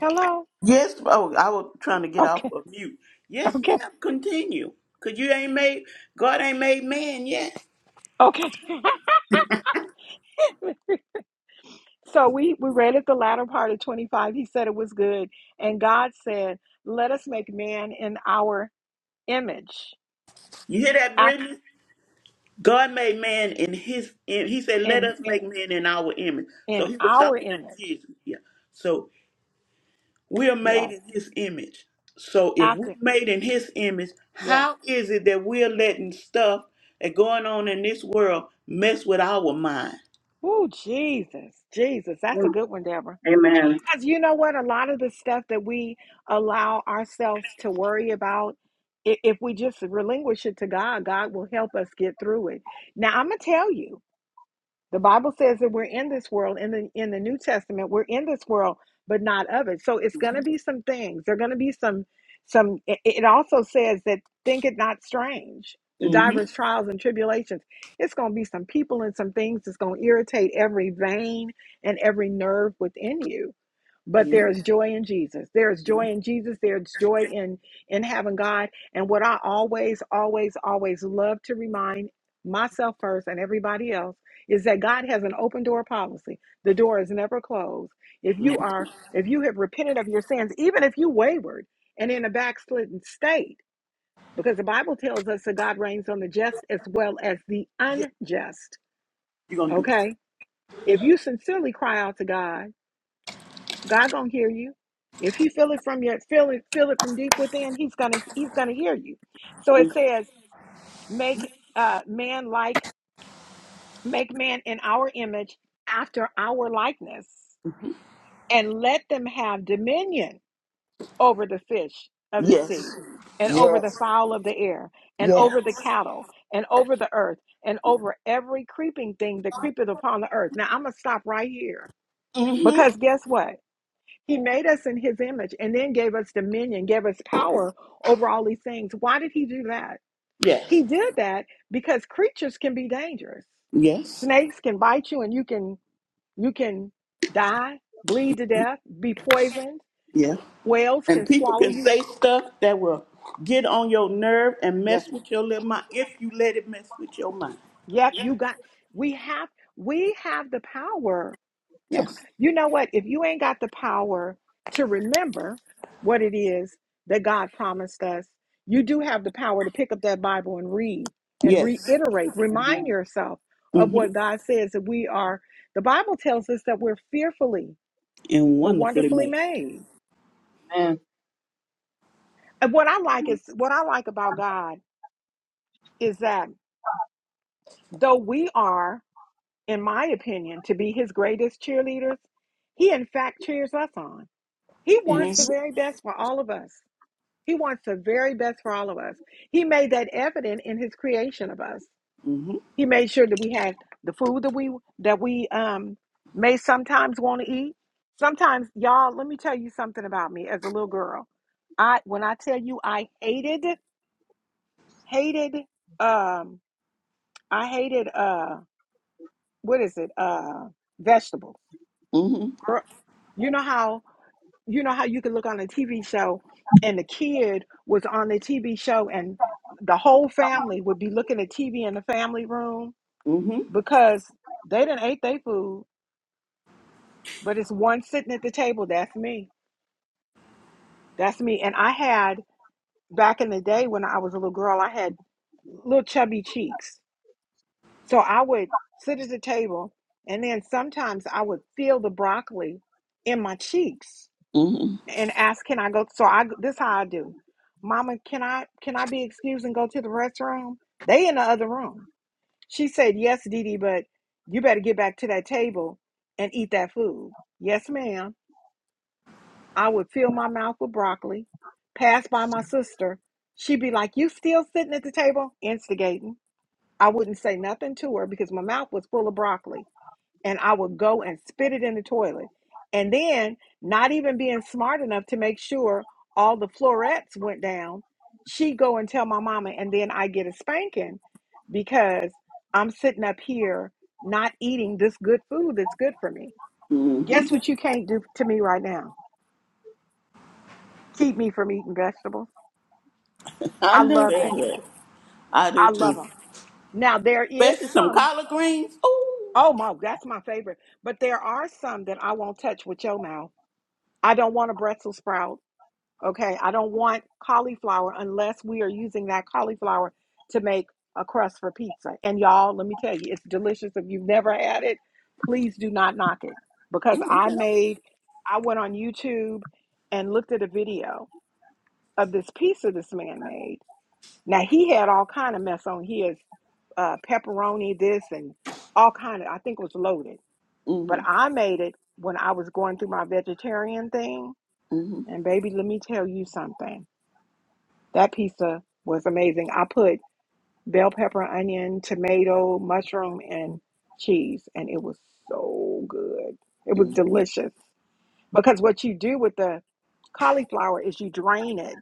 S1: Hello.
S3: Yes. Oh, I was trying to get off
S1: Okay,
S3: of mute. Yes,
S1: okay,
S3: ma'am. Continue. Cause you ain't made God ain't made man yet.
S1: okay. so we we read at the latter part of 25. He said it was good, and God said, "Let us make man in our image,
S3: You hear that,
S1: after
S3: Brittany? God made man in His. In, he said, "Let
S1: in
S3: us
S1: in
S3: make man in our image." So
S1: in
S3: He was
S1: our
S3: talking to
S1: image."
S3: Jesus. Yeah. So we are made
S1: Yes,
S3: in His image. So if we're
S1: after
S3: made in His image,
S1: yes.
S3: how is it that we're letting stuff that going on in this world mess with our mind?
S1: Oh Jesus, Jesus, that's a good one, Deborah.
S2: Amen.
S1: Because you know what, a lot of the stuff that we allow ourselves to worry about. i- If we just relinquish it to God, God will help us get through it. Now, I'm going to tell you, The Bible says that we're in this world in the in the New Testament, we're in this world but not of it. So it's going to be some things. There're going to be some some it it also says that think it not strange. The
S3: Mm-hmm.
S1: diverse trials and tribulations. It's going to be some people and some things that's going to irritate every vein and every nerve within you but
S3: yeah.
S1: there is joy in Jesus. There is joy in Jesus. There's joy in in having God. And what I always, always, always love to remind myself first and everybody else is that God has an open door policy. The door is never closed. If you
S3: Mhm.
S1: are, if you have repented of your sins, even if you wavered and in a backslidden state, because the Bible tells us that God reigns on the just as well as the
S3: Yeah,
S1: unjust.
S3: you're gonna do.
S1: Okay. If you sincerely cry out to God God gonna hear you. If he feel it from your feel it feel it from deep within, he's gonna he's gonna hear you. So it says, make uh man like make man in our image after our likeness,
S3: hmm
S1: and let them have dominion over the fish of the sea,
S3: Yes.
S1: and over the
S3: Yes.
S1: fowl of the air, and
S3: Yeah.
S1: over the cattle, and over the earth, and over every creeping thing that creepeth upon the earth. Now I'm gonna stop right here
S3: hmm
S1: because guess what? He made us in his image and then gave us dominion, gave us power over all these things. Why did he do that? He
S3: Yes.
S1: did that because creatures can be dangerous.
S3: Yes.
S1: Snakes can bite you and you can you can die, bleed to death, be poisoned.
S3: Yeah.
S1: Whales can
S3: And people
S1: swallow
S3: can
S1: you.
S3: say stuff that will get on your nerve and
S1: Yes.
S3: mess with your little mind if you let it mess with your mind.
S1: Yep, you got we have we have the power to
S3: Yes.
S1: you know what if you ain't got the power to remember what it is that god promised us you do have the power to pick up that bible and read and
S3: Yes.
S1: reiterate remind
S2: Amen.
S1: yourself of
S3: hmm
S1: what god says that we are the bible tells us that we're fearfully
S3: And
S1: but
S3: wonderfully
S1: wonderfully
S3: made.
S1: made
S2: Amen.
S1: and what i like is what i like about god is that though we are in my opinion to be his greatest cheerleaders he in fact cheers us on he wants the
S3: hmm
S2: Yes.
S1: very best for all of us He wants the very best for all of us. He made that evident in his creation of us.
S3: hmm
S1: He made sure that we had the food that we that we um may sometimes want to eat. Sometimes, y'all, let me tell you something about me as a little girl. I when I tell you I hated, hated, um, I hated uh what is it? Uh vegetables.
S3: hmm
S1: Girl, you know how you know how you can look on a TV show and the kid was on the TV show and the whole family would be looking at TV in the family room
S3: hmm
S1: because they didn't ate their food, but it's one sitting at the table. That's me. That's me. And I had back in the day when I was a little girl, I had little chubby cheeks. So I would sit at the table and then sometimes I would feel the broccoli in my cheeks
S3: hmm
S1: and ask, "Can I go?" So I this how I do. Mama, can I can I be excused and go to the restroom? They in the other room. She said, "Yes, Didi, but you better get back to that table and eat that food." Yes, ma'am. I would fill my mouth with broccoli. Pass by my sister. She'd be like, "You still sitting at the table?" Instigating. I wouldn't say nothing to her because my mouth was full of broccoli and I would go and spit it in the toilet. And then, not even being smart enough to make sure all the florets went down, she go and tell my mama, and then I get a spanking because I'm sitting up here not eating this good food that's good for me.
S3: hmm
S1: Guess what you can't do to me right now? Keep me from eating vegetables.
S3: I
S1: I
S3: know
S1: love
S3: that's
S1: vegetables.
S3: right. I do
S1: I love
S3: too.
S1: them. Now there is
S3: Especially some
S1: some.
S3: collard greens. Ooh.
S1: Oh my, that's my favorite. But there are some that I won't touch with your mouth. I don't want a Brussels sprout. Okay, I don't want cauliflower unless we are using that cauliflower to make a crust for pizza. And y'all, let me tell you, it's delicious. If you've never had it, please do not knock it because
S3: Ooh,
S1: I
S3: okay.
S1: made, I went on YouTube and looked at a video of this pizza this man made. Now he had all kind of mess on his uh, pepperoni, this and all kind of. I think it was loaded, but
S3: Mm-hmm.
S1: I made it when I was going through my vegetarian thing.
S3: hmm
S1: And baby, let me tell you something. That pizza was amazing. I put bell pepper, onion, tomato, mushroom, and cheese, and it was so good. It was
S3: hmm
S1: delicious. Because what you do with the cauliflower is you drain it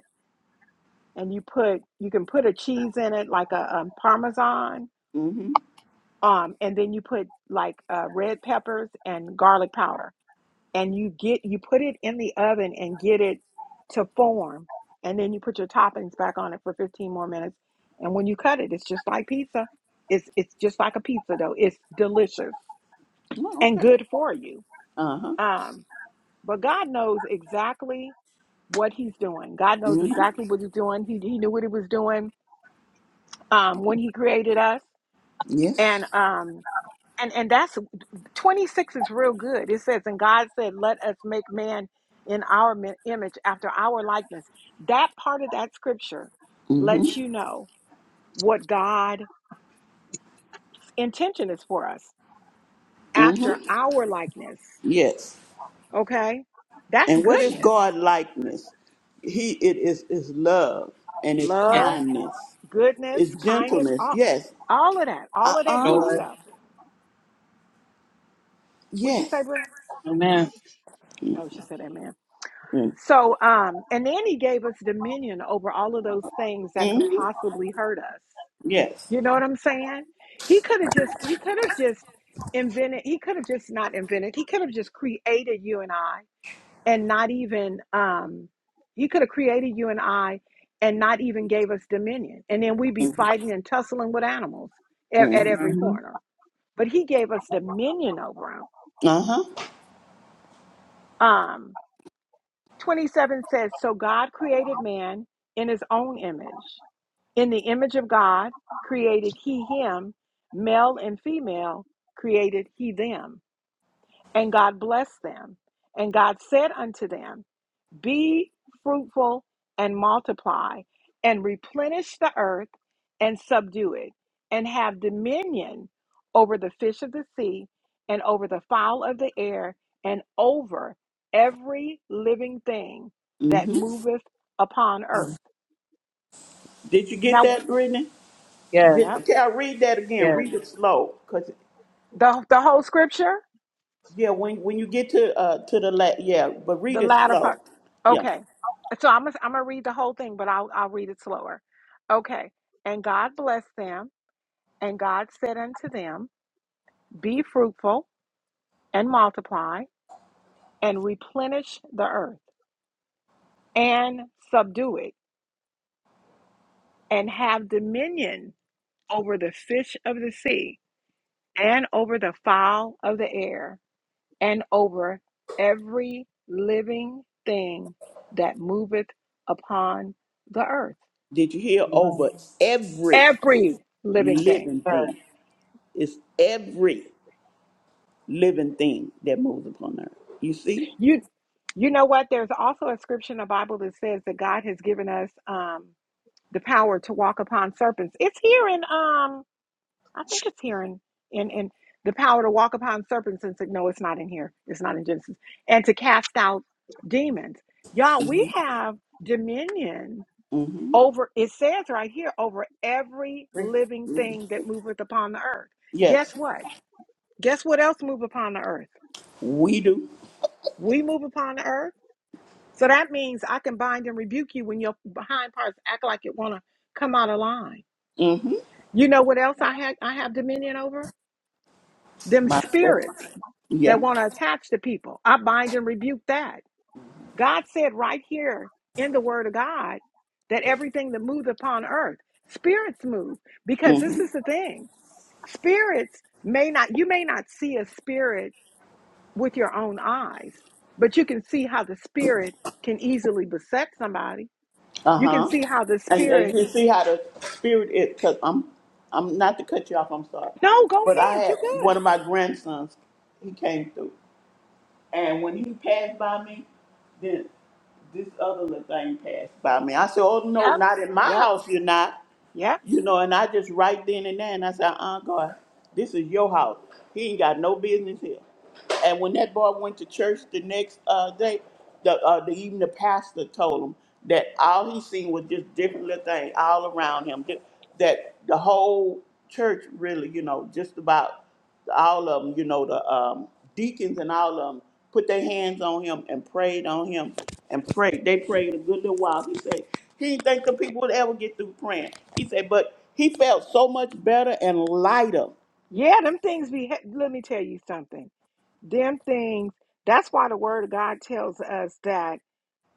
S1: and you put you can put a cheese in it like a um, parmesan
S3: hmm
S1: um and then you put like uh, red peppers and garlic powder and you get you put it in the oven and get it to form and then you put your toppings back on it for 15 more minutes and when you cut it it's just like pizza it's it's just like a pizza dough it's delicious
S3: Oh,
S1: and
S3: okay.
S1: good for you
S3: Uh huh.
S1: um but god knows exactly what he's doing god knows
S3: hmm
S1: exactly what he's doing he, he knew what he was doing um when he created us
S3: Yes.
S1: and um and and that's 26 is real good. It says, And God said, Let us make man in our image, after our likeness. That part of that scripture
S3: hmm
S1: lets you know what God's intention is for us,
S3: hmm
S1: after our likeness.
S3: Yes.
S1: Okay? That's
S3: And what is
S1: goodness,
S3: God likeness? He it is is love and it's
S2: Yeah.
S1: love,
S3: kindness,
S1: goodness,
S3: it's
S1: kindness,
S3: gentleness.
S1: all,
S3: Yes.
S1: all of that,
S3: Uh
S1: all of that good
S2: Joy.
S3: huh.
S1: stuff. What would you say,
S3: Yes.
S1: Brent?
S2: Amen.
S1: Oh, she said amen. So, um, and then he gave us dominion over all of those things that could
S3: Mm-hmm.
S1: possibly hurt us
S3: Yes.
S1: You know what I'm saying? He could have just he could have just invented he could have just not invented. He could have just created you and I and not even um he could have created you and I and not even gave us dominion. And then we'd be fighting and tussling with animals at, at
S3: Mm-hmm.
S1: every
S2: Mm-hmm.
S1: corner. But he gave us dominion over
S3: Uh huh.
S1: them. 27 says, So God created man in his own image. In the image of God created he him, male and female created he them. And God blessed them. And God said unto them, be fruitful and multiply, and replenish the earth and subdue it, and have dominion over the fish of the sea, and over the fowl of the air, and over every living thing that
S3: hmm
S1: moveth upon earth.
S3: Did you get
S1: Now,
S3: that, Brittany?
S2: Yes,
S1: yep,
S3: Did, i read that again.
S2: yes.
S3: Read it slow, cause
S1: the, the whole scripture,
S3: yeah, when when you get to uh to the la yeah, but
S1: the
S3: read it
S1: latter
S3: slow.
S1: part.
S3: Yeah.
S1: Okay. So I'm gonna, I'm gonna read the whole thing, but I'll, I'll read it slower. Okay. And God blessed them, and God said unto them, Be fruitful and multiply and replenish the earth and subdue it and have dominion over the fish of the sea and over the fowl of the air and over every living thing that moveth upon the earth.
S3: Did you hear
S2: Amen.
S3: over every
S1: Every living thing.
S3: living
S2: Yes,
S3: thing? It's every living thing that moves upon earth. You see?
S1: You you know what? There's also a scripture in the Bible that says that God has given us um the power to walk upon serpents. It's here in um I think it's here in in in the power to walk upon serpents and say, no, it's not in here. It's not in Genesis. And to cast out demons. Y'all, we have dominion
S3: Mm-hmm.
S1: over, it says right here, over every living thing that moveth upon the earth. Guess
S3: Yes,
S1: what? Guess what else move upon the earth?
S3: we do.
S1: We move upon the earth. So that means I can bind and rebuke you when your behind parts act like it wanna come out of line.
S3: Mm-hmm.
S1: You know what else I had I have dominion over? Them
S3: Myself.
S1: spirits
S3: Yeah.
S1: that want to attach to people, I bind and rebuke that. God said right here in the Word of God that everything that moves upon earth, spirits move. Because this
S3: Mm-hmm.
S1: is the thing spirits may not, you may not see a spirit with your own eyes, but you can see how the spirit can easily beset somebody. You can
S3: Uh-huh.
S1: see how the
S3: And, and
S1: spirit,
S3: you see how the spirit is, because I'm, I'm not to cut you off, I'm sorry.
S1: no, go
S3: But I
S1: ahead,
S3: had
S1: you
S3: one
S1: good.
S3: of my grandsons, he came through. And when he passed by me, then this other little thing passed by me. I said, Oh no,
S1: Yep,
S3: not in my
S1: yep,
S3: house you're not.
S1: yep
S3: You know, and I just right then and there and I said, Uh uh God, this is your house. He ain't got no business here. And when that boy went to church the next uh, day, the, uh, the even the pastor told him that all he seen was just different little things all around him. Th- That the whole church really, you know, just about all of them, you know, the um, deacons and all of them put their hands on him and prayed on him and prayed. They prayed a good little while. He said he didn't think the people would ever get through praying. He said, but he felt so much better and lighter.
S1: Yeah, them things be, he- let me tell you something. Them things, that's why the word of God tells us that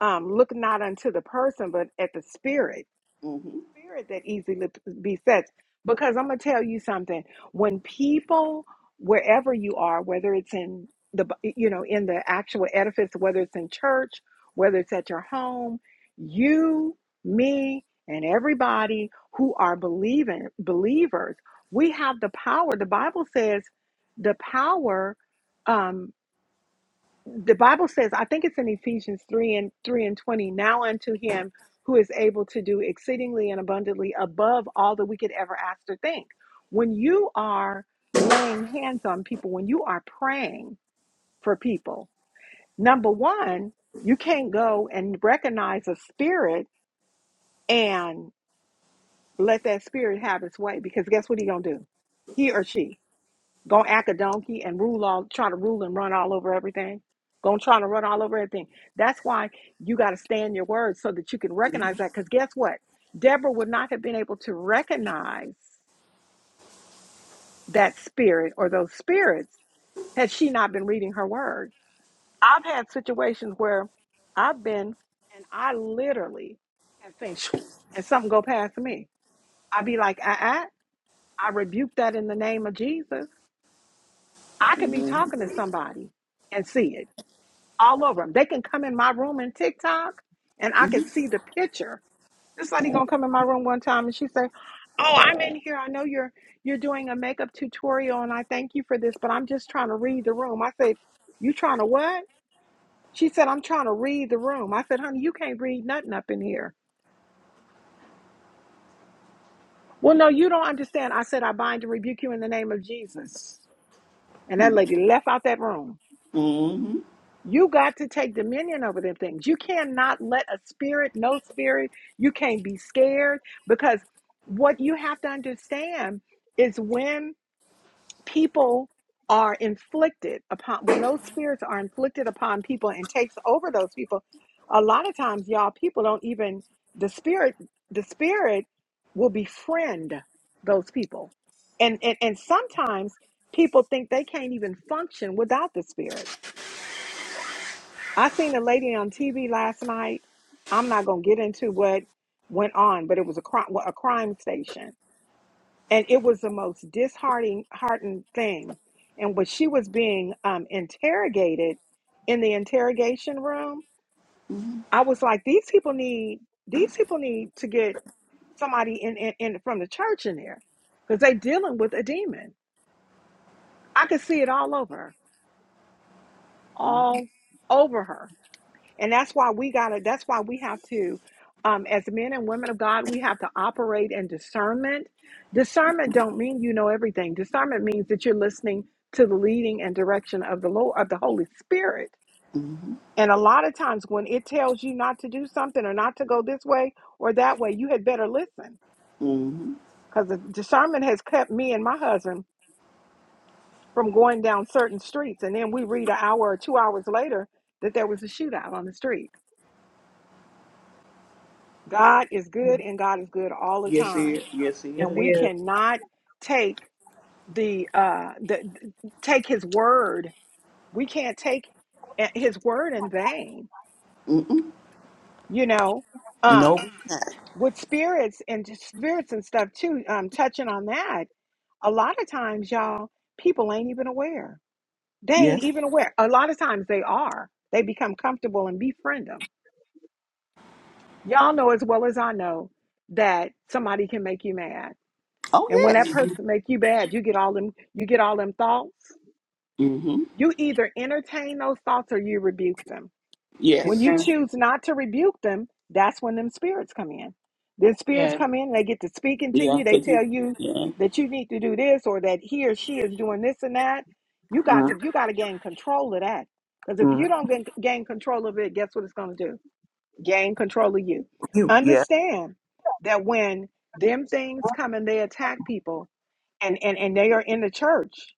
S1: um, look not unto the person, but at the spirit
S3: hmm
S1: spirit that easily besets. Because I'm gonna tell you something. When people, wherever you are, whether it's in the you know in the actual edifice, whether it's in church, whether it's at your home, you, me, and everybody who are believing believers, we have the power. The Bible says the power. um the Bible says, I think it's in Ephesians 3 and 3 and 20, now unto him who is able to do exceedingly and abundantly above all that we could ever ask or think. When you are laying hands on people, when you are praying for people, number one, you can't go and recognize a spirit and let that spirit have its way because guess what he gonna do? He or she gonna act a donkey and rule all try to rule and run all over everything gonna try to run all over everything that's why you got to stand your word so that you can recognize that because guess what deborah would not have been able to recognize that spirit or those spirits had she not been reading her word i've had situations where i've been and i literally have things and something go past me i'd be like uh-uh, i rebuke that in the name of jesus i could be
S3: hmm
S1: talking to somebody and see it all over them. They can come in my room in TikTok and I can see the picture. This lady gonna come in my room one time and she say, Oh, I'm in here. I know you're you're doing a makeup tutorial and I thank you for this, but I'm just trying to read the room. I said, You trying to what? She said, I'm trying to read the room. I said, Honey, you can't read nothing up in here. Well, no, you don't understand. I said, I bind and rebuke you in the name of Jesus. And that lady left out that room.
S3: hmm
S1: You got to take dominion over them things. You cannot let a spirit, no spirit, you can't be scared because what you have to understand is when people are inflicted upon, when those spirits are inflicted upon people and takes over those people, a lot of times, y'all, people don't even, the spirit, the spirit will befriend those people. And, and, and sometimes people think they can't even function without the spirits I seen a lady on TV last night. I'm not gonna get into what went on, but it was a crime, a crime station, and it was the most disheartening, heartening thing. And when she was being um, interrogated in the interrogation room, I was like, these people need these people need to get somebody in, in, in from the church in there because they dealing with a demon. I could see it all over,
S3: Mm-hmm.
S1: all over her And that's why we gotta, that's why we have to, um, as men and women of God, we have to operate in discernment. Discernment don't mean you know everything. Discernment means that you're listening to the leading and direction of the Lord of the Holy Spirit. And a lot of times when it tells you not to do something or not to go this way or that way, you had better listen.
S3: Mm-hmm.
S1: Because the discernment has kept me and my husband from going down certain streets. And then we read an hour or two hours later that there was a shootout on the street God is good and God is good all the
S3: Yes, he
S1: time.
S3: is. Yes, he
S2: yes
S1: And
S2: he
S3: is.
S1: we
S2: is.
S1: cannot take the uh the take his word. We can't take eh, his word in vain,
S3: Mm-mm.
S1: you know.
S3: No,
S1: Um
S3: we not.
S1: with spirits and just spirits and stuff too, um touching on that, a lot of times y'all people ain't even aware. They ain't
S3: Yes.
S1: even aware. A lot of times they are. They become comfortable and befriend them. Y'all know as well as I know that somebody can make you mad
S3: Oh,
S1: And when that
S3: yes.
S2: hmm
S1: person make you bad, you get all them you get all them thoughts.
S3: Mm-hmm.
S1: You either entertain those thoughts or you rebuke them. When
S3: Yes.
S1: you
S2: Amen.
S1: choose not to rebuke them, that's when them spirits come in. Then spirits
S2: Yes.
S1: come in, they get to speaking to
S3: Yeah,
S1: you, they
S3: because
S1: tell
S3: you,
S1: you
S3: yeah.
S1: that you need to do this or that he or she is doing this and that. You got to
S3: Mm-hmm.
S1: you got to gain control of that. Because if you don't gain gain control of it, guess what it's going to do? gain control of you.
S3: You, yeah,
S1: Understand that when them things come and they attack people and and, and they are in the church,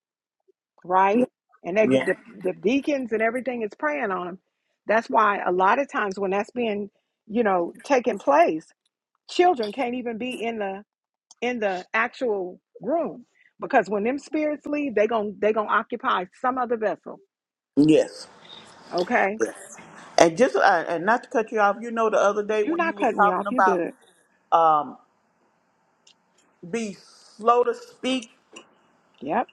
S1: right? And they
S3: yeah.
S1: get the, the deacons and everything is praying on them. That's why a lot of times when that's being, you know, taking place, children can't even be in the in the actual room because when them spirits leave, they gon' they gonna occupy some other vessel.
S3: Yes.
S1: Okay,
S3: And just, uh, and not to cut you off, you know, the other day
S1: you're
S3: when you
S1: not
S3: was
S1: cutting me
S3: talking
S1: off. You
S3: about
S1: good?
S3: um, be slow to speak,
S1: Yep.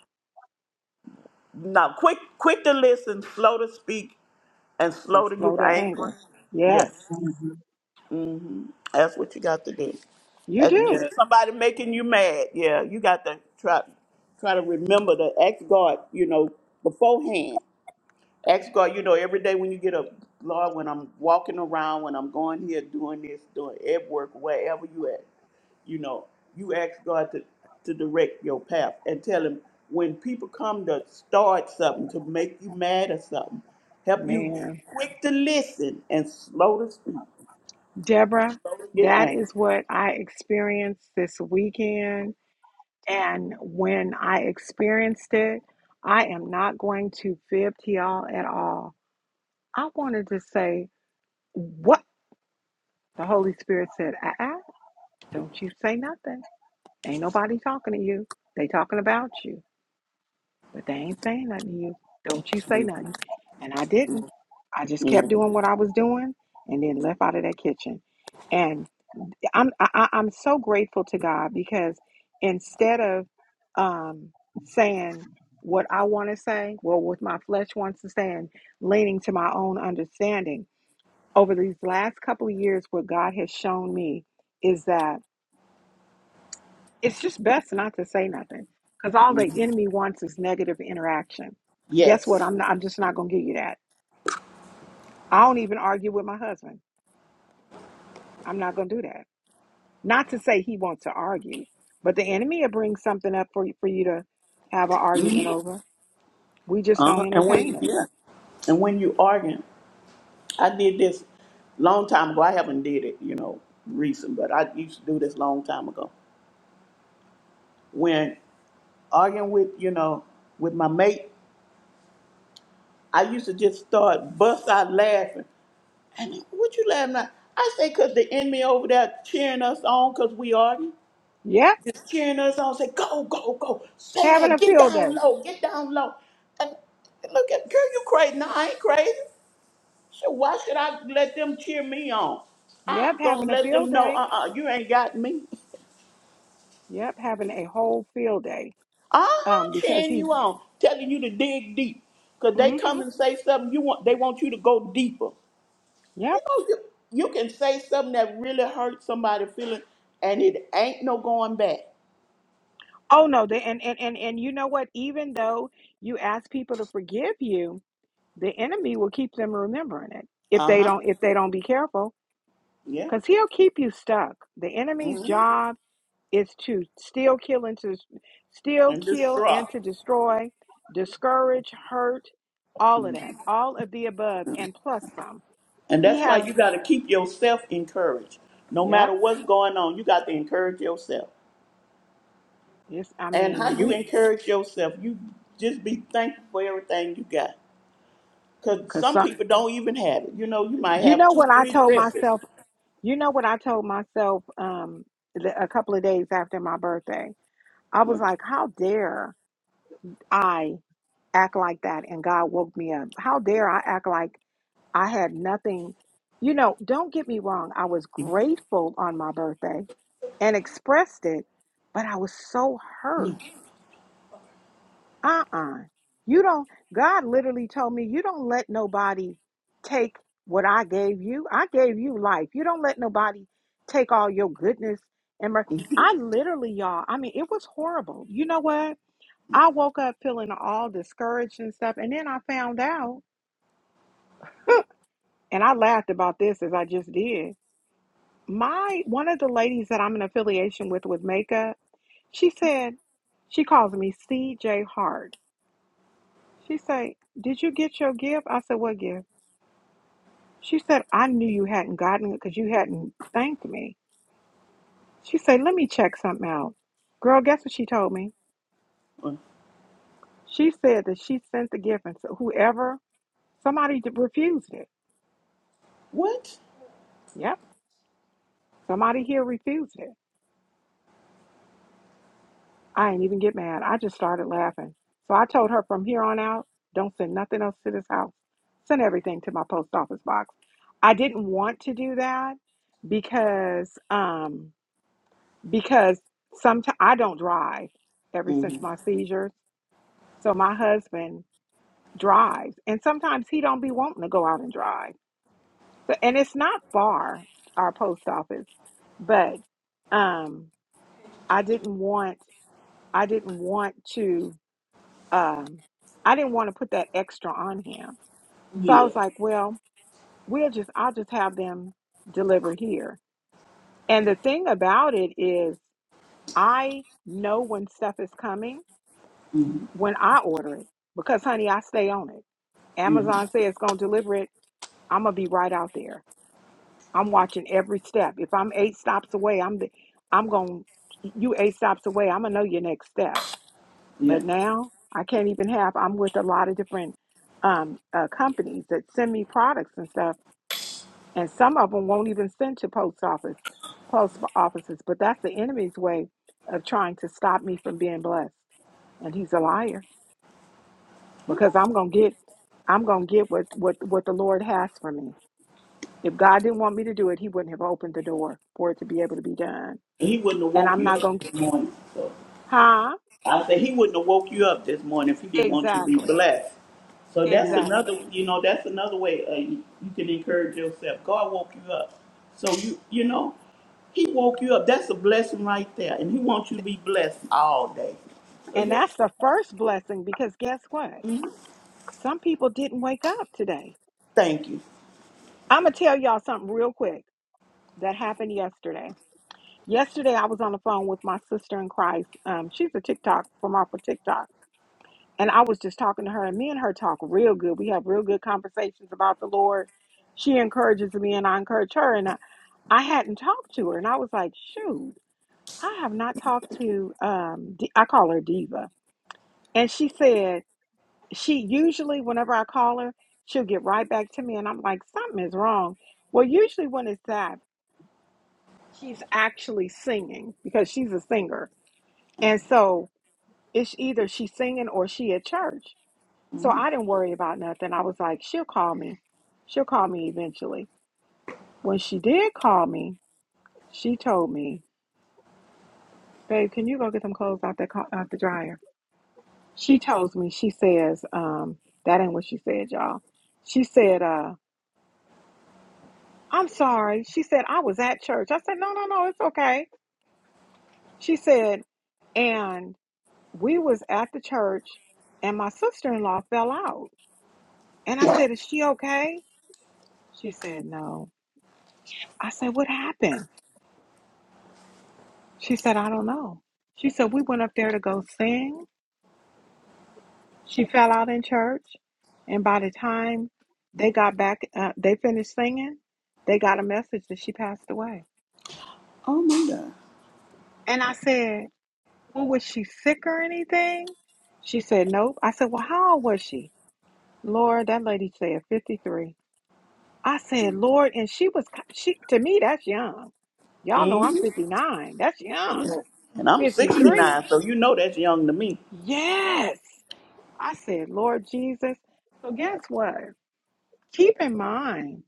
S3: now quick, quick to listen, slow to speak, and
S1: And
S3: slow to get
S1: slow to
S3: angry.
S1: anger.
S3: Yeah.
S1: Yes.
S2: hmm
S3: That's what you got to do.
S1: You
S3: That's
S2: Yes.
S3: when
S1: do,
S3: somebody making you mad, yeah, you got to try try to remember to ask God, you know, beforehand. Ask God, you know, every day when you get up, Lord, when I'm walking around, when I'm going here, doing this, doing at work, wherever you at, you know, you ask God to, to direct your path and tell him when people come to start something, to make you mad or something, help you be
S1: man.
S3: quick to listen and slow to speak,
S1: Deborah,
S3: slow to get
S1: that
S3: angry.
S1: is what I experienced this weekend. And when I experienced it, I am not going to fib to y'all at all. I wanted to say what the Holy Spirit said. Uh-uh, don't you say nothing. Ain't nobody talking to you. They talking about you, but they ain't saying nothing to you. Don't you say nothing. And I didn't. I just kept doing what I was doing and then left out of that kitchen. And I'm I, I- I'm so grateful to God because instead of um, saying what I want to say, well, what my flesh wants to say, and leaning to my own understanding, over these last couple of years, what God has shown me is that it's just best not to say nothing because all
S3: Mm-hmm.
S1: the enemy wants is negative interaction. Guess what?
S3: Yes.
S1: I'm not, I'm just not going to give you that. I don't even argue with my husband. I'm not going to do that. Not to say he wants to argue, but the enemy will bring something up for you, for you to have an argument
S3: Mhm.
S1: over. We just
S3: Uh,
S1: don't
S3: and when
S1: entertain it.
S3: yeah, and when you argue, I did this long time ago. I haven't did it, you know, recent, but I used to do this long time ago. When arguing with you know with my mate, I used to just start bust out laughing. And he, what you laughing at? I say, cause the enemy over there cheering us on, cause we argue,
S1: Yep,
S3: just cheering us on. Say, go, go, go, say
S1: having
S3: that,
S1: a
S3: get
S1: field
S3: down
S1: day.
S3: low, get down low. And look at girl, you crazy? No, I ain't crazy. So why should I let them cheer me on?
S1: Yep,
S3: I'm gonna
S1: having a
S3: let them
S1: field
S3: know,
S1: day.
S3: uh-uh, you ain't got me.
S1: Yep, having a whole field day.
S3: Uh-huh,
S1: Um, because
S3: cheering
S1: he.
S3: you on, telling you to dig deep. Cause they come
S1: Mm-hmm.
S3: and say something you want they want you to go deeper.
S1: Yep.
S3: You know, you, you can say something that really hurts somebody feeling and it ain't no going back.
S1: Oh no. The, and and and and you know what? Even though you ask people to forgive you, the enemy will keep them remembering it if they
S3: Uh-huh.
S1: don't if they don't be careful,
S3: Yeah.
S1: because he'll keep you stuck. The enemy's job It's to steal, kill, and to steal,
S3: And
S1: kill,
S3: distraught.
S1: and to destroy, discourage, hurt, all of that, all of the above, and plus some.
S3: And
S1: He
S3: that's why
S1: has,
S3: you gotta keep yourself encouraged. No
S1: yep.
S3: matter what's going on, you got to encourage yourself.
S1: It's, I
S3: and how
S1: mean,
S3: you
S1: we,
S3: encourage yourself. You just be thankful for everything you got. Because
S1: cause
S3: some
S1: some.
S3: people don't even have it. You know, you might
S1: You
S3: have
S1: know
S3: two,
S1: what I
S3: three
S1: told
S3: dresses.
S1: myself? You know what I told myself? Um, the, a couple of days after my birthday, I was
S3: Mm,
S1: like, how dare I act like that? And God woke me up. How dare I act like I had nothing, you know, don't get me wrong. I was grateful on my birthday and expressed it, but I was so hurt. Uh uh You don't, God literally told me, you don't let nobody take what I gave you. I gave you life. You don't let nobody take all your goodness. And mer-
S3: mm,
S1: I literally, y'all, I mean, it was horrible. You know what? I woke up feeling all discouraged and stuff. And then I found out, and I laughed about this as I just did. my one of the ladies that I'm in affiliation with with makeup, she said she calls me CJ Hart. She said, "Did you get your gift?" I said, "What gift?" She said, "I knew you hadn't gotten it because you hadn't thanked me." She said, "Let me check something out." Girl, guess what she told me?
S3: mm.
S1: She said that she sent the gift and so whoever somebody d- refused it.
S3: What?
S1: Yep, somebody here refused it. I ain't even get mad. I just started laughing. So I told her from here on out, don't send nothing else to this house. Send everything to my post office box. I didn't want to do that because um because sometimes I don't drive ever
S3: hmm
S1: since my seizures. So my husband drives and sometimes he don't be wanting to go out and drive. So and it's not far our post office, but um I didn't want I didn't want to um, I didn't want to put that extra on him. So I
S3: Yeah.
S1: was like, well, we'll just, I'll just have them deliver here. And the thing about it is, I know when stuff is coming
S3: hmm
S1: when I order it because, honey, I stay on it.
S3: hmm
S1: Amazon says it's going to deliver it. I'm going to be right out there. I'm watching every step. If I'm eight stops away, I'm the, I'm going, you eight stops away, I'm going to know your next step.
S3: Yeah.
S1: But now I can't even have, I'm with a lot of different um, uh, companies that send me products and stuff. And some of them won't even send to post office, post offices. But that's the enemy's way of trying to stop me from being blessed. And he's a liar because I'm going to get, I'm going to get what, what, what the Lord has for me. If God didn't want me to do it, he wouldn't have opened the door for it to be able to be done.
S3: He wouldn't have
S1: And
S3: woke
S1: I'm
S3: you
S1: not
S3: up
S1: going to,
S3: this morning. So.
S1: huh?
S3: I said he wouldn't have woke you up this morning if he didn't want you to be
S1: Exactly.
S3: blessed. So that's another,
S1: Exactly.
S3: you know, that's another way uh, you, you can encourage yourself. God woke you up, so you, you know, He woke you up. That's a blessing right there, and He wants you to be blessed all day. So
S1: And
S3: you,
S1: that's the first blessing because guess what? Some people didn't wake up today.
S3: thank you.
S1: I'm going to tell y'all something real quick that happened yesterday. Yesterday, I was on the phone with my sister in Christ. Um, she's a TikTok from off of TikTok. And I was just talking to her, and me and her talk real good. We have real good conversations about the Lord. She encourages me, and I encourage her. And I, I hadn't talked to her, and I was like, shoot, I have not talked to, um, D- I call her Diva. And she said, she usually whenever I call her, she'll get right back to me and I'm like, something is wrong. Well, usually when it's that, she's actually singing because she's a singer. And so it's either she's singing or she at church. So
S3: Mhm.
S1: I didn't worry about nothing. I was like, she'll call me. She'll call me eventually. When she did call me, she told me, babe, can you go get some clothes out the, co- out the dryer? She tells me, she says, um, that ain't what she said, y'all. She said, uh." I'm sorry. She said, I was at church. I said, no, no, no, it's okay. She said, and we was at the church and my sister-in-law fell out. And I said, is she okay? She said, no. I said, what happened? She said, I don't know. She said, we went up there to go sing. She fell out in church. And by the time they got back, uh, they finished singing, they got a message that she passed away.
S3: Oh my God.
S1: And I said, Well, was she sick or anything? She said, Nope. I said, Well, how old was she? Lord, that lady said 53. I said, Lord, and she was, ki- she to me, that's young. Y'all know
S3: hmm
S1: I'm 59. That's young.
S3: Yeah. And I'm
S1: 53?
S3: 69, so you know that's young to me.
S1: Yes. I said, Lord Jesus. So, guess what? Keep in mind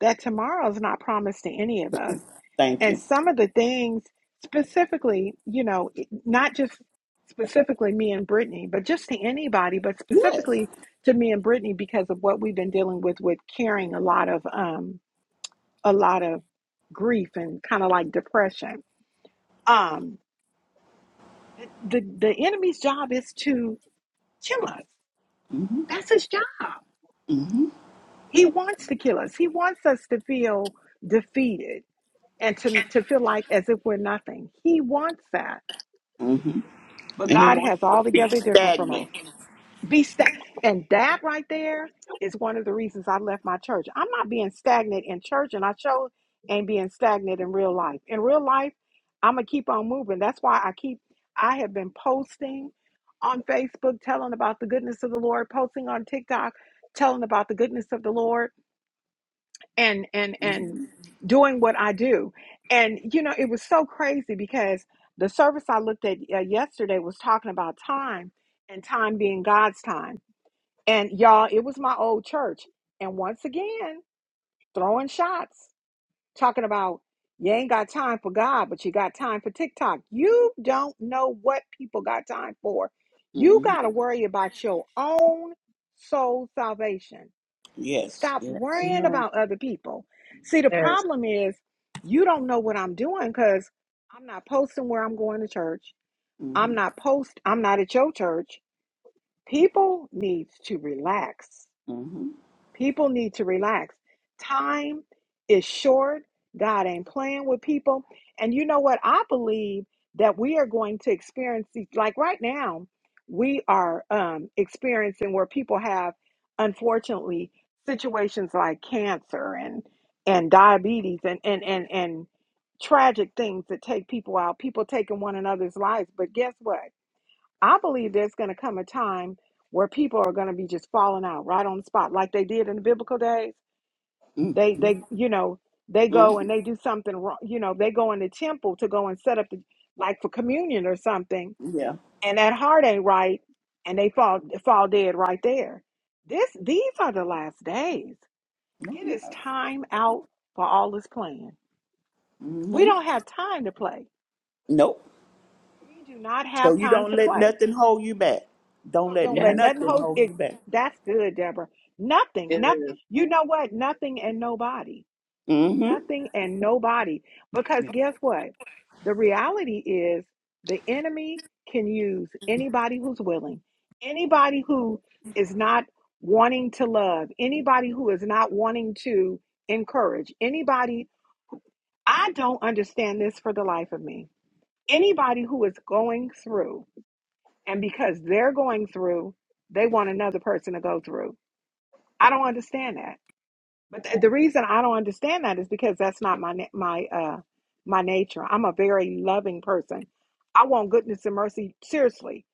S1: that tomorrow is not promised to any of us.
S3: Thank
S1: And
S3: you.
S1: some of the things, specifically, you know, not just specifically me and Brittany, but just to anybody, but
S3: Yes.
S1: specifically to me and Brittany because of what we've been dealing with, with carrying a lot of, um, a lot of grief and kind of like depression. Um, the the enemy's job is to kill us.
S3: hmm
S1: That's his job.
S3: hmm
S1: He wants to kill us. He wants us to feel defeated. and to, to feel like as if we're nothing. He wants that.
S3: hmm
S1: But
S3: And He
S1: God
S3: wants
S1: has
S3: you to be
S1: altogether different from us.
S3: stagnant.
S1: Be sta- and that right there is one of the reasons I left my church. I'm not being stagnant in church, and I chose ain't being stagnant in real life. In real life, I'm gonna keep on moving. That's why I keep I have been posting on Facebook, telling about the goodness of the Lord, posting on TikTok, telling about the goodness of the Lord and and and doing what I do. And you know, it was so crazy because the service I looked at uh, yesterday was talking about time and time being God's time. And y'all, it was my old church. And once again, throwing shots, talking about you ain't got time for God, but you got time for TikTok. You don't know what people got time for. You
S3: hmm
S1: got to worry about your own soul salvation.
S3: Yes.
S1: Stop
S3: Yes.
S1: worrying
S2: Amen.
S1: about other people. See, the
S2: Yes.
S1: problem is you don't know what I'm doing because I'm not posting where I'm going to church.
S3: Mm-hmm.
S1: I'm not post I'm not at your church. People need to relax.
S3: Mm-hmm.
S1: People need to relax. Time is short. God ain't playing with people. And you know what? I believe that we are going to experience these, like right now, we are um, experiencing where people have, unfortunately, situations like cancer and and diabetes and and and and tragic things that take people out. People taking one another's lives. But guess what? I believe there's going to come a time where people are going to be just falling out right on the spot, like they did in the biblical days. They, they, you know, they go and
S3: Mm-hmm.
S1: they do something wrong. You know, they go in the temple to go and set up, the, like for communion or something,
S3: Yeah.
S1: and that heart ain't right, and they fall fall dead right there. This, these are the last days. It is time out for all this playing. We
S3: Mm-hmm.
S1: don't have time to play.
S3: Nope.
S1: We do not
S3: So
S1: have
S3: you
S1: time
S3: don't
S1: to
S3: let
S1: play
S3: nothing hold you back. Don't
S1: So
S3: let
S1: don't
S2: Yes,
S1: let nothing
S3: nothing
S1: hold
S3: hold
S1: it.
S3: you back.
S1: That's good, Deborah.
S2: it
S1: Nothing, not
S2: is.
S1: you know what? Nothing and nobody.
S3: Mm-hmm.
S1: Nothing and nobody. Because
S3: Yeah.
S1: guess what? The reality is the enemy can use anybody who's willing, anybody who is not wanting to love, anybody who is not wanting to encourage, anybody. I don't understand this for the life of me. Anybody who is going through. And because they're going through, they want another person to go through. I don't understand that. But th- the reason I don't understand that is because that's not my na- my uh my nature. I'm a very loving person. I want goodness and mercy seriously.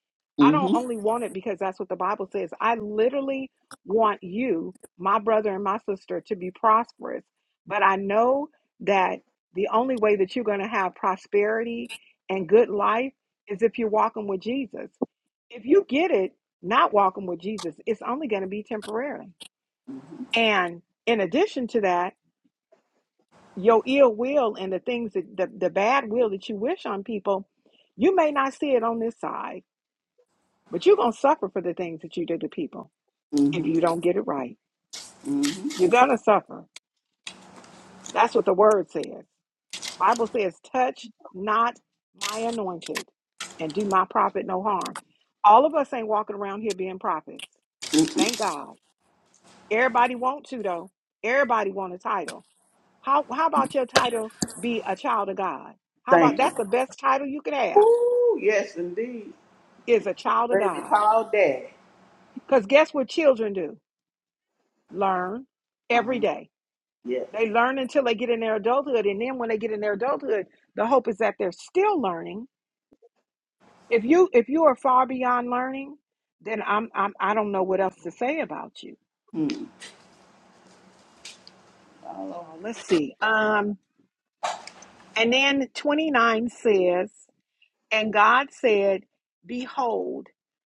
S1: I
S3: Mm-hmm.
S1: don't only want it because that's what the Bible says. I literally want you, my brother and my sister, to be prosperous. But I know that the only way that you're going to have prosperity and good life is if you're walking with Jesus. If you get it not walking with Jesus, it's only going to be temporary. And in addition to that, your ill will and the things that the, the bad will that you wish on people, you may not see it on this side, but you're going to suffer for the things that you did to people if
S3: Mm-hmm.
S1: you don't get it right.
S3: Mm-hmm.
S1: You're going to suffer. That's what the word says. Bible says, touch not my anointed and do my prophet no harm. All of us ain't walking around here being prophets.
S3: Mm-hmm.
S1: Thank God. Everybody want to though. Everybody want a title. How how about your title be a child of God? How about
S3: Thank you.
S1: that's the best title you could have
S3: Ooh, yes, indeed.
S1: is a child of
S3: Baby,
S1: God.
S3: call daddy.
S1: Because guess what children do? Learn every
S3: Uh-huh.
S1: day.
S3: Yeah.
S1: They learn until they get in their adulthood. And then when they get in their adulthood, the hope is that they're still learning. If you if you are far beyond learning, then I'm I'm I don't know what else to say about you. All right,
S3: Follow.
S1: y'all. Let's see. Um and then 29 says, and God said, Behold,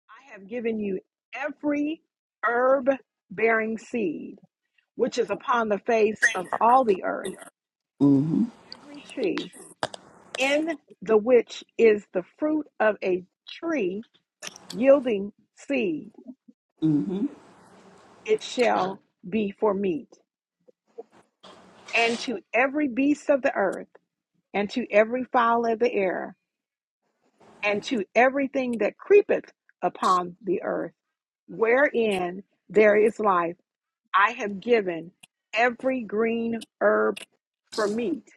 S1: I have given you every herb bearing seed which is upon the face of all the earth,
S3: Mm-hmm.
S1: every tree in the which is the fruit of a tree yielding seed.
S3: Mm-hmm.
S1: It shall be for meat, and to every beast of the earth, and to every fowl of the air, and to everything that creepeth upon the earth, wherein there is life I have given every green herb for meat.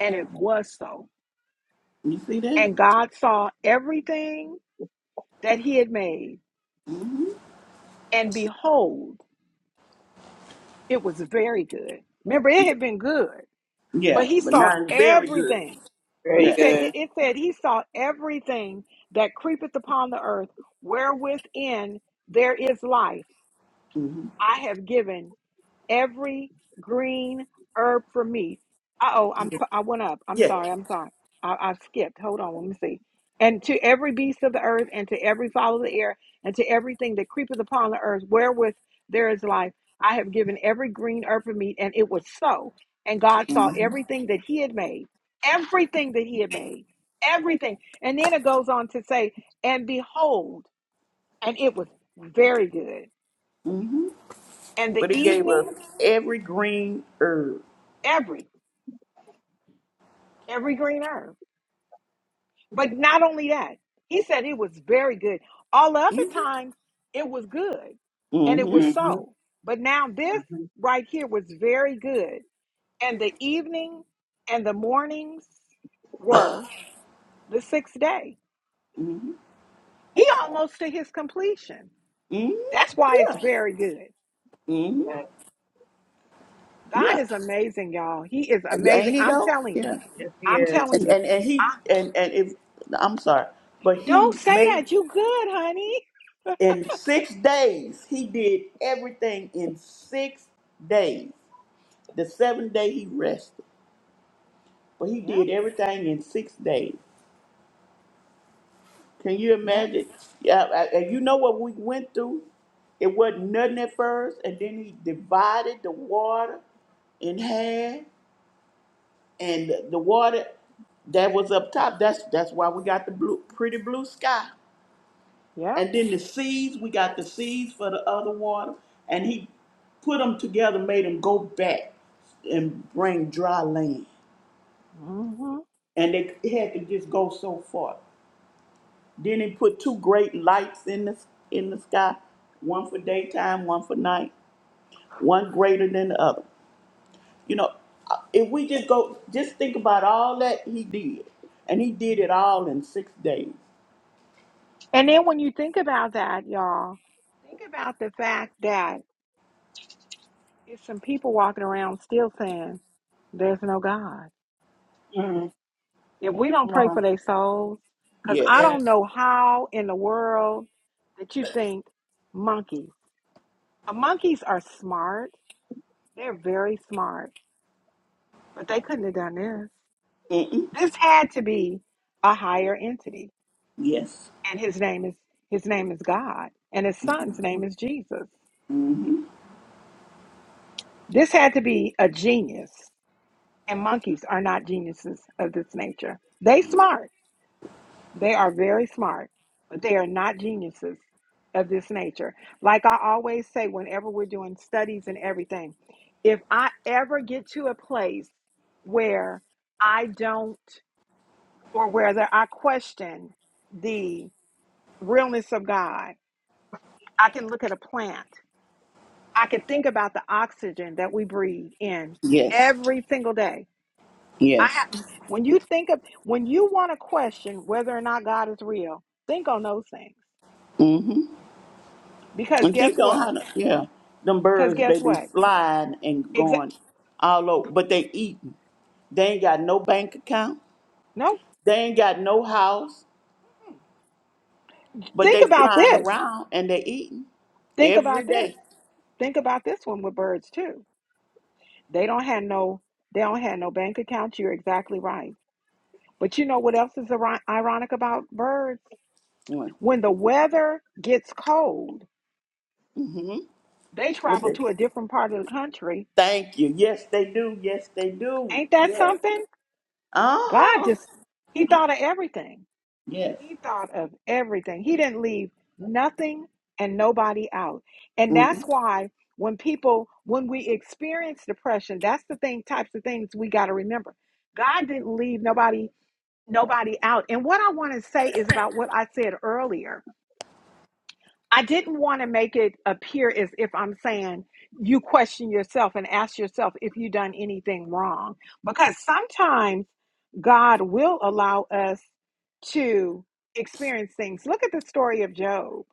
S1: And it was so.
S3: You see that?
S1: And God saw everything that he had made,
S3: Mm-hmm.
S1: and behold, it was very good. Remember, it had been good, but
S3: Yeah.
S1: he
S3: But
S1: saw
S3: now it's very good.
S1: everything.
S2: Very
S1: He
S3: Yeah.
S1: said, it,
S2: good.
S1: it said, he saw everything that creepeth upon the earth, wherewithin there is life.
S3: Mm-hmm.
S1: I have given every green herb for me. Uh oh, I'm I went up. I'm
S3: Yeah.
S1: sorry. I'm sorry. I, I skipped. Hold on. Let me see. And to every beast of the earth, and to every fowl of the air, and to everything that creepeth upon the earth, wherewith there is life, I have given every green herb for meat, and it was so. And God saw
S3: Mm-hmm.
S1: everything that He had made, everything that He had made, everything. And then it goes on to say, and behold, and it was very good.
S3: Mm-hmm.
S1: And the
S3: But it gave us
S1: evening,
S3: every green herb.
S1: every every green herb. But not only that, he said it was very good. All the other times it was good and it was
S3: Mm-hmm.
S2: Mm-hmm.
S1: so. But now this right here was very good. And the evening and the mornings were the sixth day. He almost to his completion.
S3: Mm,
S1: That's why it's
S3: yeah.
S1: very good.
S3: Mm,
S2: Yes,
S1: God
S3: yeah.
S1: is amazing, y'all. He is amazing.
S3: Ain't he
S1: I'm
S3: though?
S1: telling you.
S3: Yeah.
S2: yes he
S1: I'm
S3: And
S1: telling
S2: is.
S1: you.
S3: and, and he
S1: I,
S3: and, and if I'm sorry, but he
S1: don't say
S3: made
S1: that. You good, honey.
S3: in six days, he did everything in six days. The seventh day he rested. But he
S1: Yep,
S3: did everything in six days. Can you
S1: yep,
S3: imagine? Yeah, I- I- and you know what we went through? It wasn't nothing at first, and then he divided the water in half and the water that was up top. That's that's why we got the blue, pretty blue sky.
S1: yep.
S3: And then the seas we got the seas for the other water, and he put them together, made them go back and bring dry land,
S1: Mm-hmm.
S3: and they had to just go so far. Then he put two great lights in the in the sky, one for daytime, one for night, one greater than the other. You know, uh, if we just go, just think about all that he did, and he did it all in six days.
S1: And then when you think about that, y'all, think about the fact that it's some people walking around still saying, there's no God.
S2: Mm-hmm.
S1: If we don't
S2: Come
S1: pray
S2: on.
S1: for their souls, because I
S3: Yes.
S2: Yes,
S1: don't know how in the world that you think monkeys. Uh, Monkeys are smart. They're very smart, but they couldn't have done this.
S3: Mm-mm.
S1: This had to be a higher entity,
S3: Yes.
S1: and his name is his name is God, and his son's name is Jesus.
S3: Mm-hmm.
S1: This had to be a genius And monkeys are not geniuses of this nature. They smart. They are very smart, but they are not geniuses of this nature. Like I always say whenever we're doing studies and everything, if I ever get to a place where I don't or whether I question the realness of God, I can look at a plant. I can think about the oxygen that we breathe in
S3: Yes.
S1: every single day I
S3: Yes.
S1: have when you think of when you want to question whether or not God is real, think on those things.
S3: Mm-hmm.
S1: Because
S3: And
S1: guess
S3: think on how
S1: what?
S3: to, yeah, them
S1: Because
S3: birds,
S1: guess
S3: they be
S1: what?
S3: flying and
S1: Exa-
S3: going all over, but they eating. They ain't got no bank account.
S1: no,
S3: They ain't got no house, but
S1: think
S3: they
S1: about
S3: flying
S1: this.
S3: around and they eating
S1: Think
S3: every
S1: about this.
S3: day.
S1: Think about this one with birds too. They don't have no they don't have no bank accounts. You're exactly right. But you know what else is iri- ironic about birds? When the weather gets cold,
S3: Mm-hmm.
S1: they
S3: What
S1: travel
S3: they,
S1: to a different part of the country.
S3: thank you. Yes, they do. Yes, they do.
S1: Ain't that
S3: Yes.
S1: something? God
S3: Uh-huh.
S1: just he thought of everything.
S3: Yes.
S1: He thought of everything. He didn't leave nothing and nobody out. And
S3: Mm-hmm.
S1: that's why when people, when we experience depression, that's the thing, types of things we got to remember. God didn't leave nobody, nobody out. And what I want to say is about what I said earlier I didn't want to make it appear as if I'm saying you question yourself and ask yourself if you've done anything wrong. Because sometimes God will allow us to experience things. Look at the story of Job.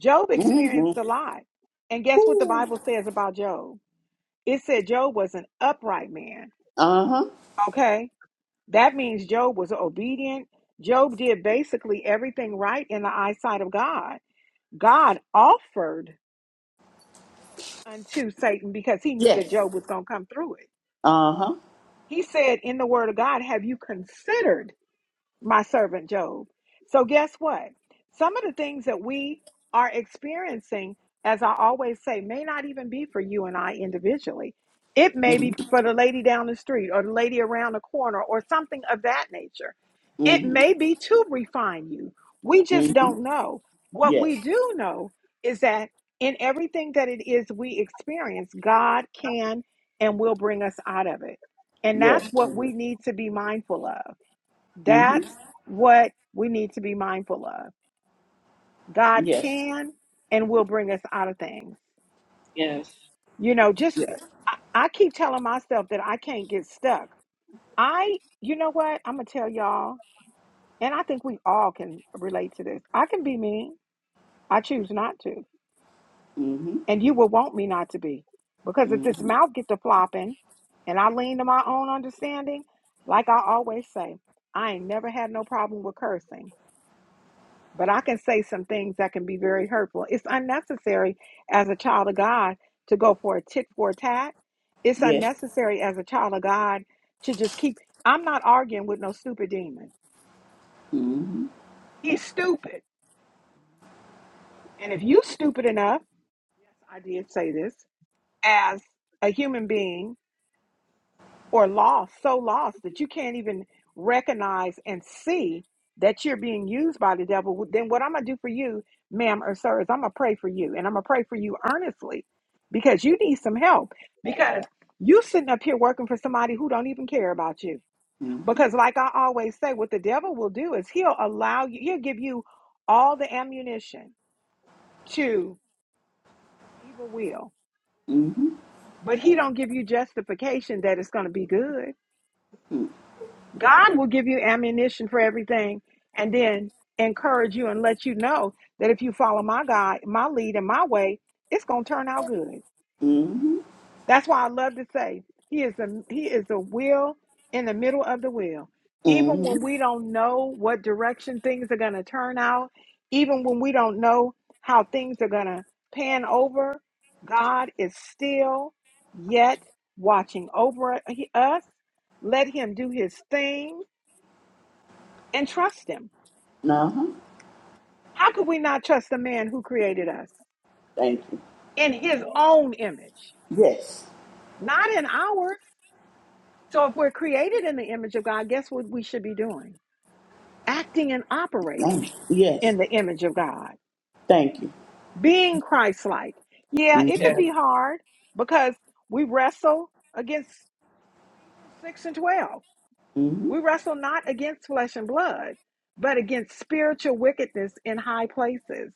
S1: Job experienced a lot. And guess what the Bible says about Job? It said Job was an upright man.
S3: Uh-huh.
S1: Okay? That means Job was obedient. Job did basically everything right in the eyesight of God. God offered unto Satan because he knew that
S3: Yes.
S1: Job was going to come through it.
S3: Uh-huh.
S1: He said in the word of God, Have you considered? my servant Job. So, guess what? Some of the things that we are experiencing, as I always say, may not even be for you and I individually. It may
S3: Mm-hmm.
S1: be for the lady down the street or the lady around the corner or something of that nature. It
S3: Mm-hmm.
S1: may be to refine you. We just
S3: Mm-hmm.
S1: don't know. What
S3: Yes.
S1: we do know is that in everything that it is we experience, God can and will bring us out of it. And that's
S3: Yes.
S1: what we
S3: Yes.
S1: need to be mindful of
S3: Mm-hmm.
S1: that's what we need to be mindful of. God
S3: Yes.
S1: can and will bring us out of things.
S2: yes,
S1: You know, just
S3: Yes.
S1: I, I keep telling myself that I can't get stuck. I, you know what? I'm going to tell y'all, and I think we all can relate to this. I can be mean. I choose not to.
S3: Mm-hmm.
S1: And you will want me not to be. Because if this
S3: Mm-hmm.
S1: mouth get to flopping and I lean to my own understanding, like I always say, I ain't never had no problem with cursing. but I can say some things that can be very hurtful. It's unnecessary as a child of God to go for a tit for a tat. It's
S3: Yes.
S1: unnecessary as a child of God to just keep. I'm not arguing with no stupid demon.
S3: Mm-hmm.
S1: He's stupid. And if you stupid enough, yes, I did say this, as a human being or lost, so lost that you can't even recognize and see that you're being used by the devil, then what I'm going to do for you, ma'am or sir, is I'm going to pray for you. And I'm going to pray for you earnestly because you need some help because you sitting up here working for somebody who don't even care about you.
S3: Mm-hmm.
S1: Because like I always say, what the devil will do is he'll allow you, he'll give you all the ammunition to some evil will,
S3: Mm-hmm.
S1: but he don't give you justification that it's going to be good God will give you ammunition for everything and then encourage you and let you know that if you follow my God, my lead and my way, it's going to turn out good.
S3: Mm-hmm.
S1: That's why I love to say he is a he is the will in the middle of the will. Even
S3: Mm-hmm.
S1: when we don't know what direction things are going to turn out, even when we don't know how things are going to pan over, God is still yet watching over us. Let him do his thing and trust him.
S3: Uh-huh.
S1: How could we not trust the man who created us
S3: Thank you.
S1: in his own image,
S3: Yes.
S1: not in ours? So if we're created in the image of God, guess what we should be doing? Acting and
S3: Thank
S1: operating
S3: you. Yes.
S1: in the image of God,
S3: Thank you.
S1: being Christ like. Yeah, it
S3: Mm-hmm.
S1: could
S2: yes.
S1: be hard because we wrestle against Ephesians 6 and 12. We
S3: Mm-hmm.
S1: wrestle not against flesh and blood, but against spiritual wickedness in high places.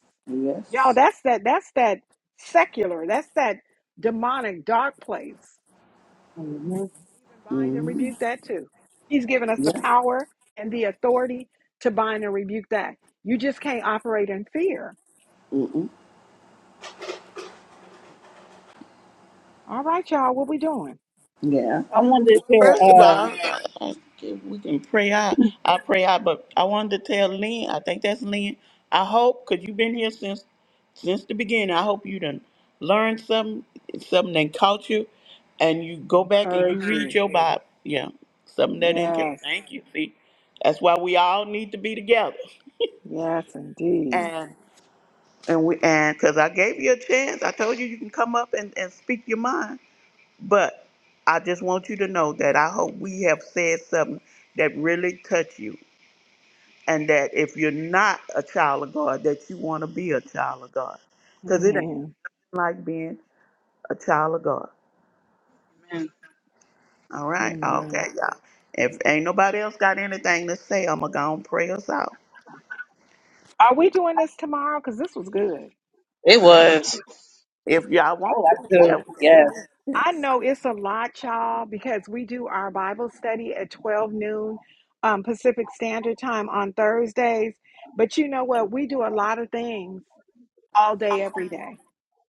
S1: Y'all,
S3: Yes.
S1: that's that that's that secular, that's that demonic dark place.
S2: hmm
S1: Even bind and
S3: Mm-hmm.
S1: rebuke that too. He's given us the
S3: Yeah.
S1: power and the authority to bind and rebuke that. You just can't operate in fear.
S3: Mm-hmm.
S1: All right, y'all, what we doing?
S3: Yeah.
S2: I wanted to
S3: First of
S2: share, uh,
S3: all, I- I- if we can pray out. I pray out, but I wanted to tell Lynn, I think that's Lynn. I hope, because you've been here since since the beginning. I hope you done learned something, something that caught you, and you go back and you
S1: Encourage
S3: read
S1: you.
S3: your Bible. Yeah, something that ain't.
S1: Yes.
S3: Thank you. See, that's why we all need to be together.
S1: Yes, indeed.
S3: And and we and because I gave you a chance, I told you you can come up and and speak your mind. But I just want you to know that I hope we have said something that really touched you, and that if you're not a child of God, that you want to be a child of God, because it ain't
S1: Amen.
S3: like being a child of God.
S2: man,
S3: All right.
S1: Amen.
S3: Okay, y'all. If ain't nobody else got anything to say, I'm going to go and pray us out.
S1: Are we doing this tomorrow? Because this was good.
S2: it was.
S3: If y'all
S2: I would
S3: want
S2: like
S3: to, yeah,
S2: to.
S3: we can do
S2: Yes,
S3: that.
S1: I
S3: Yes.
S1: know it's a lot, y'all, because we do our Bible study at 12 noon um, Pacific Standard Time on Thursdays. But you know what? We do a lot of things all day, every day.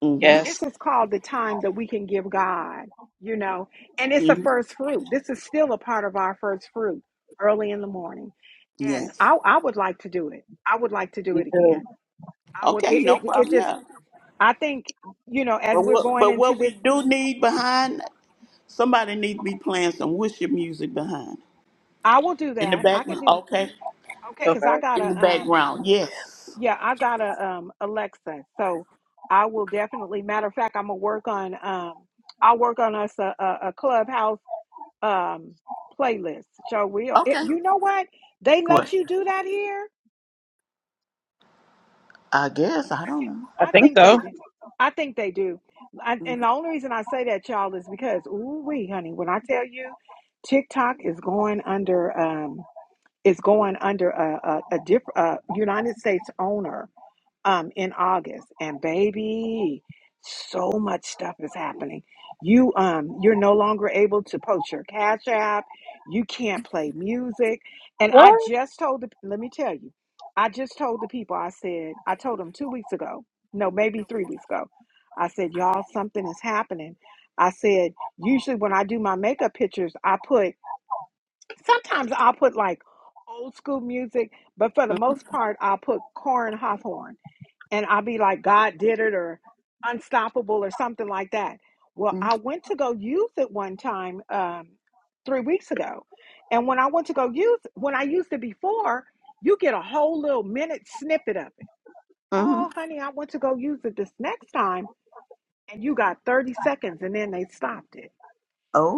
S3: Mm-hmm.
S2: yes.
S1: This is called the time that we can give God, you know, and it's a
S3: Mm-hmm.
S1: first fruit. This is still a part of our first fruit early in the morning. And
S3: Yes.
S1: I, I would like to do it. I would like to do
S2: Me
S1: it
S2: too.
S1: again. I would,
S3: Okay,
S1: it,
S3: no
S1: it, it
S3: problem.
S1: just,
S3: Yeah.
S1: I think, you know, as
S3: But
S1: we're
S3: what,
S1: going
S3: but
S1: into
S3: what we
S1: this,
S3: do need behind, somebody need to be playing some worship music behind.
S1: I will do
S3: In the
S1: that. I could
S3: background.
S1: do that.
S3: Okay.
S1: Okay, because I
S2: Okay.
S1: got
S3: In the
S1: a um I-
S3: background. Yes.
S1: yeah, I got a um Alexa. So I will definitely matter of fact, I'm gonna work on um I'll work on us a, a, a clubhouse um playlist. So we it,
S3: Okay.
S1: you know what? They
S3: What?
S1: let you do that here?
S3: I
S1: They let you-
S3: guess. I don't know.
S2: I
S1: I
S2: think
S1: think
S2: so.
S1: they do. I think they do. I, and the only reason I say that, y'all, is because ooh wee, honey, when I tell you TikTok is going under um is going under a a, a different uh, United States owner um, in August, and baby, so much stuff is happening. You um, you're no longer able to post your Cash App. You can't play music. And I
S2: What?
S1: just told the let me tell you, I just told the people. I said I told them two weeks ago. No, maybe three weeks ago. I said, y'all, something is happening. I said, usually when I do my makeup pictures, I put sometimes I'll put like old school music, but for the most part, I'll put corn Hawthorne and I'll be like, God did it or unstoppable or something like that. Well,
S3: Mm-hmm.
S1: I went to go use it one time um, three weeks ago. And when I went to go use, when I used it before, you get a whole little minute snippet of it.
S3: Mm-hmm.
S1: Oh, honey, I went to go use it this next time. And you got 30 seconds and then they stopped it.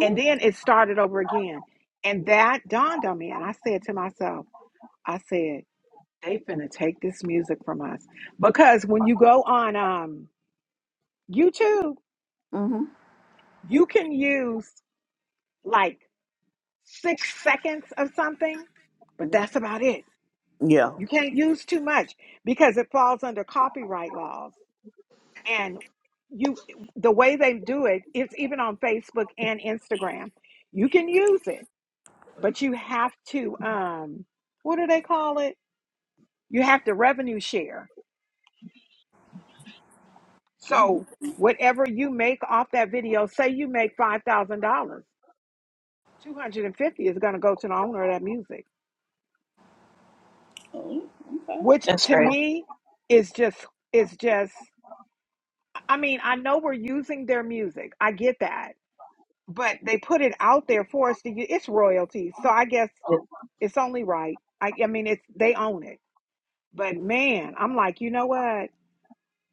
S1: And then it started over again. And that dawned on me. And I said to myself, I said, they finna take this music from us. Because when you go on, um, YouTube,
S3: Mm-hmm.
S1: you can use like six seconds of something, but that's about it.
S3: Yeah.
S1: You can't use too much because it falls under copyright laws. And you, the way they do it is even on Facebook and Instagram. You can use it, but you have to, um, what do they call it? You have to revenue share.
S3: Mhm.
S1: So whatever you make off that video, say you make $5,000, 250 is going to go to the owner of that music
S3: Oh, okay.
S1: which
S2: That's
S1: to
S2: crazy.
S1: me is just is just i mean i know we're using their music i get that but they put it out there for us to use it's royalties so i guess it's only right i, I mean it's they own it but man i'm like you know what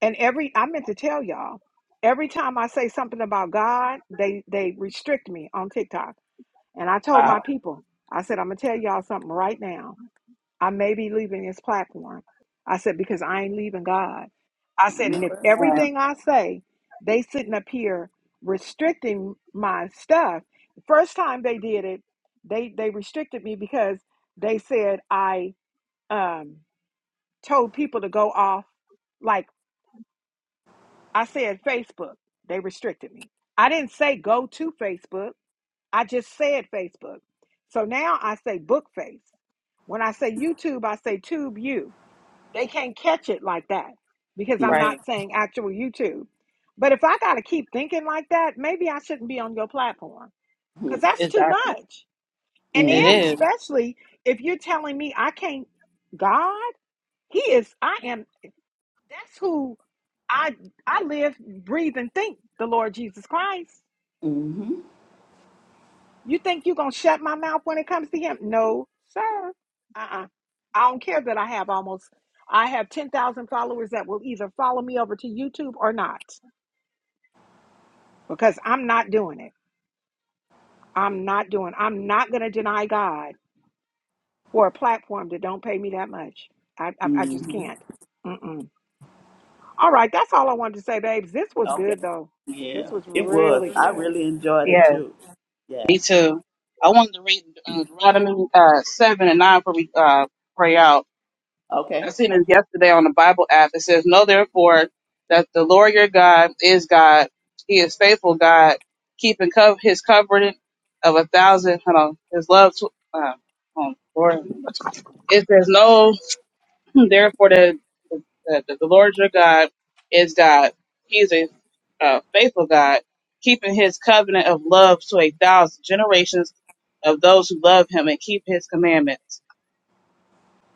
S1: and every i meant to tell y'all every time i say something about god they they restrict me on tiktok and i told my
S2: Wow.
S1: people i said i'm gonna tell y'all something right now I may be leaving this platform. I said, because I ain't leaving God. I
S3: I
S1: said, and
S3: know
S1: if
S3: that's
S2: Man,
S1: everything I say, they sitting up here restricting my stuff. The first time they did it, they they restricted me because they said I um told people to go off like I said Facebook. They restricted me. I didn't say go to Facebook. I just said Facebook. So now I say book face. When I say YouTube, I say tube you. They can't catch it like that because
S3: right.
S1: I'm
S2: right.
S1: not saying actual YouTube. But if I got to keep thinking like that, maybe I shouldn't be on your platform because that's too
S2: Exactly.
S1: much. And
S3: Mm-hmm.
S1: then,
S2: It is.
S1: especially if you're telling me I can't, God, He is, I am, that's who I, I live, breathe, and think the Lord Jesus Christ.
S3: Mm-hmm.
S1: You think you're going to shut my mouth when it comes to him? No, sir. Uh-uh. I don't care that I have almost, I have 10,000 followers that will either follow me over to YouTube or not because I'm not doing it. I'm not doing, I'm not going to deny God for a platform that don't pay me that much. I, I, I just
S3: Mm-hmm.
S1: can't. Mm-mm. All right. That's all I wanted to say, babes. This was
S3: Okay.
S1: good though. This
S3: Yeah,
S1: was
S3: it was.
S1: really
S3: I
S1: good.
S3: really enjoyed it
S2: Yes.
S3: too. Yes.
S2: Me too. I wanted to read uh, Deuteronomy uh, 7 and 9 before we uh, pray out. I
S3: Okay.
S2: seen this yesterday on the Bible app. It says, Know therefore that the Lord your God is God. He is faithful God, keeping co- his covenant of a thousand. Hold on. His love. Tw- uh, oh, Lord. It says, No. Therefore, the, the, the Lord your God is God. He's a uh, faithful God, keeping his covenant of love to a thousand generations of those who love him and keep his commandments.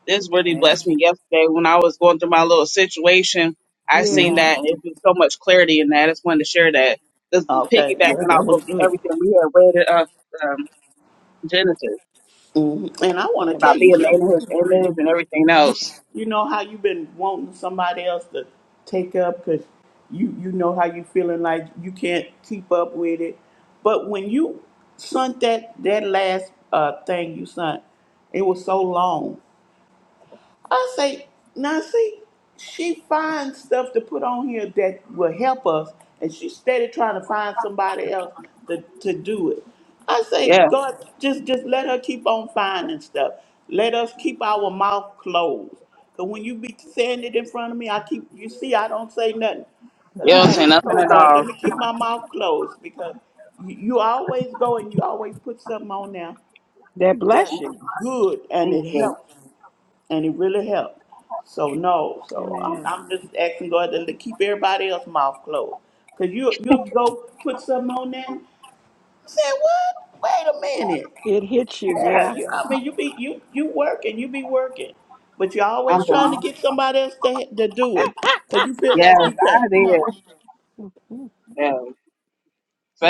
S2: This really blessed
S1: Amen.
S2: me yesterday when I was going through my little situation. I seen
S1: Yeah.
S3: Mm-hmm.
S2: that and it was so much clarity in that. I just wanted to share that. This is
S3: Okay. Yeah,
S2: piggybacking
S3: that
S2: off of
S3: was good.
S2: everything we had read in uh, um, Genesis
S3: hmm And I want
S1: Yeah.
S3: to tell
S2: about
S3: you
S2: being made in his
S3: something, Brittany.
S2: image and everything
S3: You,
S2: else.
S3: you know how you've been wanting somebody else to take up because you you know how you feeling like you can't keep up with it. But when you sent that that last uh, thing you sent, it was so long. I say, now see, she finds stuff to put on here that will help us, and she's steady trying to find somebody else to, to do it. I say,
S2: Yeah,
S3: God, just just let her keep on finding stuff. Let us keep our mouth closed. Cause when you be saying it in front of me, I keep you see I don't say nothing. Cause
S2: you
S3: I
S2: don't
S3: have
S2: say
S1: Mhm.
S3: been
S2: nothing
S3: told
S2: at
S3: God,
S2: all.
S3: let me keep my mouth closed because you, you always go and you always put something on there
S1: That
S3: that
S1: bless
S3: is
S1: you.
S3: good and
S2: Thank
S3: it
S2: you.
S3: helps and it really helped. So no, so I'm,
S1: Amen.
S3: I'm just asking God to keep everybody else's mouth closed. Cause you you'll go put something on that. and Say what? Wait a minute.
S1: It hits you.
S3: Yeah,
S1: Yeah.
S3: you, I mean you be you you working, you be working, but you're
S2: I'm
S3: always trying
S2: done.
S3: to get somebody else to to do it. Cause you feel
S2: Yes,
S3: like you can't.
S2: I did.
S3: No.
S2: Yeah.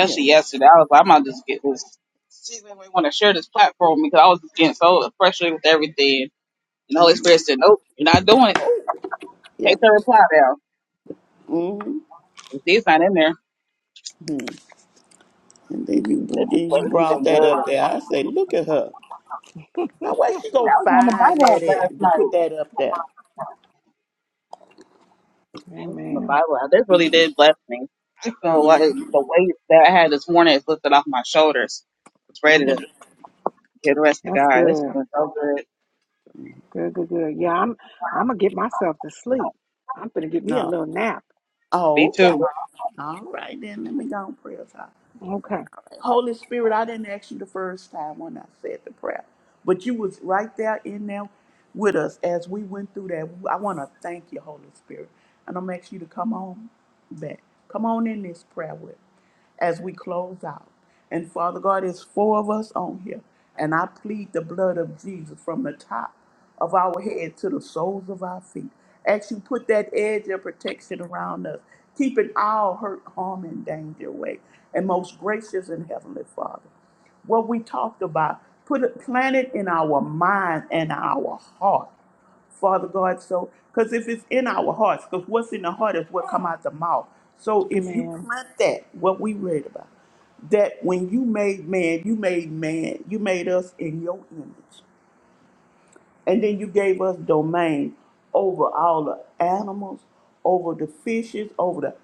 S3: Yeah.
S2: yesterday, I was like, I'm about to just get this. See, when we want to share this platform because I was just getting so frustrated with everything. And the Holy
S3: hmm
S2: Spirit said, Nope, you're not doing it.
S3: Yeah.
S2: Take the reply down.
S3: hmm
S2: If it's not in there,
S3: And then you
S2: this is
S3: then
S2: what
S3: you
S2: really
S3: brought
S2: been
S3: that
S2: good.
S3: up there. I say, look at her. Now where she gonna
S2: That was on the
S3: find
S2: Bible
S3: that
S2: app last
S3: at to put
S2: night.
S3: that up there?
S2: That was on the
S1: Amen.
S2: Bible app. This really
S3: Mm-hmm.
S2: did bless me. I feel like the weight that I had this morning is lifted off my shoulders. It's ready to
S3: Mm-hmm.
S2: get the rest of
S1: That's
S2: God. This has
S1: good.
S2: been so good.
S1: Good, good, good. Yeah, I'm I'm gonna get myself to sleep. I'm gonna get me a
S3: No.
S1: little nap.
S3: Oh,
S2: Me
S3: okay.
S2: too.
S3: All right, then let me go on prayer time.
S1: Okay.
S3: Holy Spirit, I didn't ask you the first time when I said the prayer, but you was right there in there with us as we went through that. I want to thank you, Holy Spirit, and I'm asking you to come on back, come on in this prayer with, as we close out. And Father God, it's four of us on here, and I plead the blood of Jesus from the top. of our head to the soles of our feet. As you put that edge of protection around us, keeping all hurt, harm, and danger away. And most gracious and heavenly Father, what we talked about, put it, plant it in our mind and our heart. Father God, so because if it's in our hearts, because what's in the heart is what come out the mouth. So if you
S1: Amen.
S3: plant that, what we read about, that when you made man, you made man, you made us in your image. And then you gave us domain over all the animals, over the fishes, over the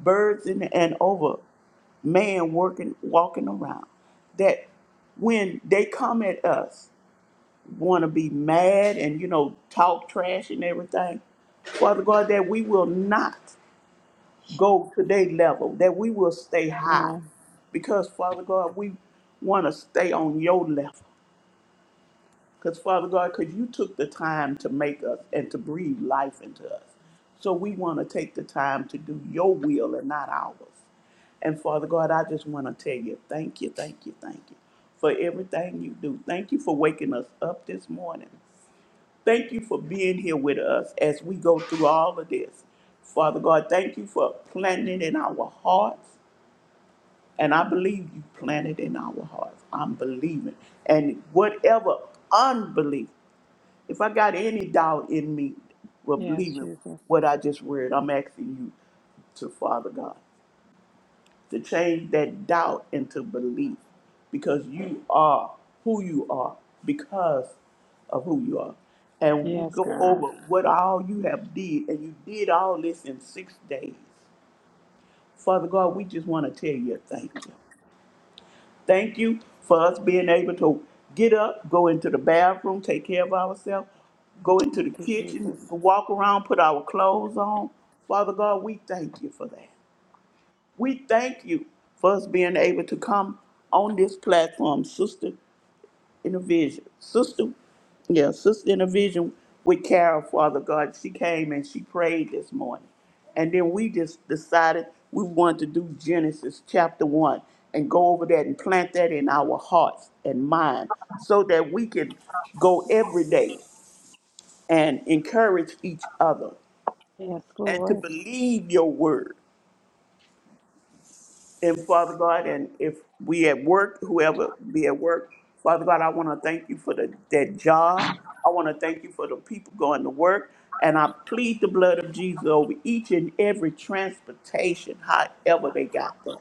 S3: birds, and, and over man working, walking around. That when they come at us, want to be mad and, you know, talk trash and everything, Father God, that we will not go to their level, that we will stay high.
S1: Amen.
S3: Because, Father God, we want to stay on your level. Because, Father God, because you took the time to make us and to breathe life into us. So we want to take the time to do your will and not ours. And, Father God, I just want to tell you thank you, thank you, thank you for everything you do. Thank you for waking us up this morning. Thank you for being here with us as we go through all of this. Father God, thank you for planting it in our hearts. And I believe you planted in our hearts. I'm believing. And whatever unbelief if I got any doubt in me of
S1: Yes,
S3: believing
S1: Jesus.
S3: what I just read, I'm asking you to Father God to change that doubt into belief because you are who you are because of who you are. And we'll
S1: Yes,
S3: go
S1: God.
S3: over what all you have did, and you did all this in six days. Father God, we just want to tell you thank you. Thank you for us being able to get up, go into the bathroom, take care of ourselves, go into the
S1: Thank you,
S3: kitchen,
S1: Jesus.
S3: walk around, put our clothes on. Father God, we thank you for that. We thank you for us being able to come on this platform, sister, in a vision. Sister, yeah, sister in a vision with Carol, Father God. She came and she prayed this morning. And then we just decided we wanted to do Genesis chapter one and go over that and plant that in our hearts and mind so that we can go every day and encourage each other
S1: Yes,
S3: and to
S1: Lord.
S3: believe your word. And Father God, and if we at work, whoever be at work, Father God, I want to thank you for the, that job. I want to thank you for the people going to work. And I plead the blood of Jesus over each and every transportation, however they got there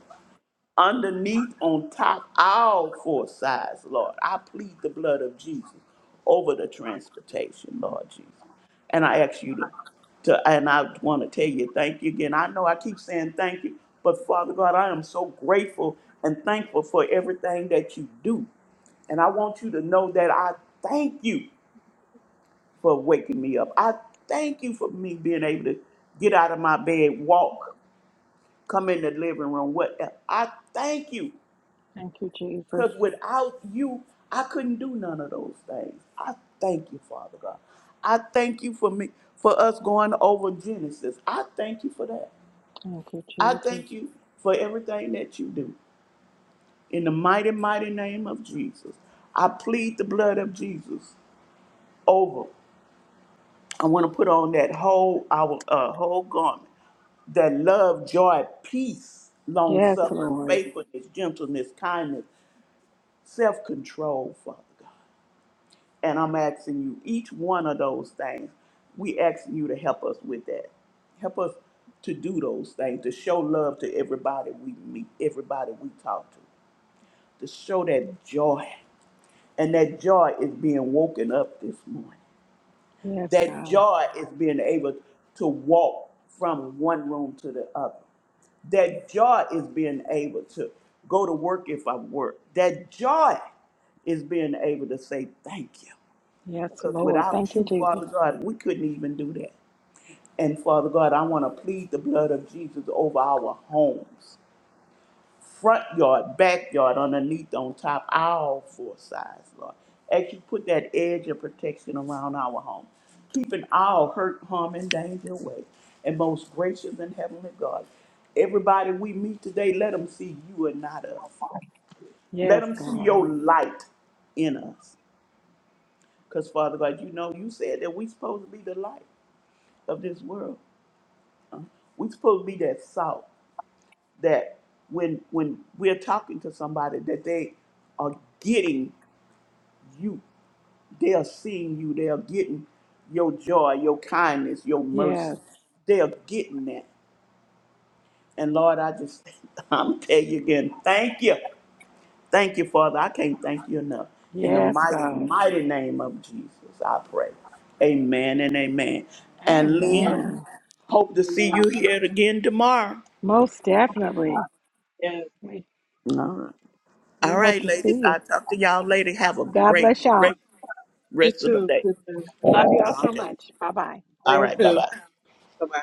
S3: underneath, on top, all four sides, Lord. I plead the blood of Jesus over the transportation, Lord Jesus. And I ask you to, to and I want to tell you thank you again. I know I keep saying thank you, but Father God, I am so grateful and thankful for everything that you do. And I want you to know that I thank you for waking me up. I thank you for me being able to get out of my bed, walk, come in the living room, whatever. I thank you
S1: Thank you, Jesus.
S3: because without you, I couldn't do none of those things. I thank you, Father God. I thank you for me for us going over Genesis. I thank you for that.
S1: Thank you,
S3: I
S1: Jesus.
S3: thank you for everything that you do. In the mighty, mighty name of Jesus. I plead the blood of Jesus over. I want to put on that whole our uh, whole garment that love, joy, peace, long
S1: Yes,
S3: suffering,
S1: Lord.
S3: faithfulness, gentleness, kindness, self control, Father God. And I'm asking you, each one of those things, we asking you to help us with that. Help us to do those things, to show love to everybody we meet, everybody we talk to, to show that joy. And that joy is being woken up this morning.
S1: Yes,
S3: That
S1: God.
S3: joy is being able to walk from one room to the other. That joy is being able to go to work if I work. That joy is being able to say thank you.
S1: Yes,
S3: Because
S1: Lord.
S3: without
S1: Thank you,
S3: you,
S1: Jesus.
S3: Father God, we couldn't even do that. And Father God, I want to plead the blood of Jesus over our homes, front yard, backyard, underneath, on top, all four sides, Lord. As you put that edge of protection around our home, keeping all hurt, harm, and danger away. And most gracious and heavenly God, everybody we meet today, let them see you and not us. Let
S1: Yes,
S3: them see
S1: God.
S3: your light in us. Because, Father God, you know you said that we supposed to be the light. of this world. We're supposed to be that salt that when when we're talking to somebody that they are getting you, they are seeing you, they are getting your joy, your kindness, your mercy.
S1: Yes.
S3: They are getting that. And Lord, I just I'm tell you again, thank you. Thank you, Father. I can't thank you enough. In the
S1: Yes,
S3: mighty,
S1: God.
S3: mighty name of Jesus, I pray. Amen and amen. And Lynn,
S1: Amen.
S3: hope to see
S2: Amen.
S3: you here again tomorrow.
S1: Most definitely.
S2: Yes,
S1: We
S3: All right.
S1: we
S3: All
S1: hope
S3: right,
S1: to see
S3: ladies.
S1: you.
S3: I'll talk to y'all later. Have a
S1: God
S3: great,
S1: bless y'all.
S3: great
S2: you
S3: rest of the day.
S2: too.
S1: Love y'all so
S3: Okay.
S1: much. Bye bye.
S3: All
S2: Love
S3: right. Bye
S2: too.
S3: bye.
S2: Bye bye.